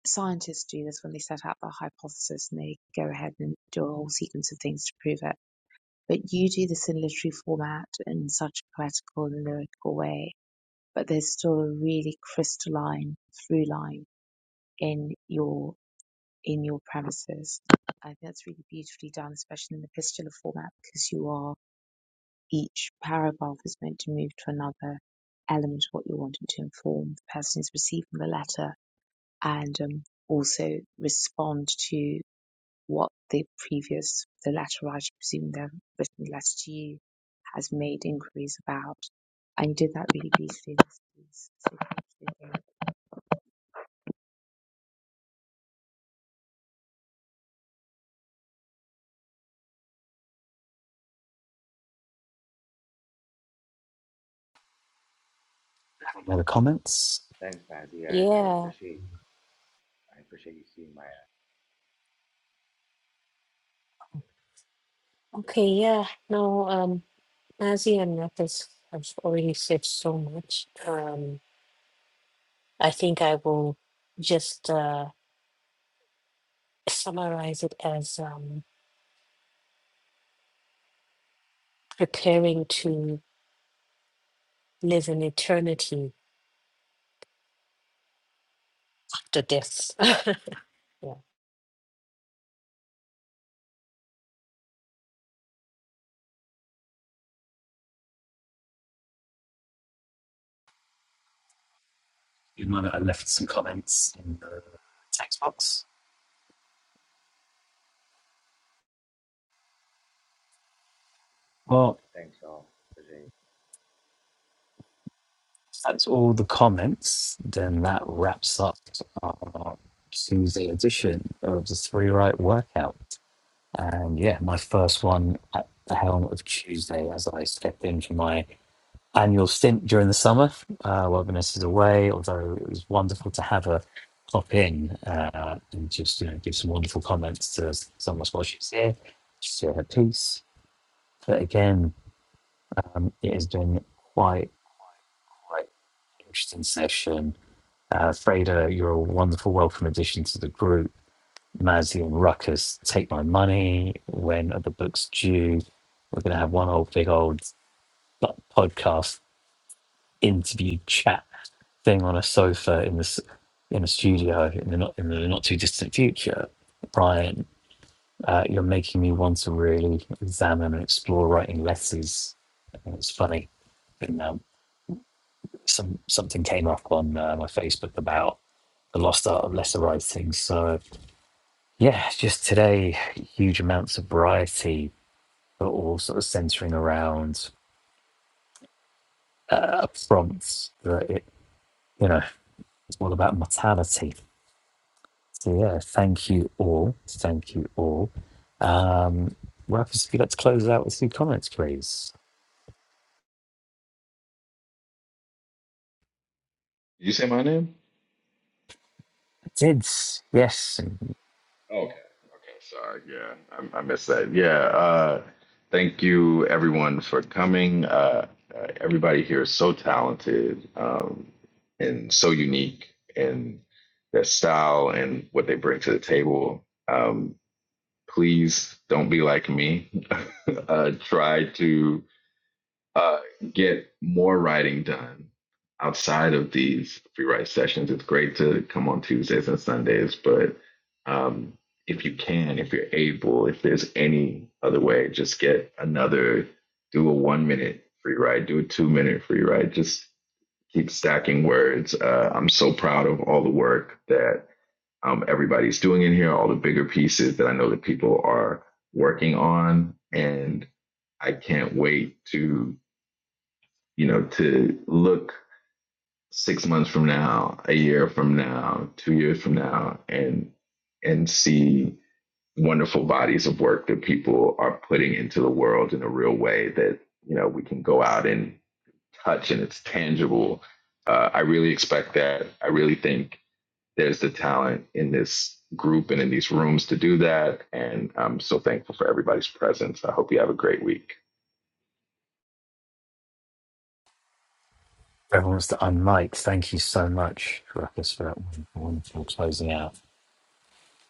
scientists do this when they set out their hypothesis and they go ahead and do a whole sequence of things to prove it. But you do this in literary format in such a poetical and lyrical way. But there's still a really crystalline through line in your, in your premises. I think that's really beautifully done, especially in the epistolar format because you are each paragraph is meant to move to another element of what you're wanting to inform the person who's receiving the letter and um, also respond to what the previous, the letter writer, presuming they've written the letter to you, has made inquiries about. And you did that really beautifully in this piece. So thank you again. Have any other comments? Yeah, okay, yeah. No, um, Nazi and Mathis have already said so much. Um, I think I will just uh, summarize it as um, preparing to live in eternity to death. yeah. You might have left some comments in the text box. Well, if that's all the comments. Then that wraps up our Tuesday edition of the Three Right Workout. And yeah, my first one at the helm of Tuesday as I step in for my annual stint during the summer uh, while Vanessa's away. Although it was wonderful to have her pop in uh, and just you know give some wonderful comments to some of us while she's here. She's here her piece. But again, um, it has been quite quite an interesting session Uh, Freda, you're a wonderful welcome addition to the group. Mazzy and Ruckus, take my money. When are the books due? We're going to have one old big old bu- podcast interview chat thing on a sofa in this in a studio in the not in the not too distant future. Brian, uh, you're making me want to really examine and explore writing letters. And it's funny, and um, some something came up on uh, my Facebook about the lost art of letter writing. So Yeah, just today, huge amounts of variety, but all sort of centering around uh, prompts that it, you know, it's all about mortality. So yeah, thank you all. Thank you all. Um, Rufus, if you'd like to close out with a few comments, please. Did you say my name? I did, yes. And Okay. Okay. Sorry. Yeah, I, I missed that. Yeah. Uh, thank you, everyone, for coming. Uh, uh, everybody here is so talented um, and so unique in their style and what they bring to the table. Um, please don't be like me. uh, try to uh, get more writing done outside of these free write sessions. It's great to come on Tuesdays and Sundays, but um, if you can, if you're able, if there's any other way, just get another, do a one minute free write, do a two minute free write, just keep stacking words. Uh, I'm so proud of all the work that um, everybody's doing in here, all the bigger pieces that I know that people are working on. And I can't wait to you know, to look six months from now, a year from now, two years from now, and and see wonderful bodies of work that people are putting into the world in a real way that you know we can go out and touch and it's tangible. Uh, I really expect that. I really think there's the talent in this group and in these rooms to do that. And I'm so thankful for everybody's presence. I hope you have a great week. everyone wants to unmic. Thank you so much, Rufus, for that wonderful closing out.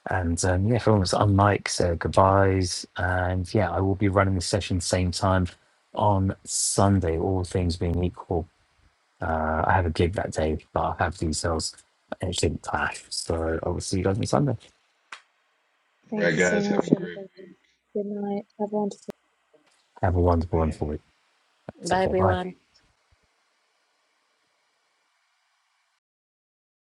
And um, yeah, everyone was on mics, uh, goodbyes. And yeah, I will be running the session same time on Sunday, all things being equal. Uh, I have a gig that day, but I'll have details and it shouldn't clash. So I will see you guys on Sunday. All Thank right, you so guys, have much, a great everybody. Good night. Have a wonderful Have a wonderful, week. wonderful week. Bye, Take care. Bye. everyone.